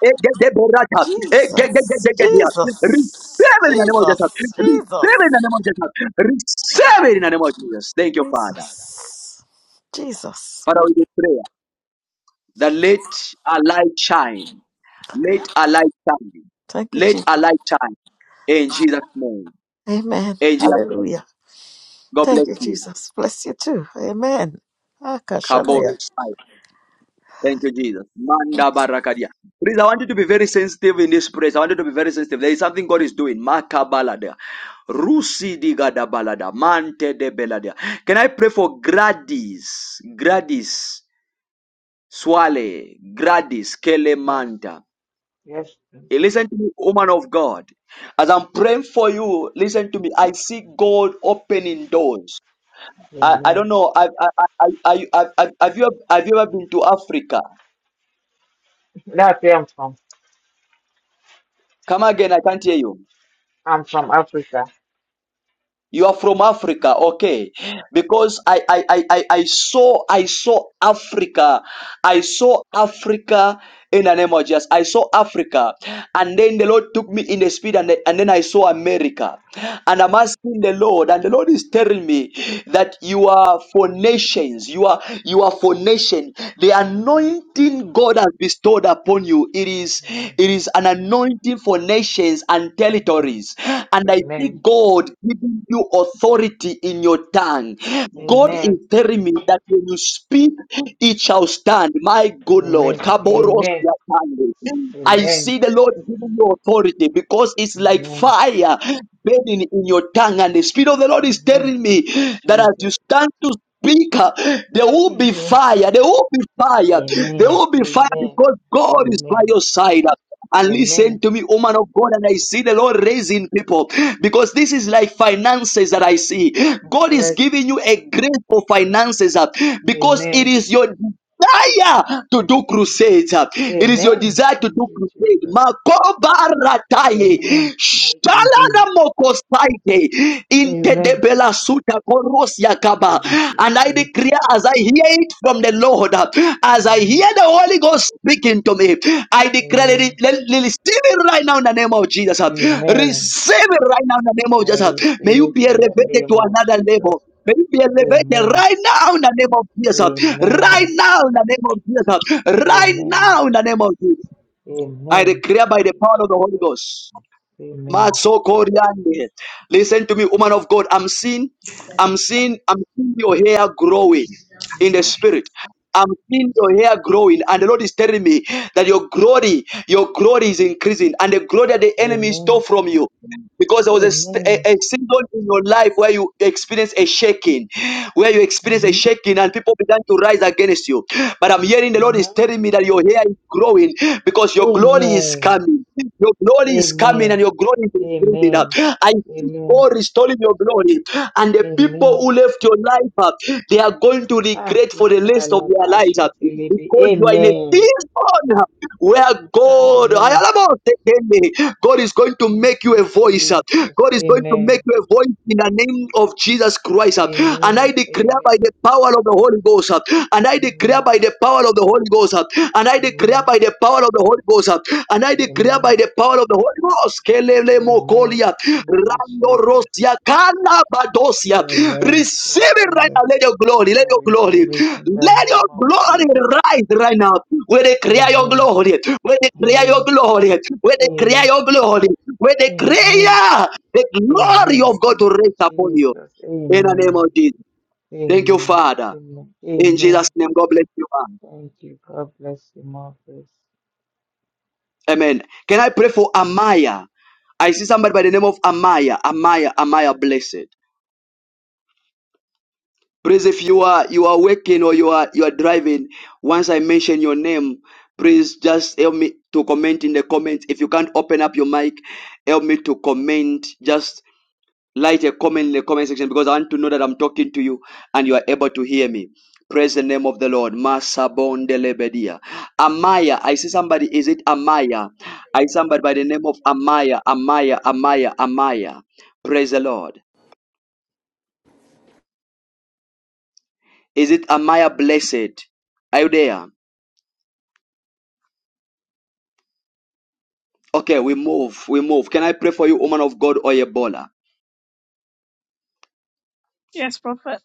Speaker 1: Egedeberata.
Speaker 10: Jesus.
Speaker 1: Egedegedegedia. Receive
Speaker 10: Jesus.
Speaker 1: it in the name of Jesus. Receive
Speaker 10: Jesus.
Speaker 1: it in the name of Jesus. Receive it in the name of Jesus. Thank you, Father.
Speaker 10: Jesus. Jesus.
Speaker 1: Father, we do prayer that let a light shine. Let a light shine.
Speaker 10: Thank you,
Speaker 1: Let
Speaker 10: Jesus.
Speaker 1: a light shine. In Jesus' name.
Speaker 10: Amen.
Speaker 1: In Jesus' name.
Speaker 10: Hallelujah.
Speaker 1: God bless
Speaker 10: Thank you,
Speaker 1: you.
Speaker 10: Jesus. Bless you too. Amen.
Speaker 1: Kabod.
Speaker 10: Akashanaya.
Speaker 1: Thank you, Jesus. Manda barakadia. Please, I want you to be very sensitive in this praise. I want you to be very sensitive. There is something God is doing. Makabalada. Rusi digada balada. Mante de belada. Can I pray for Gradis? Gradis. Swale. Gradis.
Speaker 14: Yes,
Speaker 1: Kelemanta.
Speaker 14: yes.
Speaker 1: Hey, Listen to me, woman of God. As I'm praying for you, listen to me. I see God opening doors. I, I don't
Speaker 14: Amen.
Speaker 1: know. I, I, I, I, I, I, have, you, have you ever been to Africa?
Speaker 14: That's where I'm from.
Speaker 1: Come again. I
Speaker 14: I'm
Speaker 1: can't hear
Speaker 14: from,
Speaker 1: you.
Speaker 14: I'm from Africa.
Speaker 1: You are from Africa, okay? Because I I, I I I saw I saw Africa, I saw Africa in the name of Jesus. I saw Africa, and then the Lord took me in the spirit, and, the- and then I saw America, and I'm asking the Lord, and the Lord is telling me that you are for nations, you are you are for nation. The
Speaker 14: Amen.
Speaker 1: anointing God has bestowed upon you, it is It is, it.
Speaker 14: Amen.
Speaker 1: It is an anointing for nations and territories. And I see
Speaker 14: Amen.
Speaker 1: God giving you authority in your tongue.
Speaker 14: Amen.
Speaker 1: God is
Speaker 14: Amen.
Speaker 1: telling me that when you speak, it shall stand. My good
Speaker 14: Amen.
Speaker 1: Lord. Kaboros
Speaker 14: Amen.
Speaker 1: yatande. I
Speaker 14: Amen.
Speaker 1: see the Lord giving you authority because it's like
Speaker 14: Amen.
Speaker 1: fire burning in your tongue. And the Spirit of the Lord is
Speaker 14: Amen.
Speaker 1: telling me
Speaker 14: Thank you,
Speaker 1: that as you
Speaker 14: Jesus.
Speaker 1: stand to speak, uh, there will be
Speaker 14: Amen.
Speaker 1: fire. There will be fire. There
Speaker 14: Amen.
Speaker 1: will be fire
Speaker 14: Amen.
Speaker 1: because God is by
Speaker 14: Amen.
Speaker 1: your side and listen
Speaker 14: Amen.
Speaker 1: to me, woman of God. And I see the Lord raising people because this is like finances that I see. God is
Speaker 14: Yes.
Speaker 1: giving you a grace for finances uh, because it
Speaker 14: Amen.
Speaker 1: is your desire to do crusades. uh. It is your
Speaker 14: Amen.
Speaker 1: desire to
Speaker 14: Thank
Speaker 1: do
Speaker 14: you,
Speaker 1: crusade.
Speaker 14: Jesus.
Speaker 1: Makobarataye.
Speaker 14: Amen. Thank you, Jesus.
Speaker 1: Shalana mokosaite.
Speaker 14: Amen.
Speaker 1: Intedebela Rosiakaba.
Speaker 14: Thank you,
Speaker 1: And I
Speaker 14: Jesus.
Speaker 1: declare as I hear it from the Lord, as I
Speaker 14: Amen.
Speaker 1: hear the Holy Ghost speaking to me, I declare let
Speaker 14: Amen.
Speaker 1: it, let, let- receive it right now in the name of Jesus.
Speaker 14: Amen.
Speaker 1: Receive it right now in the name of
Speaker 14: I
Speaker 1: Jesus.
Speaker 14: receive
Speaker 1: May you
Speaker 14: it
Speaker 1: be
Speaker 14: in the
Speaker 1: elevated
Speaker 14: name
Speaker 1: to
Speaker 14: of
Speaker 1: another
Speaker 14: Jesus.
Speaker 1: level. May you be elevated
Speaker 14: Amen.
Speaker 1: right now in the name of Jesus. Right
Speaker 14: Amen.
Speaker 1: now in the name of Jesus. Right
Speaker 14: Amen.
Speaker 1: now in the name of Jesus. I
Speaker 14: Amen.
Speaker 1: declare
Speaker 14: Thank
Speaker 1: by the
Speaker 14: you,
Speaker 1: power of the Holy
Speaker 14: Jesus.
Speaker 1: Ghost.
Speaker 14: Amen.
Speaker 1: Masokoriande. Listen to me, woman of God. I'm seeing, I'm seeing, I'm seeing your hair growing in the spirit. I'm seeing your hair growing, and the Lord is telling me that your glory, your glory is increasing, and the glory that the enemy stole
Speaker 14: Amen.
Speaker 1: from you because there was a, st- a,
Speaker 14: Amen.
Speaker 1: a season in your life where you experienced a shaking, where you experienced a
Speaker 14: Mm-hmm.
Speaker 1: shaking and people began to rise against you. But I'm hearing the Lord is
Speaker 14: Mm-hmm.
Speaker 1: telling me that your hair is growing because your glory is
Speaker 14: Amen.
Speaker 1: coming. Your glory is coming
Speaker 14: Amen.
Speaker 1: and your glory is increasing. up.
Speaker 14: Amen.
Speaker 1: I see
Speaker 14: Amen.
Speaker 1: God restoring your glory and the people
Speaker 14: Amen.
Speaker 1: who left your life, uh, they are going to
Speaker 14: Ah,
Speaker 1: regret for the rest of their lives uh,
Speaker 14: italabashitilibi.
Speaker 1: because you are in a
Speaker 14: Amen.
Speaker 1: season where God,
Speaker 14: Hallelujah.
Speaker 1: God is going to
Speaker 14: Thank
Speaker 1: make you a
Speaker 14: you,
Speaker 1: voice. uh,
Speaker 14: Jesus.
Speaker 1: God is going to make
Speaker 14: Amen.
Speaker 1: you a voice in the name of Jesus Christ. uh, And I
Speaker 14: Amen.
Speaker 1: declare by
Speaker 14: Amen.
Speaker 1: the power of the Holy Ghost. uh, And I declare
Speaker 14: Amen.
Speaker 1: by the power of the Holy Ghost. uh, And I declare
Speaker 14: Amen.
Speaker 1: by the power of the Holy Ghost. uh, And I declare Create
Speaker 14: Amen.
Speaker 1: by the power of the Holy Ghost. Kelele
Speaker 14: Amen.
Speaker 1: mokolia.
Speaker 14: Thank you,
Speaker 1: Rando
Speaker 14: Jesus.
Speaker 1: rosia. Kana badosia.
Speaker 14: Amen. Thank
Speaker 1: Receive it
Speaker 14: you,
Speaker 1: right
Speaker 14: Lord.
Speaker 1: now. Let your glory.
Speaker 14: I
Speaker 1: Let your glory.
Speaker 14: receive it in the
Speaker 1: Let your
Speaker 14: name of
Speaker 1: glory
Speaker 14: Jesus.
Speaker 1: rise right now. Where they create your
Speaker 14: Amen.
Speaker 1: glory. Where they create your
Speaker 14: Amen.
Speaker 1: glory. Where they create
Speaker 14: Amen.
Speaker 1: your glory. Where they
Speaker 14: Amen.
Speaker 1: create the glory
Speaker 14: Amen.
Speaker 1: of God
Speaker 14: Thank
Speaker 1: to
Speaker 14: you,
Speaker 1: rest upon you.
Speaker 14: Jesus.
Speaker 1: In the name
Speaker 14: Amen.
Speaker 1: of Jesus. Thank you,
Speaker 14: Amen.
Speaker 1: Father.
Speaker 14: Amen.
Speaker 1: In
Speaker 14: Amen.
Speaker 1: Jesus' name, God bless you. man.
Speaker 14: Thank you. God bless you, Marcus.
Speaker 1: Amen. Can I pray for Amaya? I see somebody by the name of Amaya. Amaya, Amaya, blessed. Please, if you are you are working or you are you are driving, once I mention your name, please just help me to comment in the comments. If you can't open up your mic, help me to comment. Just. Light a comment in the comment section because I want to know that I'm talking to you and you are able to hear me. Praise the name of the Lord. Masabondelebedia. Amaya. I see somebody. Is it Amaya? I see somebody by the name of Amaya. Amaya. Amaya. Amaya. Praise the Lord. Is it Amaya blessed? Are you there? Okay, we move. We move. Can I pray for you, woman of God Oyebola?
Speaker 6: Yes, prophet,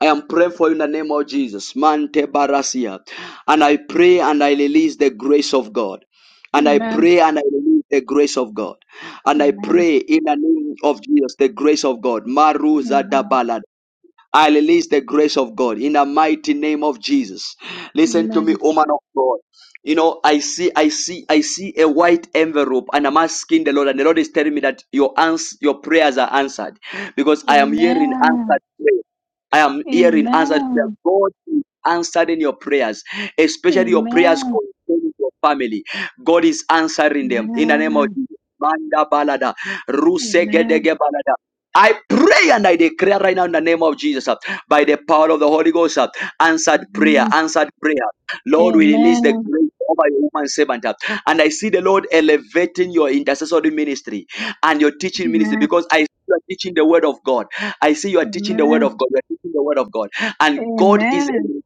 Speaker 1: I am praying for you in the name of Jesus. Mante Barasia. And I pray and I release the grace of God. And I
Speaker 6: amen,
Speaker 1: pray and I release the grace of God. And I
Speaker 6: amen,
Speaker 1: pray in the name of Jesus, the grace of God. Maruza
Speaker 6: amen,
Speaker 1: Dabala. I release the grace of God in the mighty name of Jesus. Listen to me,
Speaker 6: amen,
Speaker 1: woman of God. You know, I see, I see, I see a white envelope, and I'm asking the Lord, and the Lord is telling me that your ans- your prayers are answered, because I am hearing answered
Speaker 6: amen,
Speaker 1: prayers. I am hearing answered prayers.
Speaker 6: amen.
Speaker 1: God is answering your prayers, especially your prayers
Speaker 6: Amen.
Speaker 1: concerning your family. God is answering them in the name of
Speaker 6: Amen.
Speaker 1: Jesus. Manda balada, ruse
Speaker 6: Amen.
Speaker 1: gedege balada. I pray and I declare right now in the name of Jesus, uh, by the power of the Holy Ghost, uh, answered prayer,
Speaker 6: Amen.
Speaker 1: answered prayer. Lord, we release the
Speaker 6: Amen.
Speaker 1: grace over your woman servant. uh, And I see the Lord elevating your intercessory ministry and your teaching ministry
Speaker 6: Amen.
Speaker 1: because I see you are teaching the word of God. I see you are teaching the word
Speaker 6: Amen.
Speaker 1: of God. You are teaching the word of God. And God is
Speaker 6: Amen.
Speaker 1: elevating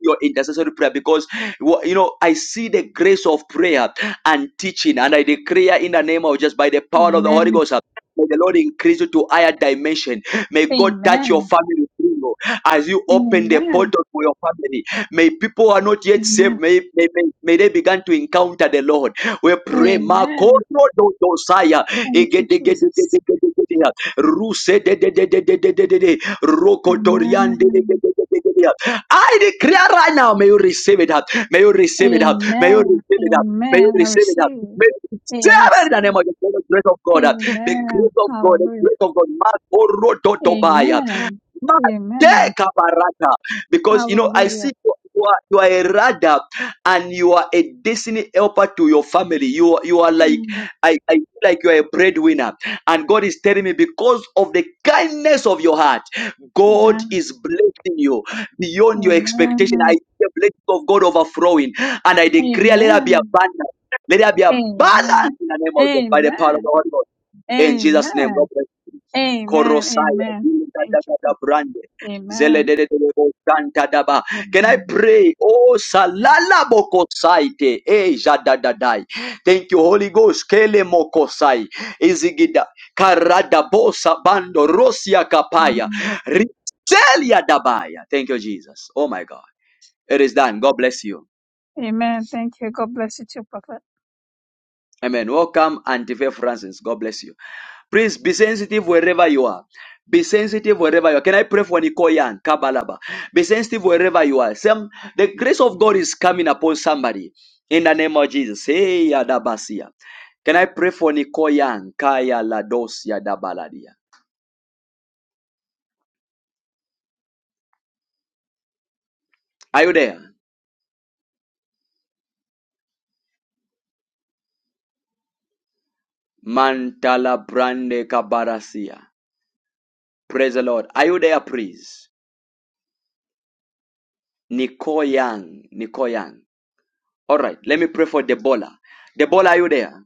Speaker 1: your intercessory prayer because wha- you know I see the grace of prayer and teaching and I declare in the name of just by the power of the Holy
Speaker 6: Amen.
Speaker 1: Ghost uh, May the Lord increase you to higher dimension. May God touch your
Speaker 6: Amen.
Speaker 1: family through you as you open the
Speaker 6: Amen.
Speaker 1: portal for your family. May people who are not yet
Speaker 6: Amen.
Speaker 1: saved, may, may, may, may they begin to encounter the Lord. We pray, Marco
Speaker 6: Amen.
Speaker 1: Dosaya,
Speaker 6: Thank you, Jesus.
Speaker 1: Egedegedegedegedegedea. Ruse de de de de de de de de de Rokotorian de de
Speaker 6: Amen.
Speaker 1: de de de de de. I declare right now, may you receive it up. May you receive it up. May you receive
Speaker 6: Amen.
Speaker 1: it up. May you
Speaker 6: Amen. I
Speaker 1: receive it. uh,
Speaker 6: receive.
Speaker 1: May you receive
Speaker 6: I
Speaker 1: it in the name of
Speaker 6: receive.
Speaker 1: the the grace of God. uh, The
Speaker 6: Amen.
Speaker 1: grace of God. The
Speaker 6: Hallelujah.
Speaker 1: grace of God. Mark Orodotobaya.
Speaker 6: Amen.
Speaker 1: Mark
Speaker 6: Amen.
Speaker 1: Dekabarata. Because you know, I
Speaker 6: Hallelujah.
Speaker 1: see you you are, you are a rudder and you are a destiny helper to your family. You are, you are like
Speaker 6: Mm.
Speaker 1: I, I feel like you are a breadwinner, and God is telling me because of the kindness of your heart, God
Speaker 6: Amen.
Speaker 1: is blessing you beyond your expectation.
Speaker 6: Amen.
Speaker 1: I see the blessing of God overflowing. And I decree, let there be
Speaker 6: Amen.
Speaker 1: abundance. Let there be abundance
Speaker 6: Amen.
Speaker 1: in the name of God, by the power of the
Speaker 6: Amen.
Speaker 1: Holy Ghost. In Jesus' name, God
Speaker 6: Amen.
Speaker 1: bless you.
Speaker 6: Amen.
Speaker 1: Korosaya,
Speaker 6: Amen. Thank you,
Speaker 1: Dindadadada
Speaker 6: Prophet.
Speaker 1: Brande,
Speaker 6: Amen.
Speaker 1: Zeledededebo Shantadaba. Can I
Speaker 6: Amen.
Speaker 1: pray? Oh, salala bokosaite, eh, jada, da, dai. Thank you, Holy Ghost. Kele mokosai, izigida, karada bosa bando, rosia kapaya,
Speaker 6: Amen.
Speaker 1: riselia dabaya. Thank you, Jesus. Oh my God. It is done. God bless you.
Speaker 6: Amen. Thank you. God bless you too, Prophet.
Speaker 1: Amen. Welcome, Antifa Francis. God bless you. Please be sensitive wherever you are. Be sensitive wherever you are. Can I pray for Nikoyan? Kabalaba. Be sensitive wherever you are. Some, the grace of God is coming upon somebody in the name of Jesus. Hey, Adabasia. Can I pray for Nikoyan? Kaya Ladosia Dabaladia. Are you there? Mantala Brande Kabarasia. Praise the Lord. Are you there, please? Nikoyan. Nikoyan. All right, let me pray for Debola. Debola, are you there?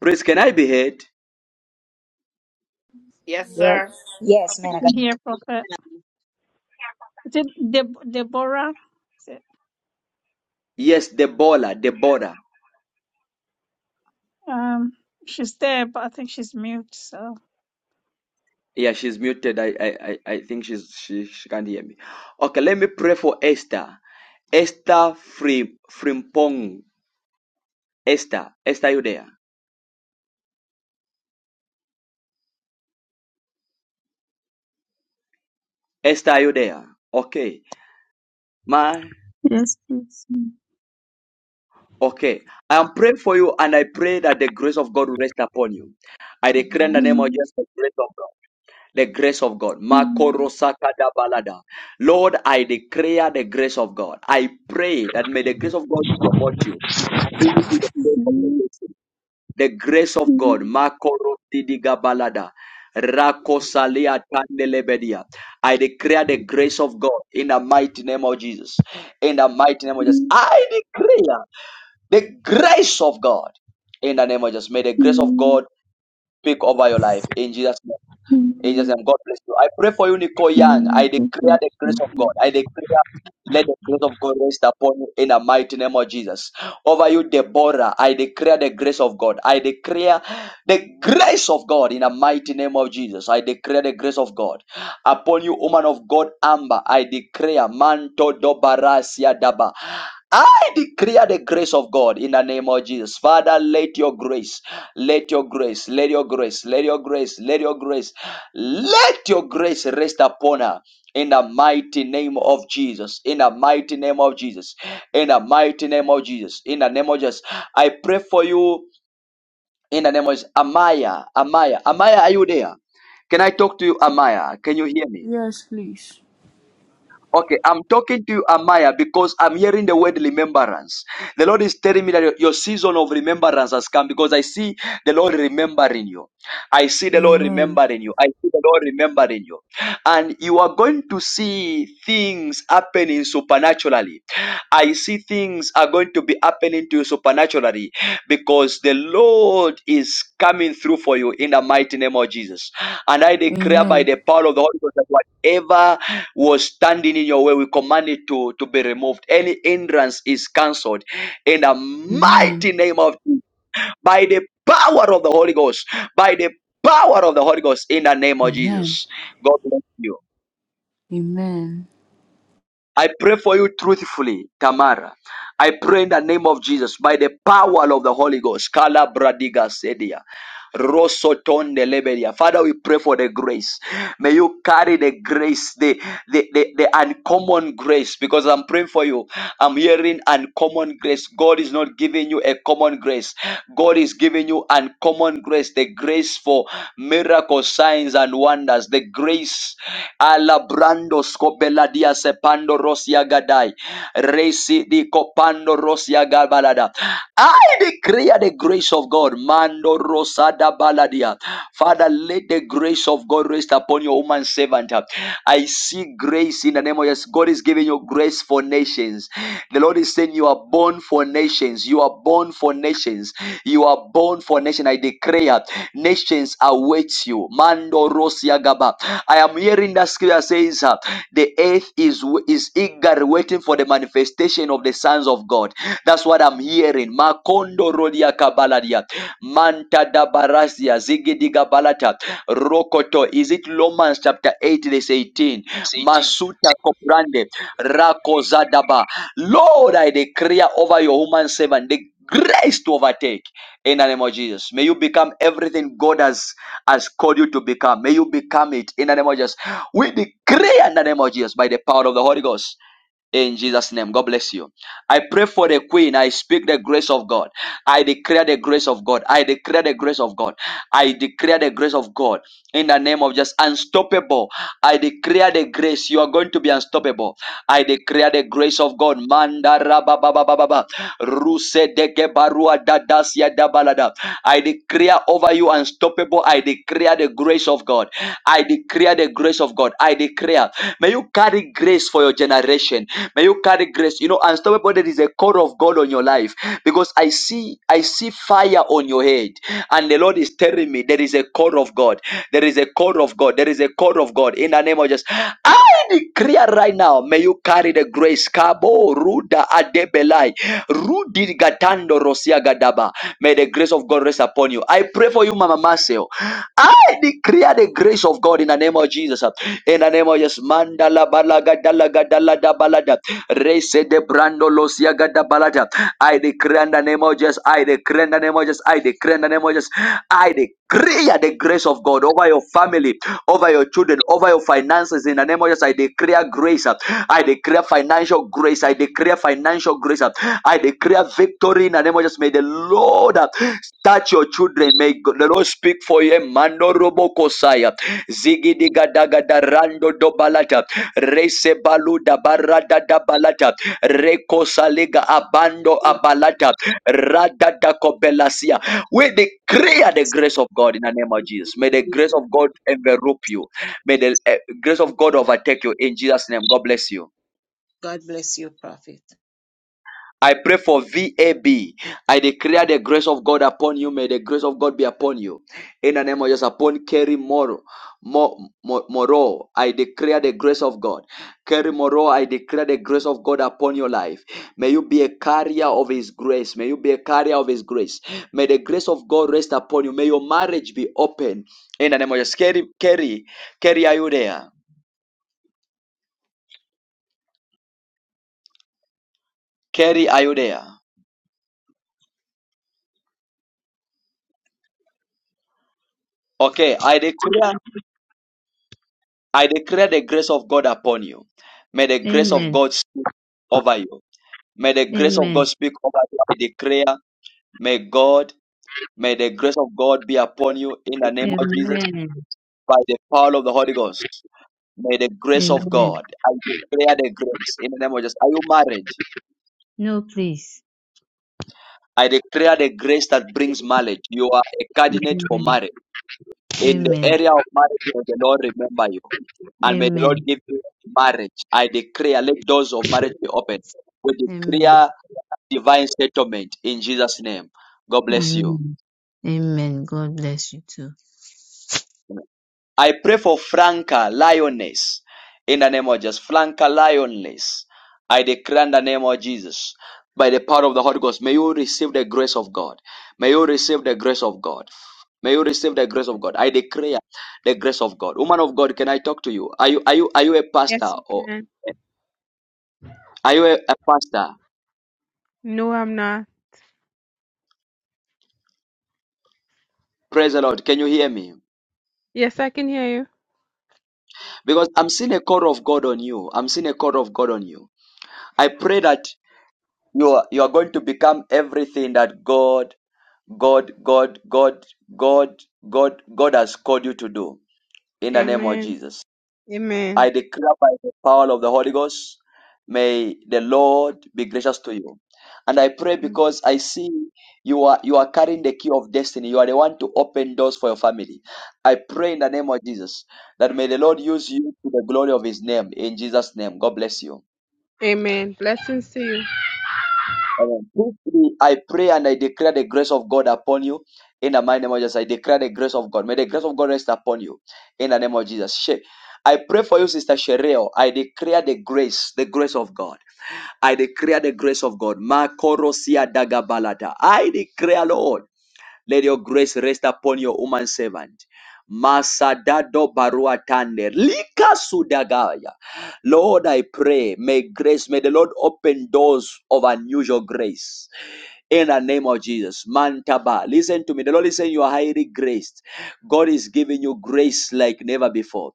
Speaker 1: Please, can I be heard?
Speaker 11: Yes,
Speaker 15: Mm.
Speaker 10: Yes.
Speaker 11: sir.
Speaker 16: Yes, man of God.
Speaker 6: Here, Prophet. Is it Deb- Deborah? Is it?
Speaker 1: Yes, Debola, Debola.
Speaker 6: Um, she's there, but I think she's mute. So,
Speaker 1: Yeah, she's muted. I, I, I I think she's she, she can't hear me. Okay, let me pray for Esther. Esther Frim, Frimpong. Esther, Esther, are you there? Esther, are you there? Okay, my
Speaker 17: Yes, please.
Speaker 1: okay. I am praying for you, and I pray that the grace of God will rest upon you. I declare in
Speaker 6: Amen.
Speaker 1: the name of Jesus the grace of God. the grace of God. Makorosakadabalada. Lord, I declare the grace of God. I pray that may the grace of God promote you. Bring you to the place of protection. The grace of God. Makorotidigabalada. Rakosalia tandelebedia. I declare the grace of God in the mighty name of Jesus. In the mighty name of Jesus. I declare the grace of God in the name of Jesus. May the grace of God speak over your life. In Jesus' name. In Jesus' name, God bless you. I pray for you, Nicole Young. I declare the grace of God. I declare, let the grace of God rest upon you in the mighty name of Jesus. Over you, Deborah, I declare the grace of God. I declare the grace of God in the mighty name of Jesus. I declare the grace of God. Upon you, woman of God, Amber, I declare, Manto Dobarasia Daba. I declare the grace of God in the name of Jesus. Father, let your grace, let your grace, let your grace, let your grace, let your grace, let your grace rest upon her. In the mighty name of Jesus, in the mighty name of Jesus, in the mighty name of Jesus, in the name of Jesus, I pray for you in the name of Jesus. Amaya, Amaya, Amaya, are you there? Can I talk to you, Amaya? Can you hear me?
Speaker 3: Yes, please.
Speaker 1: Okay, I'm talking to you, Amaya, because I'm hearing the word remembrance. The Lord is telling me that your your season of remembrance has come because I see the Lord remembering you. I see the Lord
Speaker 3: Amen.
Speaker 1: remembering you. I see the Lord remembering you. And you are going to see things happening supernaturally. I see things are going to be happening to you supernaturally because the Lord is coming through for you in the mighty name of Jesus. And I declare by
Speaker 3: Amen.
Speaker 1: the power of the Holy Ghost that whatever was standing in your way, we command it to, to be removed. Any hindrance is cancelled in the
Speaker 3: Amen.
Speaker 1: mighty name of Jesus by the power of the Holy Ghost, by the power of the Holy Ghost in the name of
Speaker 3: Amen.
Speaker 1: Jesus. God bless you.
Speaker 3: Amen.
Speaker 1: I pray for you truthfully, Tamara. I pray in the name of Jesus by the power of the Holy Ghost. Kala bradiga sedia. Rosotonde lebedia. Father, we pray for the grace. May you carry the grace, the, the, the, the uncommon grace, because I'm praying for you. I'm hearing uncommon grace. God is not giving you a common grace. God is giving you uncommon grace, the grace for miracles, signs, and wonders, the grace. Ala brando Alabrando sepando rosia gadai. Resi di copando rosia gabalada. I declare the grace of God. Mando rosada baladia. Father, let the grace of God rest upon your woman servant. I see grace in the name of yes. God is giving you grace for nations. The Lord is saying you are born for nations. You are born for nations. You are are born for nation. I declare nations await you. Mando Rosia Gaba. I am hearing that scripture says uh, the earth is is eager waiting for the manifestation of the sons of God. That's what I'm hearing. Makondo Rodia Kabaladia. Manta Dabarasia Zigidiga Balata. Rokoto. Is it Romans chapter 8, verse 18?
Speaker 18: eighteen.
Speaker 1: Masuta Koprande. Rako Zadaba. Lord, I declare over your human servant the grace to overtake in the name of Jesus. May you become everything God has has called you to become. May you become it in the name of Jesus. We decree in the name of Jesus by the power of the Holy Ghost. In Jesus' name, God bless you. I pray for the Queen. I speak the grace of God. I declare the grace of God. I declare the grace of God. I declare the grace of God in the name of just unstoppable. I declare the grace. You are going to be unstoppable. I declare the grace of God. Manda raba ba ba ba ba ba. Ruse deke barua dadas ya da balada. I declare over you unstoppable. I declare the grace of God. I declare the grace of God. I declare. May you carry grace for your generation. May you carry grace. You know, unstoppable. There is a call of God on your life because I see I see fire on your head, and the Lord is telling me there is a call of God. There is a call of God. There is a call of God in the name of Jesus. I I declare right now, may you carry the grace. Kabo Ruda Adebelai. Rudi Gatando Rosia Gadaba. May the grace of God rest upon you. I pray for you, Mama Marcel. I declare the grace of God in the name of Jesus. In the name of Jesus. Mandala balaga dalaga dalada balada. Rese de brando losia gadabalada. I declare in the name of Jesus. I declare in the name of Jesus. I declare in the name of Jesus. I declare Declare the grace of God over your family, over your children, over your finances. In the name of Jesus, I declare grace. I declare financial grace. I declare financial grace. I declare victory in the name of Jesus. May the Lord uh, touch your children. May the Lord speak for you. Mando robo kosaya. Zigi diga daga da rando do balata. Rese baluda barada da balata. Reko saliga abando abalata. Rada da kobelasia. We declare the grace of God in the name of Jesus. May the grace of God envelop you. May the eh, grace of God overtake you in Jesus' name. God bless you.
Speaker 9: God bless you, prophet.
Speaker 1: I pray for V A B. I declare the grace of God upon you. May the grace of God be upon you. In the name of Jesus, upon Kerry Moro. Mo- Mo- Moro, I declare the grace of God. Kerry Moro, I declare the grace of God upon your life. May you be a carrier of His grace. May you be a carrier of His grace. May the grace of God rest upon you. May your marriage be open. In the name of Jesus. Kerry, Kerry, Kerry, are you there? Kerry, are you there? Okay, I declare I declare the grace of God upon you. May the grace of
Speaker 19: Amen.
Speaker 1: God speak over you. May the grace of God
Speaker 19: Amen.
Speaker 1: speak over you. I declare, may God, may the grace of God be upon you in the name of Jesus
Speaker 19: Amen.
Speaker 1: by the power of the Holy Ghost. May the grace of
Speaker 19: Amen.
Speaker 1: God, I declare the grace in the name of Jesus. Are you married?
Speaker 19: No, please.
Speaker 1: I declare the grace that brings marriage. You are a candidate for
Speaker 19: Amen.
Speaker 1: marriage In the
Speaker 19: Amen.
Speaker 1: area of marriage, may the Lord remember you. And may the
Speaker 19: Amen.
Speaker 1: Lord give you marriage. I declare, let doors of marriage be open. We
Speaker 19: Amen.
Speaker 1: declare divine settlement in Jesus' name. God bless you.
Speaker 19: Amen. Amen. God bless you too.
Speaker 1: I pray for Franca Lioness. In the name of Jesus. Franca Lioness. I declare in the name of Jesus. By the power of the Holy Ghost. May you receive the grace of God. May you receive the grace of God. May you receive the grace of God. I declare the grace of God. Woman of God, can I talk to you? Are you are you are you a pastor
Speaker 20: Yes, you
Speaker 1: or
Speaker 20: can.
Speaker 1: are you a, a pastor?
Speaker 20: No, I'm not.
Speaker 1: Praise the Lord. Can you hear me?
Speaker 20: Yes, I can hear you.
Speaker 1: Because I'm seeing a call of God on you. I'm seeing a call of God on you. I pray that You are, you are going to become everything that God, God, God, God, God, God, God has called you to do in the name of
Speaker 20: Amen.
Speaker 1: Jesus.
Speaker 20: Amen.
Speaker 1: I declare by the power of the Holy Ghost, may the Lord be gracious to you. And I pray because I see you are you are carrying the key of destiny. You are the one to open doors for your family. I pray in the name of Jesus that may the Lord use you to the glory of his name. In Jesus' name. God bless you.
Speaker 20: Amen. Blessings to you.
Speaker 1: Amen. These three, I pray and I declare the grace of God upon you. In the mighty name of Jesus, I declare the grace of God. May the grace of God rest upon you. In the name of Jesus. She- I pray for you, Sister Shereo. I declare the grace, the grace of God. I declare the grace of God. Makorosia dagabalata. I declare, Lord, let your grace rest upon your woman servant. Masadado barua tande. Lika sudagaya. Lord, I pray, may grace, may the Lord open doors of unusual grace in the name of Jesus. Mantaba. Listen to me. The Lord is saying you are highly graced. God is giving you grace like never before.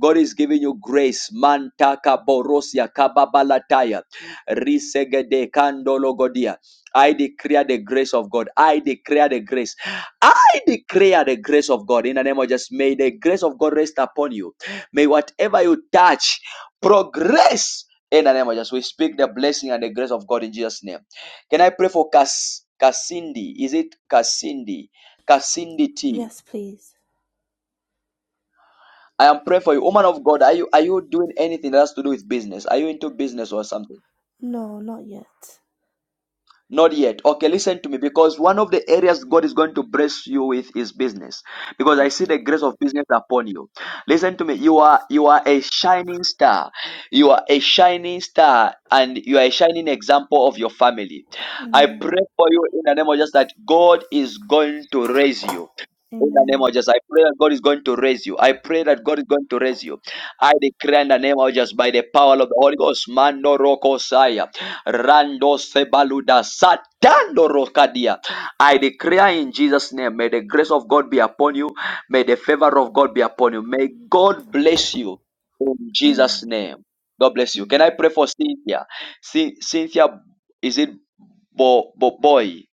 Speaker 1: God is giving you grace. Mantaka borosia kababalataya. Risegede kandologodia. I declare the grace of God. I declare the grace. I declare the grace of God in the name of Jesus. May the grace of God rest upon you. May whatever you touch progress in the name of Jesus. We speak the blessing and the grace of God in Jesus' name. Can I pray for Cas- Casindi? Is it Casindi? Casindi T.
Speaker 21: Yes, please.
Speaker 1: I am praying for you. Woman of God, are you are you doing anything that has to do with business? Are you into business or something?
Speaker 21: No, not yet.
Speaker 1: Not yet. Okay, listen to me because one of the areas God is going to bless you with is business. Because I see
Speaker 21: Okay.
Speaker 1: the grace of business upon you. Listen to me. You are you are a shining star. You are a shining star and you are a shining example of your family. I
Speaker 21: Amen.
Speaker 1: pray for you in the name of Jesus that God is going to raise you. In the name of
Speaker 21: Amen.
Speaker 1: Jesus, I pray that God is going to raise you. I pray that God is going to raise you. I declare in the name of Jesus by the power of the Holy Ghost, Mando Roko Saya. Rando Sebaluda Satando Rokadia. I declare in Jesus' name, may the grace of God be upon you. May the favor of God be upon you. May God bless you in Jesus'
Speaker 21: Amen.
Speaker 1: name. God bless you. Can
Speaker 21: Amen.
Speaker 1: I pray for Cynthia? C- Cynthia, is it Bo- Bo- Boy?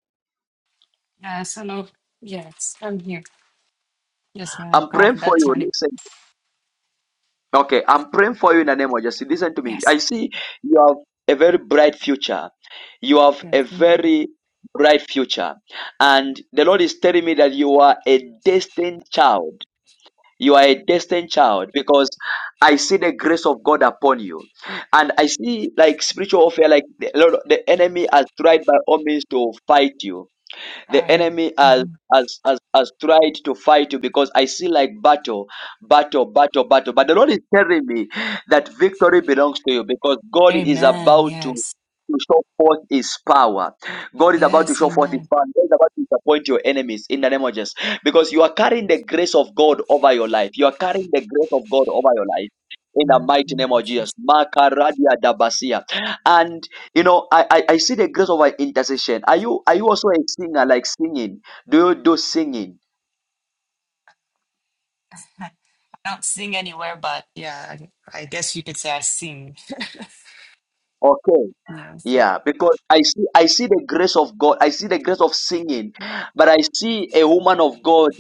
Speaker 22: Yes, hello. Yes, I'm here. Yes, man of
Speaker 1: I'm
Speaker 22: God.
Speaker 1: praying for
Speaker 22: That's
Speaker 1: you.
Speaker 22: my name.
Speaker 1: Listen. Okay, I'm praying for you in the name of Jesus. Listen to me.
Speaker 22: Yes.
Speaker 1: I see you have a very bright future. You have a
Speaker 22: Yes, amen.
Speaker 1: very bright future. And the Lord is telling me that you are a destined child. You are a destined child because I see the grace of God upon you. And I see like spiritual warfare, like the, Lord, the enemy has tried by all means to fight you the
Speaker 22: Amen.
Speaker 1: enemy has
Speaker 22: Mhm.
Speaker 1: has, has has tried to fight you because I see like battle, battle, battle, battle. But the Lord is telling me that victory belongs to you because God is
Speaker 22: Amen.
Speaker 1: about to,
Speaker 22: Yes.
Speaker 1: to show forth his power. God is about to
Speaker 22: Yes,
Speaker 1: show forth his
Speaker 22: amen.
Speaker 1: power. God is about to disappoint your enemies in the name of Jesus. Because you are carrying the grace of God over your life. You are carrying the grace of God over your life. In the
Speaker 22: Amen.
Speaker 1: mighty
Speaker 22: Thank
Speaker 1: name
Speaker 22: you,
Speaker 1: of Jesus.
Speaker 22: Jesus.
Speaker 1: Makaradia Dabasia. and. You know, I, I I see the grace of an intercession. Are you are you also a singer like singing? Do you do singing?
Speaker 22: I don't sing anywhere, but yeah, I, I guess you could say I sing.
Speaker 1: Okay.
Speaker 22: Yes.
Speaker 1: Yeah, because I see I see the grace of God. I see the grace of singing, but I see a woman of God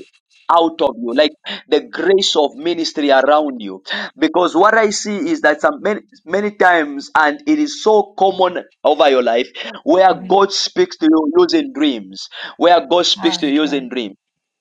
Speaker 1: out of you, like the grace of ministry around you. Because what I see is that some many, many times, and it is so common over your life, where
Speaker 22: Mhm.
Speaker 1: God speaks to you using dreams, where God speaks to
Speaker 22: Right,
Speaker 1: you using
Speaker 22: right.
Speaker 1: dreams.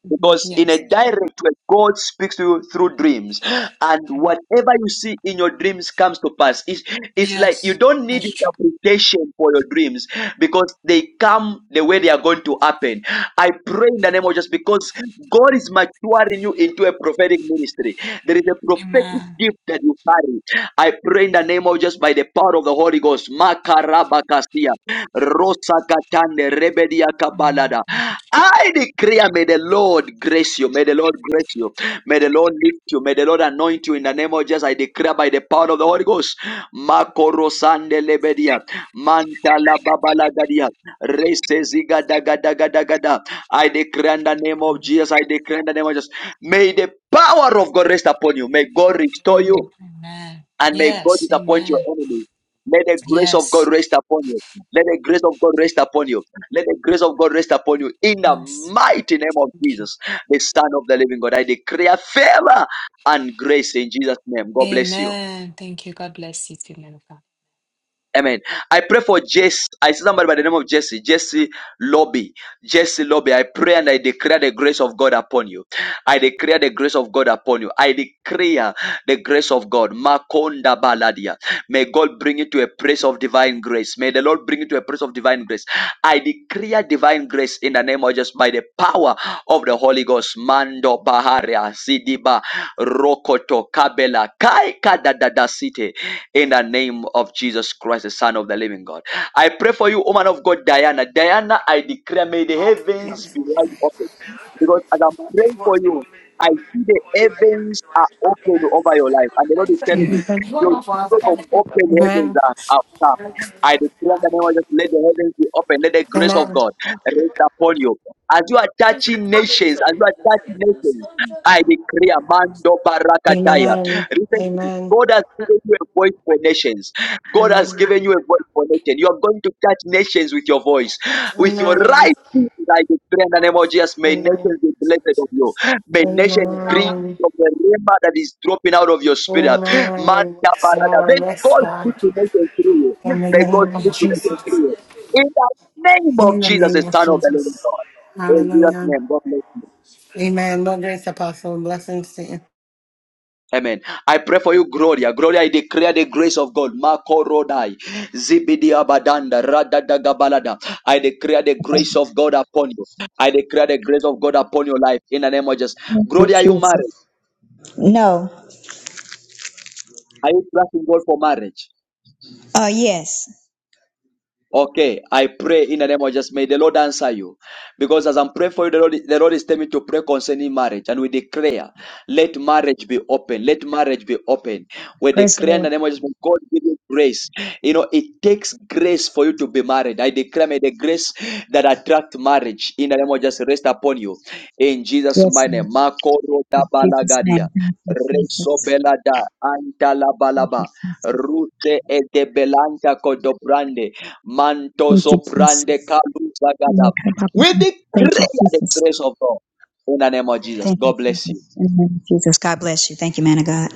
Speaker 22: hmm
Speaker 1: Because in a
Speaker 22: Yes.
Speaker 1: direct way, God speaks to you through dreams. And
Speaker 22: Mhm.
Speaker 1: whatever you see in your dreams comes to pass. It's, it's like you
Speaker 22: Yes,
Speaker 1: don't need
Speaker 22: that's true.
Speaker 1: interpretation for your dreams because they come the way they are going to happen. I pray in the name of Jesus because God is maturing you into a prophetic ministry. There is a prophetic
Speaker 22: Amen.
Speaker 1: gift that you carry. I pray in the name of just by the power of the Holy Ghost. Makarabakasia. Rosakatande rebedia
Speaker 22: Amen.
Speaker 1: kabalada. I declare, may the Lord grace you. May the Lord grace you. May the Lord lift you. May the Lord anoint you in the name of Jesus. I declare by the power of the Holy Ghost. Makorosande lebedia. Mantala babalagadia. Resezigadagadagadagada. I declare in the name of Jesus. I declare in the name of Jesus. May the power of God rest upon you. May God restore
Speaker 22: Mm,
Speaker 1: you
Speaker 22: Amen.
Speaker 1: and may God
Speaker 22: Yes,
Speaker 1: disappoint your
Speaker 22: amen.
Speaker 1: enemies. Let the grace of God
Speaker 22: Yes.
Speaker 1: rest upon you. Let the grace of God rest upon you. Let the grace of God rest upon you. In the
Speaker 22: Yes.
Speaker 1: mighty name of
Speaker 22: Thank you.
Speaker 1: Jesus, the Son of the Living God, I declare favor and grace in Jesus' name. God bless you.
Speaker 22: Amen. Thank you. God bless you too, man
Speaker 1: Amen. I pray for Jesse. I see somebody by the name of Jesse. Jesse Lobby. Jesse Lobby. I pray and I declare the grace of God upon you. I declare the grace of God upon you. I declare the grace of God. Makonda baladia. May God bring you to a place of divine grace. May the Lord bring you to a place of divine grace. I declare divine grace in the name of Jesus by the power of the Holy Ghost. Mando Baharia Sidiba Rokoto Kabela Kai Kadadada City in the name of Jesus Christ, the Son of the Living God. I pray for you, woman of God, Diana. Diana, I declare, may the heavens be wide open. Because as I'm praying for you, I see the heavens are open over your life. And the Lord is telling me,
Speaker 23: Amen.
Speaker 1: your sort of open heavens
Speaker 23: Amen.
Speaker 1: are out. now. I declare in the name of Jesus, let the heavens be open. Let the grace of
Speaker 23: Amen.
Speaker 1: God rest upon you. As you are touching nations, as you are touching nations, I declare, Mando
Speaker 23: Amen. Amen.
Speaker 1: Barakataya.
Speaker 23: Amen.
Speaker 1: God has given you a voice for nations. God has
Speaker 23: Amen.
Speaker 1: given you a voice for nations. You are going to touch nations with your voice, with your right. hand, I declare in the name of Jesus, may
Speaker 23: Amen.
Speaker 1: nations be blessed of you. May
Speaker 23: Amen.
Speaker 1: nations breathe from the river that is dropping out of your spirit. Man,
Speaker 23: Amen.
Speaker 1: da,
Speaker 23: Yes,
Speaker 1: May
Speaker 23: Lord. Yes,
Speaker 1: God speak
Speaker 23: God.
Speaker 1: to nations through you.
Speaker 23: In the
Speaker 1: May God
Speaker 23: name of
Speaker 1: speak to nations
Speaker 23: Jesus.
Speaker 1: through you. In the name of
Speaker 23: In the
Speaker 1: Jesus, the
Speaker 23: name of
Speaker 1: Son of the Living
Speaker 23: Jesus.
Speaker 1: God. In Jesus'
Speaker 23: Hallelujah.
Speaker 1: name, God bless you.
Speaker 23: Amen. Lord, grace, apostle. Blessings to you.
Speaker 1: Amen. I pray for you, Gloria. Gloria, I declare the grace of God. Marco Rodai. Zibidia Badanda. Radadagabalada. I declare the grace of God upon you. I declare the grace of God upon your life in the name of Jesus.
Speaker 16: Thank you,
Speaker 1: Gloria, are you married?
Speaker 16: Jesus. No.
Speaker 1: Are you trusting God for marriage?
Speaker 16: Uh, yes.
Speaker 1: Okay, I pray in the name of Jesus. May the Lord answer you. Because as I'm praying for you, the Lord, the Lord is telling me to pray concerning marriage. And we declare, let marriage be open. Let marriage be open. We
Speaker 16: Praise the
Speaker 1: declare in the
Speaker 16: Lord.
Speaker 1: name of Jesus, may God give you grace. You know, it takes grace for you to be married. I declare, may the grace that attract marriage in the name of Jesus rest upon you. In Jesus'
Speaker 16: Yes,
Speaker 1: mighty name.
Speaker 16: Lord.
Speaker 1: Makoro da
Speaker 16: In Jesus'
Speaker 1: balagadia.
Speaker 16: name. Thank you,
Speaker 1: Reso
Speaker 16: Jesus.
Speaker 1: belada. Anta la
Speaker 16: Thank you,
Speaker 1: balaba.
Speaker 16: Jesus.
Speaker 1: Rute edebelanta kodobrande. Manto
Speaker 16: Thank you,
Speaker 1: soprande
Speaker 16: Jesus.
Speaker 1: kaluza
Speaker 16: Yeah,
Speaker 1: gada.
Speaker 16: come, Papa.
Speaker 1: We
Speaker 16: Thank you,
Speaker 1: declare the
Speaker 16: Jesus.
Speaker 1: grace of God in the name of Jesus.
Speaker 16: Thank you,
Speaker 1: God bless you.
Speaker 16: Jesus. In the name of Jesus. God bless you. Thank you, man of God.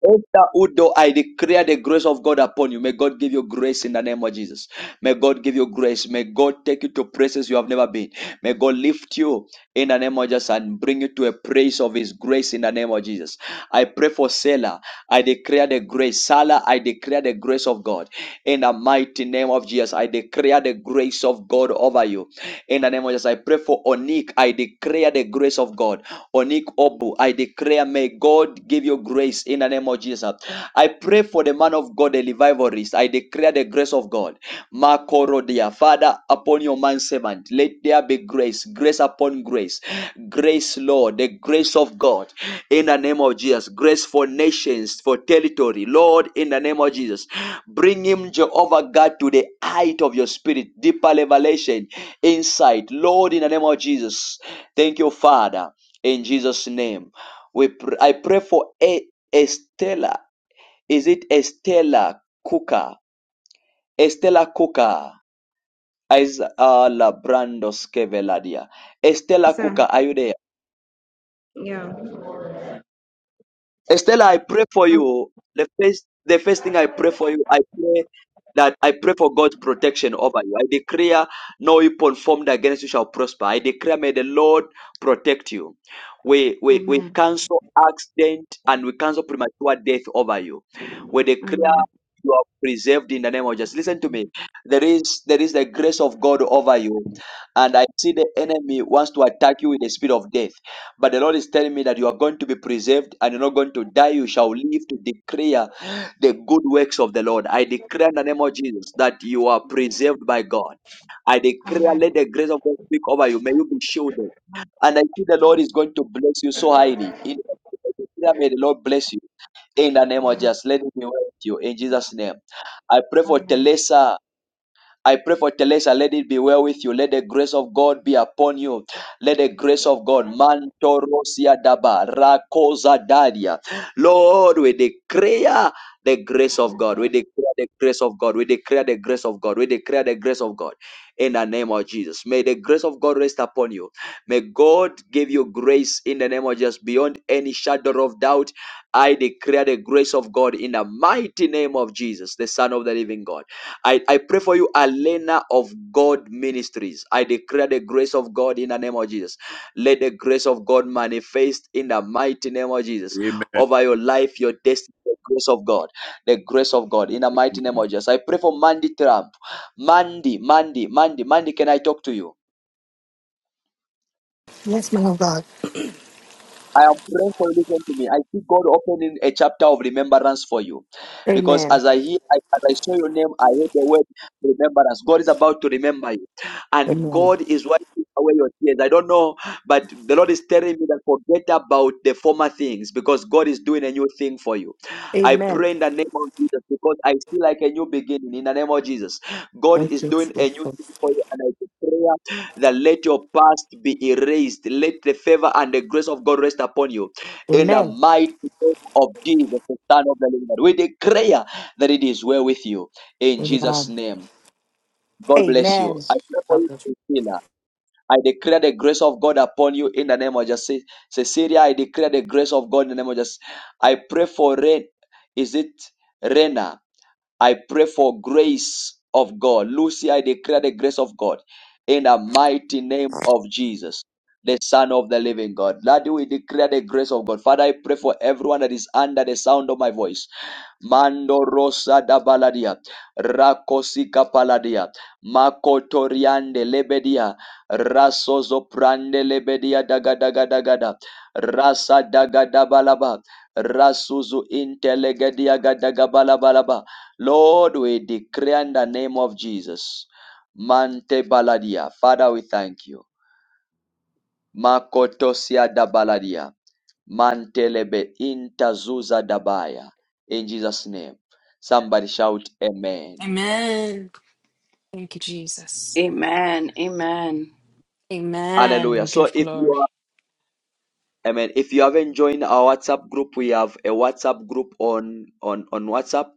Speaker 1: Esther Udo, I declare the grace of God upon you. May God give you grace in the name of Jesus. May God give you grace. May God take you to places you have never been. May God lift you in the name of Jesus and bring you to a place of His grace in the name of Jesus. I pray for Selah. I declare the grace. Salah, I declare the grace of God. In the mighty name of Jesus, I declare the grace of God over you In the name of Jesus, I pray for Onik. I declare the grace of God. Onik Obu, I declare, may God give you grace in the name of Jesus. I pray for the man of God, the revivalist. I declare the grace of God. Makorodia, Father, upon your man servant, let there be grace, grace upon grace, grace, Lord, the grace of God in the name of Jesus, grace for nations, for territory, Lord, in the name of Jesus. Bring him, Jehovah God, to the height of your spirit, deeper revelation insight. Lord, in the name of Jesus, thank you, Father. In Jesus' name, we pr- I pray for a Estella. Is it Estella Kuka? Estella Kuka. Is uh, Labrando Skeveladia. Estella
Speaker 24: Sasa
Speaker 1: Kuka, are you there?
Speaker 24: yeah.
Speaker 1: Estella, I pray for
Speaker 24: Um,
Speaker 1: you. The first, the first thing I pray for you, I pray that I pray for God's protection over you. I declare no weapon formed against you shall prosper. I declare may the Lord protect you. We, we, we
Speaker 24: amen.
Speaker 1: cancel accident and we cancel premature death over you. We declare
Speaker 24: Amen.
Speaker 1: you are preserved in the name of Jesus. Listen to me. There is there is the grace of God over you, and I see the enemy wants to attack you with the spirit of death. But the Lord is telling me that you are going to be preserved and you're not going to die. You shall live to declare the good works of the Lord. I declare in the name of Jesus that you are preserved by God. I declare,
Speaker 24: Amen.
Speaker 1: let the grace of God speak over you. May you be shielded. And I see the Lord is going to bless you so highly. In I declare, may the Lord bless you. In the name of
Speaker 24: Amen.
Speaker 1: Jesus, let it be well with you. In Jesus' name. I pray for
Speaker 24: Amen.
Speaker 1: Teresa I pray for Teresa, let it be well with you. Let the grace of God be upon you. Let the grace of God, Mantorosia Daba, Rakosa dadia. Lord, we declare the grace of God. We declare the grace of God. We declare the grace of God. We declare the grace of God in the name of Jesus. May the grace of God rest upon you. May God give you grace in the name of Jesus beyond any shadow of doubt. I declare the grace of God in the mighty name of Jesus, the Son of the living God. I, I pray for you, Alena of God Ministries. I declare the grace of God in the name of Jesus. Let the grace of God manifest in the mighty name of Jesus
Speaker 25: Amen.
Speaker 1: over your life, your destiny. The grace of God, the grace of God in the mighty name of Jesus. I pray for Mandy Trump. Mandy, Mandy, Mandy, Mandy, can I talk to you?
Speaker 26: Yes, man of God.
Speaker 1: I am praying for you. Listen to me. I see God opening a chapter of remembrance for you, because
Speaker 26: Amen.
Speaker 1: as I hear, I, as I saw your name, I hear the word remembrance. God is about to remember you, and
Speaker 26: Amen.
Speaker 1: God is wiping away your tears. I don't know, but the Lord is telling me that forget about the former things, because God is doing a new thing for you. I
Speaker 26: Amen.
Speaker 1: pray in the name of Jesus, because I see like a new beginning. In the name of Jesus, God
Speaker 26: Thank
Speaker 1: is
Speaker 26: you,
Speaker 1: doing a
Speaker 26: Jesus.
Speaker 1: new thing for you, and I pray that let your past be erased. Let the favor and the grace of God rest upon you. In the
Speaker 26: Amen.
Speaker 1: mighty name of Jesus, the Son of the Living God, we declare that it is well with you. In Jesus'
Speaker 26: Amen.
Speaker 1: name, God bless you. I pray for you,
Speaker 26: Amen.
Speaker 1: Cecilia. I declare the grace of God upon you in the name of Jesus. Cecilia, I declare the grace of God in the name of Jesus. I pray for Ren. Is it Rena? I pray for grace of God. Lucy, I declare the grace of God in the mighty name of Jesus, the Son of the living God. Lord, we declare the grace of God. Father, I pray for everyone that is under the sound of my voice. Mando Rosa da Baladia, Rakosika Paladia, Makotoriande Lebedia, Rasozo Prande Lebedia Daga Daga dagada, Rasa Daga da Balaba, Rasuzu Intelegedia Gadaga Balabalaba. Lord, we declare in the name of Jesus. Mante baladia. Father, we thank you. Makotosia da baladia. Mantelebe intazuza dabaya. In Jesus' name. Somebody shout Amen.
Speaker 22: Amen. Thank you, Jesus.
Speaker 11: Amen. Amen.
Speaker 22: Amen.
Speaker 1: Hallelujah.
Speaker 22: We
Speaker 1: So
Speaker 22: give
Speaker 1: if
Speaker 22: glory.
Speaker 1: you are Amen. If you haven't joined our WhatsApp group, we have a WhatsApp group on on on WhatsApp.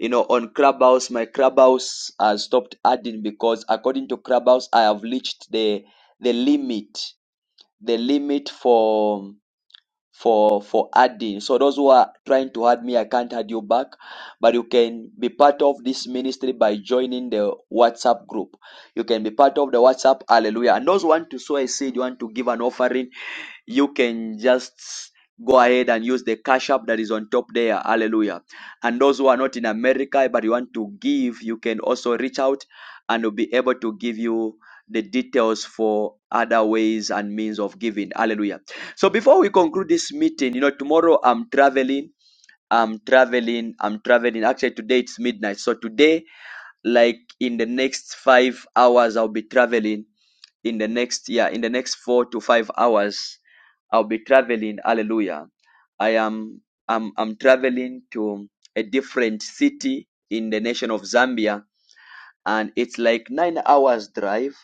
Speaker 1: You know, on Clubhouse, my Clubhouse has stopped adding because according to Clubhouse, I have reached the the limit the limit for for for adding. So those who are trying to add me, I can't add you back, but you can be part of this ministry by joining the WhatsApp group. You can be part of the WhatsApp. Hallelujah! And those who want to sow a seed, you want to give an offering you can just go ahead and use the cash app that is on top there. Hallelujah. And those who are not in America but you want to give, you can also reach out and we'll be able to give you the details for other ways and means of giving. Hallelujah. So before we conclude this meeting, you know, tomorrow I'm traveling. I'm traveling. I'm traveling. Actually, today it's midnight. So today, like in the next five hours, I'll be traveling in the next yeah in the next four to five hours I'll be traveling. Hallelujah. I am I'm, I'm traveling to a different city in the nation of Zambia, and it's like nine hours drive.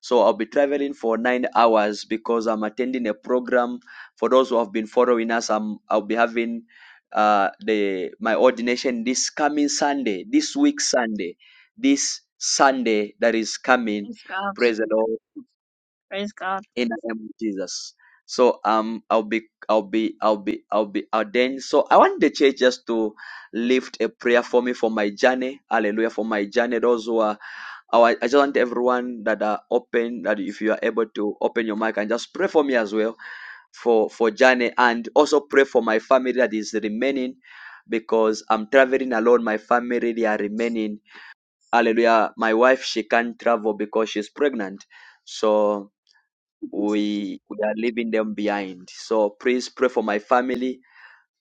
Speaker 1: So I'll be traveling for nine hours because I'm attending a program. For those who have been following us, I'm I'll be having uh, the my ordination this coming Sunday, this week Sunday, this Sunday that is coming.
Speaker 6: Praise God.
Speaker 1: Praise the Lord
Speaker 6: Praise God.
Speaker 1: in the name of Jesus. So um I'll be I'll be I'll be I'll be ordained. So I want the church just to lift a prayer for me for my journey. Hallelujah for my journey. Those who are I, I just want everyone that are open that if you are able to open your mic and just pray for me as well for for journey and also pray for my family that is remaining because I'm traveling alone. My family they are remaining. Hallelujah. My wife she can't travel because she's pregnant. So we we are leaving them behind. So please pray for my family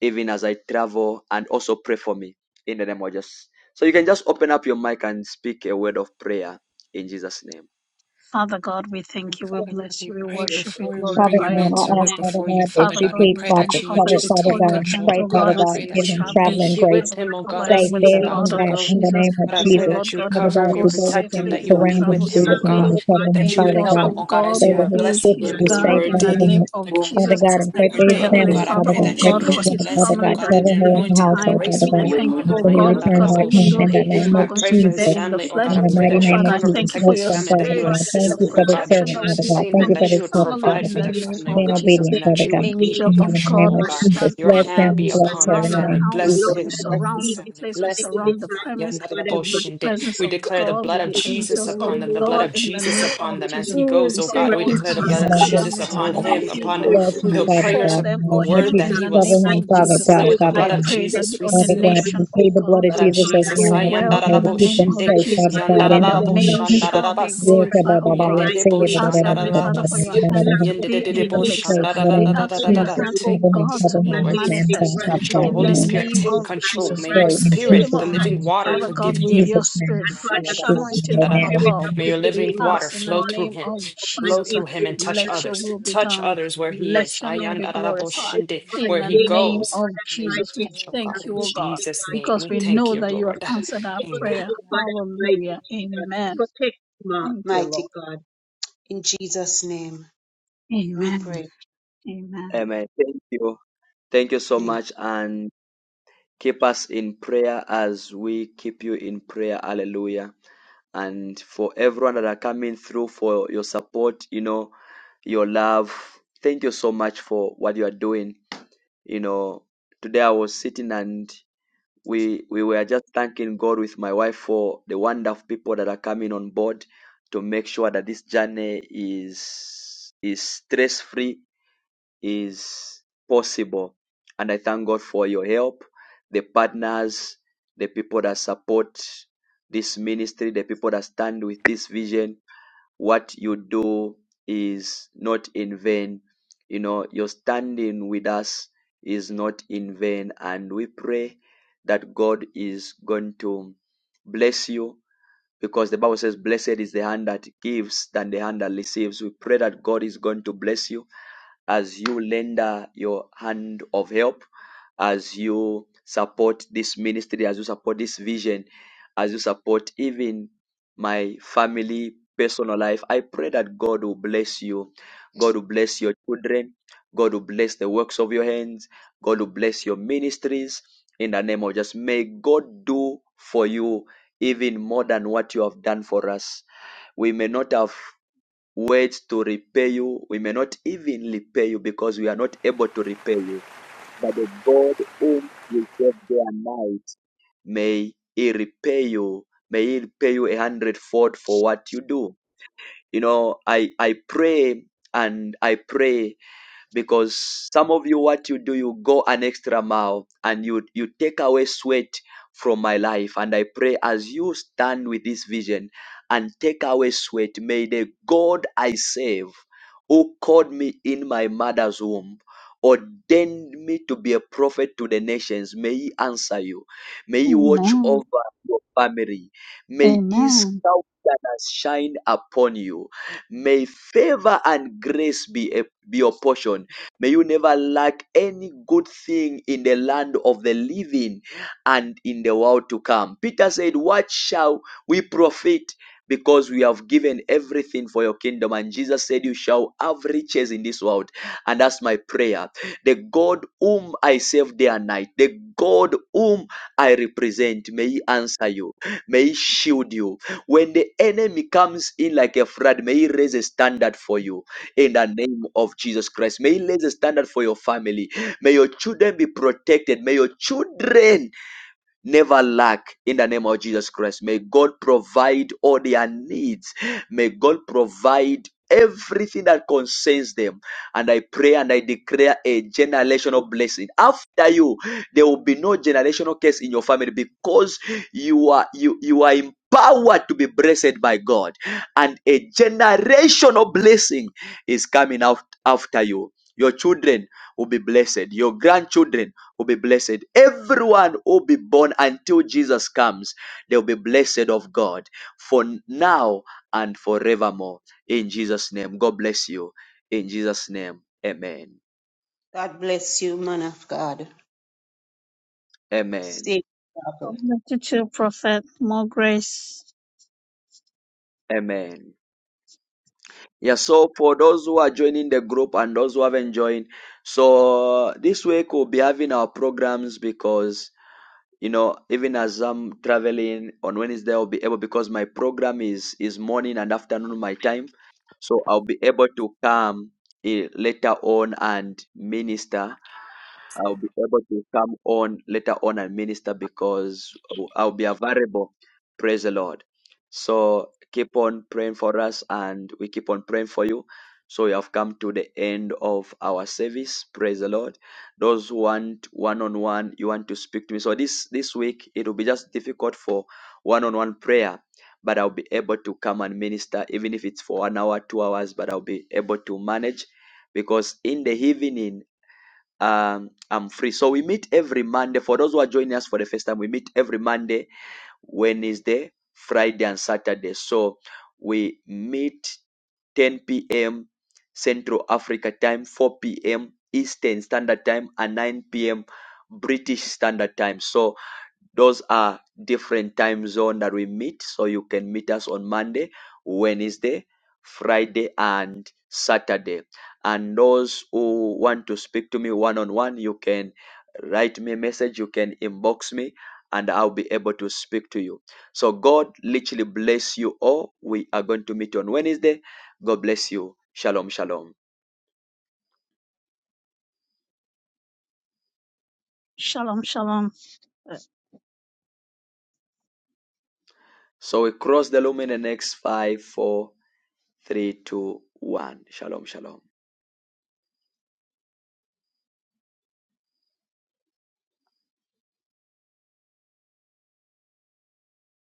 Speaker 1: even as I travel and also pray for me in the name of Jesus. So you can just open up your mic and speak a word of prayer in Jesus' name.
Speaker 6: Father God, we
Speaker 22: And
Speaker 6: thank you, we
Speaker 22: Father God,
Speaker 6: bless
Speaker 22: we
Speaker 6: you, we
Speaker 22: pray
Speaker 6: worship, we
Speaker 22: before we bring
Speaker 16: Father
Speaker 22: your
Speaker 6: glorify
Speaker 16: God,
Speaker 6: your
Speaker 16: I
Speaker 6: holy
Speaker 22: manservant
Speaker 16: ask,
Speaker 6: name.
Speaker 16: Father
Speaker 22: before you,
Speaker 16: God, that
Speaker 22: Father
Speaker 6: Father
Speaker 16: you
Speaker 22: God. We
Speaker 6: God, we
Speaker 16: keep
Speaker 22: pray
Speaker 6: bring
Speaker 22: that
Speaker 16: Prophet
Speaker 9: Thank
Speaker 22: you
Speaker 9: you,
Speaker 22: would
Speaker 6: prophet
Speaker 16: covered,
Speaker 9: Lord.
Speaker 22: just
Speaker 16: Father
Speaker 6: before
Speaker 22: take
Speaker 16: God.
Speaker 6: your
Speaker 22: control,
Speaker 6: hands,
Speaker 22: oh
Speaker 9: for
Speaker 6: oh
Speaker 16: Pray,
Speaker 9: your
Speaker 22: God.
Speaker 16: Father
Speaker 6: God,
Speaker 22: I
Speaker 6: as
Speaker 16: God,
Speaker 22: pray
Speaker 6: he is
Speaker 16: give
Speaker 22: that
Speaker 9: grace.
Speaker 16: him
Speaker 22: you would
Speaker 9: We
Speaker 22: be
Speaker 6: traveling.
Speaker 9: Thank you for your
Speaker 16: traveling
Speaker 22: here
Speaker 9: grace.
Speaker 16: grace,
Speaker 22: with
Speaker 6: Father, we
Speaker 9: I
Speaker 22: him, oh
Speaker 9: only
Speaker 22: God,
Speaker 6: cover
Speaker 22: as
Speaker 6: him
Speaker 16: safe
Speaker 9: ask
Speaker 22: he
Speaker 6: with the
Speaker 9: you,
Speaker 22: is
Speaker 16: there
Speaker 9: Lord,
Speaker 22: about
Speaker 6: blood
Speaker 16: and
Speaker 22: to
Speaker 6: of
Speaker 9: God,
Speaker 16: back
Speaker 9: for
Speaker 22: go.
Speaker 16: in the
Speaker 6: Jesus.
Speaker 22: Oh
Speaker 16: name
Speaker 9: your
Speaker 16: of
Speaker 22: God, I
Speaker 6: We say,
Speaker 22: pray
Speaker 16: Jesus.
Speaker 9: government
Speaker 22: that
Speaker 6: Lord
Speaker 22: you would
Speaker 6: God,
Speaker 9: servant,
Speaker 6: he
Speaker 16: Father
Speaker 22: cover
Speaker 6: will
Speaker 22: him,
Speaker 16: God,
Speaker 22: you
Speaker 9: for
Speaker 6: go
Speaker 16: to go
Speaker 9: your
Speaker 16: with
Speaker 22: protect him,
Speaker 16: him,
Speaker 6: safely,
Speaker 9: travel,
Speaker 16: you
Speaker 22: that
Speaker 6: he
Speaker 22: you'll
Speaker 6: will
Speaker 9: God.
Speaker 11: Present
Speaker 22: be
Speaker 16: surround
Speaker 11: it to
Speaker 6: travel
Speaker 22: with
Speaker 16: him, you
Speaker 9: We
Speaker 16: be
Speaker 22: him, oh
Speaker 16: with
Speaker 11: you,
Speaker 9: ask
Speaker 16: him,
Speaker 6: safely.
Speaker 22: God.
Speaker 16: and
Speaker 9: you,
Speaker 16: you
Speaker 11: Lord.
Speaker 6: Your
Speaker 9: God,
Speaker 16: cover him,
Speaker 9: for
Speaker 22: That you
Speaker 9: your
Speaker 22: would
Speaker 16: Father
Speaker 6: angels,
Speaker 22: help
Speaker 11: Yes,
Speaker 16: God,
Speaker 22: him,
Speaker 6: oh
Speaker 9: travel,
Speaker 22: oh God,
Speaker 9: for
Speaker 6: God,
Speaker 22: as
Speaker 9: your
Speaker 16: so
Speaker 22: you
Speaker 6: will
Speaker 22: are
Speaker 16: that
Speaker 9: comfort,
Speaker 16: his
Speaker 11: favor.
Speaker 9: for
Speaker 6: be
Speaker 22: blessing
Speaker 16: trip
Speaker 9: your
Speaker 6: his
Speaker 16: will
Speaker 22: him,
Speaker 16: be
Speaker 9: life,
Speaker 22: as
Speaker 9: for
Speaker 22: you
Speaker 11: Hallelujah.
Speaker 22: are
Speaker 6: guard
Speaker 16: safe,
Speaker 9: your
Speaker 6: in the
Speaker 16: Father
Speaker 22: ordaining
Speaker 6: name
Speaker 22: him,
Speaker 16: God.
Speaker 9: guidance,
Speaker 6: of
Speaker 22: Father God,
Speaker 11: Oh,
Speaker 16: Father
Speaker 6: Jesus.
Speaker 9: Jesus.
Speaker 22: as
Speaker 16: God,
Speaker 22: he's
Speaker 16: and
Speaker 9: We
Speaker 22: being
Speaker 6: I
Speaker 16: pray for
Speaker 9: ask
Speaker 6: pray,
Speaker 16: his
Speaker 22: ordained,
Speaker 9: for
Speaker 22: oh
Speaker 6: Heavenly
Speaker 16: family,
Speaker 9: your
Speaker 22: God.
Speaker 11: Father,
Speaker 22: I
Speaker 6: Father,
Speaker 16: Father
Speaker 22: pray
Speaker 6: oh
Speaker 16: God.
Speaker 11: in the
Speaker 22: that
Speaker 16: Pray
Speaker 22: you
Speaker 9: protection,
Speaker 6: God,
Speaker 11: name
Speaker 22: would
Speaker 16: for his
Speaker 11: of
Speaker 6: for
Speaker 9: for
Speaker 22: just
Speaker 16: wife,
Speaker 6: his
Speaker 9: your
Speaker 11: Jesus,
Speaker 22: bless
Speaker 16: Father
Speaker 22: him, oh
Speaker 6: family
Speaker 16: God.
Speaker 22: God,
Speaker 6: that
Speaker 22: that
Speaker 16: Cover
Speaker 6: is
Speaker 22: the
Speaker 9: almighty
Speaker 16: her in
Speaker 6: leaving
Speaker 16: the
Speaker 22: anointing, the
Speaker 9: Jesus.
Speaker 6: behind.
Speaker 16: household,
Speaker 22: grace
Speaker 9: We
Speaker 16: Father
Speaker 22: would
Speaker 6: I
Speaker 11: the
Speaker 22: be
Speaker 16: God,
Speaker 11: way
Speaker 9: ask,
Speaker 6: thank you,
Speaker 22: upon him.
Speaker 11: maker,
Speaker 6: oh
Speaker 9: God,
Speaker 16: until
Speaker 11: the
Speaker 16: he
Speaker 9: for
Speaker 6: God,
Speaker 9: your
Speaker 11: miracle
Speaker 16: return
Speaker 6: because
Speaker 11: worker,
Speaker 16: back
Speaker 6: even
Speaker 9: covering
Speaker 16: home
Speaker 6: though
Speaker 16: in
Speaker 11: Lord.
Speaker 22: Ayanda
Speaker 6: he
Speaker 16: the
Speaker 9: over
Speaker 6: is
Speaker 16: name
Speaker 22: I
Speaker 6: not
Speaker 16: of
Speaker 9: every
Speaker 6: going
Speaker 22: pray
Speaker 6: to
Speaker 22: for
Speaker 6: be
Speaker 22: his
Speaker 6: there
Speaker 9: season,
Speaker 6: in
Speaker 16: Jesus.
Speaker 9: for
Speaker 6: the
Speaker 22: family,
Speaker 11: Make
Speaker 22: oh
Speaker 11: the
Speaker 6: flesh,
Speaker 22: God.
Speaker 16: In
Speaker 22: I
Speaker 16: the
Speaker 11: way,
Speaker 22: pray
Speaker 16: mighty
Speaker 6: but
Speaker 22: that you
Speaker 9: every
Speaker 22: would
Speaker 16: name
Speaker 11: Lord.
Speaker 6: Father,
Speaker 16: of
Speaker 6: I
Speaker 22: cover,
Speaker 9: mighty
Speaker 16: Jesus,
Speaker 6: thank you
Speaker 22: protect
Speaker 6: for
Speaker 16: bless
Speaker 22: his
Speaker 6: your
Speaker 9: Jesus.
Speaker 16: them,
Speaker 22: family,
Speaker 16: Father
Speaker 22: that you
Speaker 11: Make
Speaker 6: spirit
Speaker 9: I
Speaker 16: God. Thank
Speaker 22: assist
Speaker 6: of
Speaker 11: streams
Speaker 22: them,
Speaker 16: you
Speaker 11: in the
Speaker 22: oh
Speaker 16: for this
Speaker 22: God,
Speaker 6: protection
Speaker 22: that
Speaker 16: servant,
Speaker 11: desert.
Speaker 22: you
Speaker 6: that
Speaker 22: would
Speaker 6: will
Speaker 16: Father
Speaker 6: be
Speaker 16: God.
Speaker 22: sustain
Speaker 16: Thank
Speaker 22: them,
Speaker 6: upon
Speaker 16: you for
Speaker 22: that
Speaker 6: his
Speaker 22: you
Speaker 16: this
Speaker 22: would
Speaker 16: prophet,
Speaker 6: family
Speaker 22: provide
Speaker 16: Father
Speaker 6: in
Speaker 22: for
Speaker 6: the
Speaker 22: their
Speaker 16: God.
Speaker 6: name
Speaker 22: family, oh
Speaker 16: Being
Speaker 6: of
Speaker 22: God,
Speaker 11: Hallelujah.
Speaker 6: Jesus.
Speaker 16: obedient,
Speaker 22: and that
Speaker 6: The
Speaker 16: Father
Speaker 22: you
Speaker 16: God.
Speaker 22: would be
Speaker 16: To
Speaker 6: angel
Speaker 22: in
Speaker 16: you
Speaker 6: of
Speaker 16: in the
Speaker 22: control,
Speaker 16: name
Speaker 6: God
Speaker 22: oh
Speaker 16: of
Speaker 6: will
Speaker 11: And
Speaker 22: God.
Speaker 16: Jesus.
Speaker 11: rivers
Speaker 6: stand
Speaker 22: Your
Speaker 6: on
Speaker 11: in the
Speaker 16: Bless
Speaker 11: world.
Speaker 6: God.
Speaker 22: hand
Speaker 16: him,
Speaker 6: We
Speaker 22: be
Speaker 16: bless
Speaker 22: upon
Speaker 16: her
Speaker 22: their
Speaker 16: in
Speaker 6: surround
Speaker 16: the
Speaker 6: the
Speaker 22: family.
Speaker 16: name of
Speaker 11: Do
Speaker 6: house.
Speaker 11: it
Speaker 22: Bless
Speaker 11: for
Speaker 16: Jesus.
Speaker 22: his.
Speaker 6: We
Speaker 11: him, Lord.
Speaker 22: Bless
Speaker 16: Amen.
Speaker 22: his
Speaker 6: surround the
Speaker 22: family,
Speaker 6: place. We
Speaker 22: bless them,
Speaker 6: surround
Speaker 22: oh
Speaker 6: the
Speaker 22: God.
Speaker 6: premise with the
Speaker 22: Yandarabosinde.
Speaker 6: presence
Speaker 22: We
Speaker 6: of
Speaker 22: declare the
Speaker 6: God,
Speaker 22: blood
Speaker 6: with
Speaker 22: of
Speaker 6: the
Speaker 11: Yes,
Speaker 22: Jesus
Speaker 6: angels of
Speaker 22: upon them, the
Speaker 11: hallelujah.
Speaker 22: blood
Speaker 6: God
Speaker 22: of
Speaker 6: in the
Speaker 22: Jesus
Speaker 6: name of
Speaker 22: upon them as
Speaker 6: Jesus.
Speaker 22: he
Speaker 11: Oh,
Speaker 22: goes,
Speaker 6: We
Speaker 22: oh
Speaker 6: say
Speaker 22: God. We
Speaker 11: thank
Speaker 6: no
Speaker 11: you,
Speaker 22: declare the
Speaker 16: in
Speaker 6: harm,
Speaker 22: blood
Speaker 6: no
Speaker 16: the
Speaker 22: of
Speaker 11: Jesus.
Speaker 16: name of
Speaker 22: Jesus
Speaker 11: Yes,
Speaker 6: calamity,
Speaker 22: upon
Speaker 11: Lord.
Speaker 16: Jesus.
Speaker 6: no
Speaker 22: him,
Speaker 11: Thank you,
Speaker 22: upon
Speaker 6: evil
Speaker 11: Lord.
Speaker 16: Bless him,
Speaker 6: will
Speaker 22: the
Speaker 11: Remember
Speaker 16: Father
Speaker 11: him.
Speaker 22: prayers,
Speaker 6: befall
Speaker 16: God,
Speaker 22: upon
Speaker 16: in
Speaker 6: them
Speaker 16: the
Speaker 6: or
Speaker 22: the
Speaker 16: name of
Speaker 22: word
Speaker 6: him
Speaker 22: that
Speaker 6: in
Speaker 16: Jesus.
Speaker 22: he
Speaker 6: the
Speaker 22: will
Speaker 16: Cover
Speaker 6: name
Speaker 16: him,
Speaker 6: of
Speaker 22: speak. We
Speaker 16: Father
Speaker 6: Jesus.
Speaker 22: seal
Speaker 6: Uh,
Speaker 22: it
Speaker 16: God,
Speaker 22: with the
Speaker 16: Father
Speaker 22: blood
Speaker 6: I
Speaker 22: of
Speaker 16: God.
Speaker 6: pray that
Speaker 22: Jesus.
Speaker 6: the
Speaker 22: We
Speaker 16: Father
Speaker 22: seal it
Speaker 16: God,
Speaker 6: ordination
Speaker 16: we
Speaker 6: of
Speaker 16: plead the
Speaker 22: the
Speaker 16: blood
Speaker 6: God
Speaker 16: of
Speaker 22: blood of
Speaker 16: Jesus
Speaker 6: will
Speaker 16: over
Speaker 22: Jesus.
Speaker 16: here
Speaker 6: go
Speaker 16: in
Speaker 22: I
Speaker 16: this
Speaker 6: well in
Speaker 16: household to
Speaker 6: the
Speaker 16: keep
Speaker 6: name
Speaker 16: them
Speaker 6: of
Speaker 22: yandaraboshindik,
Speaker 16: safe,
Speaker 9: take
Speaker 6: Jesus
Speaker 16: Father
Speaker 9: back with
Speaker 16: God,
Speaker 9: me
Speaker 6: and
Speaker 16: in the
Speaker 6: your
Speaker 9: the
Speaker 16: name of
Speaker 9: blood
Speaker 6: name
Speaker 9: of
Speaker 16: Jesus.
Speaker 6: shall
Speaker 9: Jesus.
Speaker 6: be
Speaker 22: yandaraboshandarabasia.
Speaker 16: Keep them
Speaker 9: Christ
Speaker 6: glorified,
Speaker 9: in
Speaker 6: O
Speaker 9: the
Speaker 6: God.
Speaker 9: mighty
Speaker 6: We
Speaker 9: name
Speaker 6: ask,
Speaker 9: of
Speaker 6: Heavenly
Speaker 9: Jesus.
Speaker 6: Father, for
Speaker 22: Yendedeboshandarabasia.
Speaker 6: your
Speaker 9: We
Speaker 6: hand
Speaker 9: block
Speaker 6: to
Speaker 9: up
Speaker 6: be
Speaker 9: any
Speaker 6: in the mix.
Speaker 16: safe in
Speaker 9: hindrance,
Speaker 16: the
Speaker 6: We
Speaker 16: name of
Speaker 6: ask for your
Speaker 22: Yendedeboshandarabadadadadada.
Speaker 16: Jesus.
Speaker 6: hand,
Speaker 9: hindrance
Speaker 6: O
Speaker 22: Take
Speaker 16: Cover
Speaker 9: that
Speaker 16: him,
Speaker 9: we
Speaker 6: God,
Speaker 16: cover
Speaker 6: to
Speaker 22: control,
Speaker 9: come
Speaker 16: him,
Speaker 6: be
Speaker 22: Lord.
Speaker 16: this man,
Speaker 9: against it
Speaker 16: God,
Speaker 22: Take
Speaker 6: manifest
Speaker 16: Father
Speaker 9: right now.
Speaker 16: God,
Speaker 22: control,
Speaker 16: in
Speaker 6: in
Speaker 16: the
Speaker 6: the
Speaker 22: Holy
Speaker 9: Any
Speaker 16: name of
Speaker 22: Spirit.
Speaker 6: name
Speaker 22: Take
Speaker 9: traffic
Speaker 16: Jesus.
Speaker 6: of
Speaker 9: light
Speaker 22: control.
Speaker 16: We
Speaker 6: Jesus.
Speaker 22: May
Speaker 6: You
Speaker 22: your
Speaker 16: pray
Speaker 9: right
Speaker 6: will
Speaker 16: in
Speaker 9: now
Speaker 6: fill
Speaker 9: in
Speaker 22: spirit,
Speaker 6: him
Speaker 22: the
Speaker 9: the
Speaker 16: Jesus'
Speaker 6: up,
Speaker 22: living
Speaker 9: mighty
Speaker 16: name,
Speaker 22: water,
Speaker 9: name
Speaker 6: Father
Speaker 9: of
Speaker 6: God,
Speaker 22: forgive
Speaker 16: in
Speaker 6: with
Speaker 22: him.
Speaker 6: your
Speaker 9: Jesus.
Speaker 16: Jesus' name,
Speaker 6: spirit,
Speaker 9: And Father
Speaker 6: fresh
Speaker 9: God,
Speaker 16: Jesus'
Speaker 9: with
Speaker 16: name,
Speaker 9: the
Speaker 6: anointing from
Speaker 16: amen,
Speaker 22: Nayadabochadadadaba.
Speaker 9: spirit
Speaker 6: above.
Speaker 9: of
Speaker 22: May
Speaker 16: amen.
Speaker 9: the
Speaker 22: your
Speaker 6: We
Speaker 22: living
Speaker 9: living
Speaker 22: water
Speaker 9: God,
Speaker 6: ask in the
Speaker 22: flow
Speaker 9: fall
Speaker 22: through
Speaker 6: name
Speaker 22: him,
Speaker 6: of
Speaker 9: fresh upon
Speaker 22: flow
Speaker 6: Jesus,
Speaker 9: him,
Speaker 22: through him
Speaker 9: O
Speaker 22: and
Speaker 9: God
Speaker 22: touch
Speaker 6: let your
Speaker 22: others.
Speaker 9: Almighty.
Speaker 6: will be
Speaker 22: Touch
Speaker 6: done.
Speaker 22: others where he
Speaker 6: Let
Speaker 22: is.
Speaker 6: your name be glorified.
Speaker 22: Ayandadadaboshinde.
Speaker 6: In
Speaker 22: Where
Speaker 6: the
Speaker 22: he
Speaker 6: name
Speaker 22: goes.
Speaker 6: of
Speaker 22: May you
Speaker 6: Jesus, we
Speaker 22: touch, oh
Speaker 6: thank
Speaker 22: God, in
Speaker 6: you, O God,
Speaker 22: Jesus' name.
Speaker 6: because
Speaker 22: We
Speaker 6: we
Speaker 22: thank
Speaker 6: know
Speaker 22: you,
Speaker 6: that you have
Speaker 22: Lord.
Speaker 6: answered our
Speaker 22: Amen.
Speaker 6: prayer. Hallelujah. Amen.
Speaker 9: Protect Mark,
Speaker 6: Thank you,
Speaker 9: mighty
Speaker 6: Lord.
Speaker 9: God. In Jesus' name we
Speaker 6: Amen.
Speaker 9: pray.
Speaker 6: Amen.
Speaker 1: Amen. Thank you. Thank you so
Speaker 9: Thank you.
Speaker 1: much and keep us in prayer as we keep you in prayer. Hallelujah. And for everyone that are coming through for your support, you know, your love. Thank you so much for what you are doing. You know, today I was sitting and we we were just thanking God with my wife for the wonderful people that are coming on board to make sure that this journey is is stress free is possible and I thank God for your help the partners the people that support this ministry the people that stand with this vision what you do is not in vain. You know, your standing with us is not in vain. And we pray that God is going to bless you because the Bible says, Blessed is the hand that gives than the hand that receives. We pray that God is going to bless you as you lender your hand of help, as you support this ministry, as you support this vision, as you support even my family, personal life. I pray that God will bless you. God will bless your children. God will bless the works of your hands. God will bless your ministries in the name of just may God do for you even more than what you have done for us. We may not have Wait to repay you. We may not even repay you because we are not able to repay you. But the God whom you gave their night, may He repay you. May He repay you a hundredfold for what you do. You know, I, I pray and I pray because some of you what you do you go an extra mile and you you take away sweat from my life and i pray as you stand with this vision and take away sweat may the god i save who called me in my mother's womb ordained me to be a prophet to the nations may he answer you may he watch
Speaker 6: Amen.
Speaker 1: over your family may his
Speaker 6: Amen.
Speaker 1: countenance shine upon you May favor and grace be, a, be your portion. May you never lack any good thing in the land of the living and in the world to come. Peter said, What shall we profit? Because we have given everything for your kingdom. And Jesus said, You shall have riches in this world. And that's my prayer. The God whom I serve day and night, the God whom I represent, may He answer you, may He shield you, when the enemy comes in like a flood, may he raise a standard for you in the name of Jesus Christ. May he raise a standard for your family. May your children be protected. May your children never lack in the name of Jesus Christ. May God provide all their needs. May God provide everything that concerns them. And I pray and I declare a generational blessing. After you, there will be no generational curse in your family because you are you you are empowered to be blessed by God. And a generational blessing is coming out after you. Your children will be blessed. Your grandchildren will be blessed. Everyone will be born until Jesus comes. They'll be blessed of God for now and forevermore. In Jesus' name, God bless you. In Jesus' name, amen.
Speaker 9: God bless you, man of God.
Speaker 1: Amen.
Speaker 9: Safe travel.
Speaker 6: God bless you too, Prophet. More grace.
Speaker 1: Amen. Yeah, so for those who are joining the group and those who haven't joined, so this week we'll be having our programs because you know even as i'm traveling on wednesday i'll be able because my program is is morning and afternoon my time so i'll be able to come eh, later on and minister I'll be able to come on later on and minister because I'll be available. Praise the Lord. So keep on praying for us and we keep on praying for you. So we have come to the end of our service. Praise the Lord. Those who want one on one, you want to speak to me. So this this week it will be just difficult for one on one prayer, but I'll be able to come and minister, even if it's for an hour, two hours, but I'll be able to manage because in the evening um i'm free so we meet every monday for those who are joining us for the first time we meet every monday wednesday friday and saturday so we meet 10 p.m central africa time 4 p.m eastern standard time and 9 p.m british standard time so those are different time zone that we meet so you can meet us on monday wednesday friday and saturday and those who want to speak to me one-on-one you can write me a message you can inbox me and i'll be able to speak to you so god literally bless you all we are going to meet on wednesday god bless you shalom shalom
Speaker 6: Shalom, shalom.
Speaker 1: so we cross the lumen in the next five four three two one shalom shalom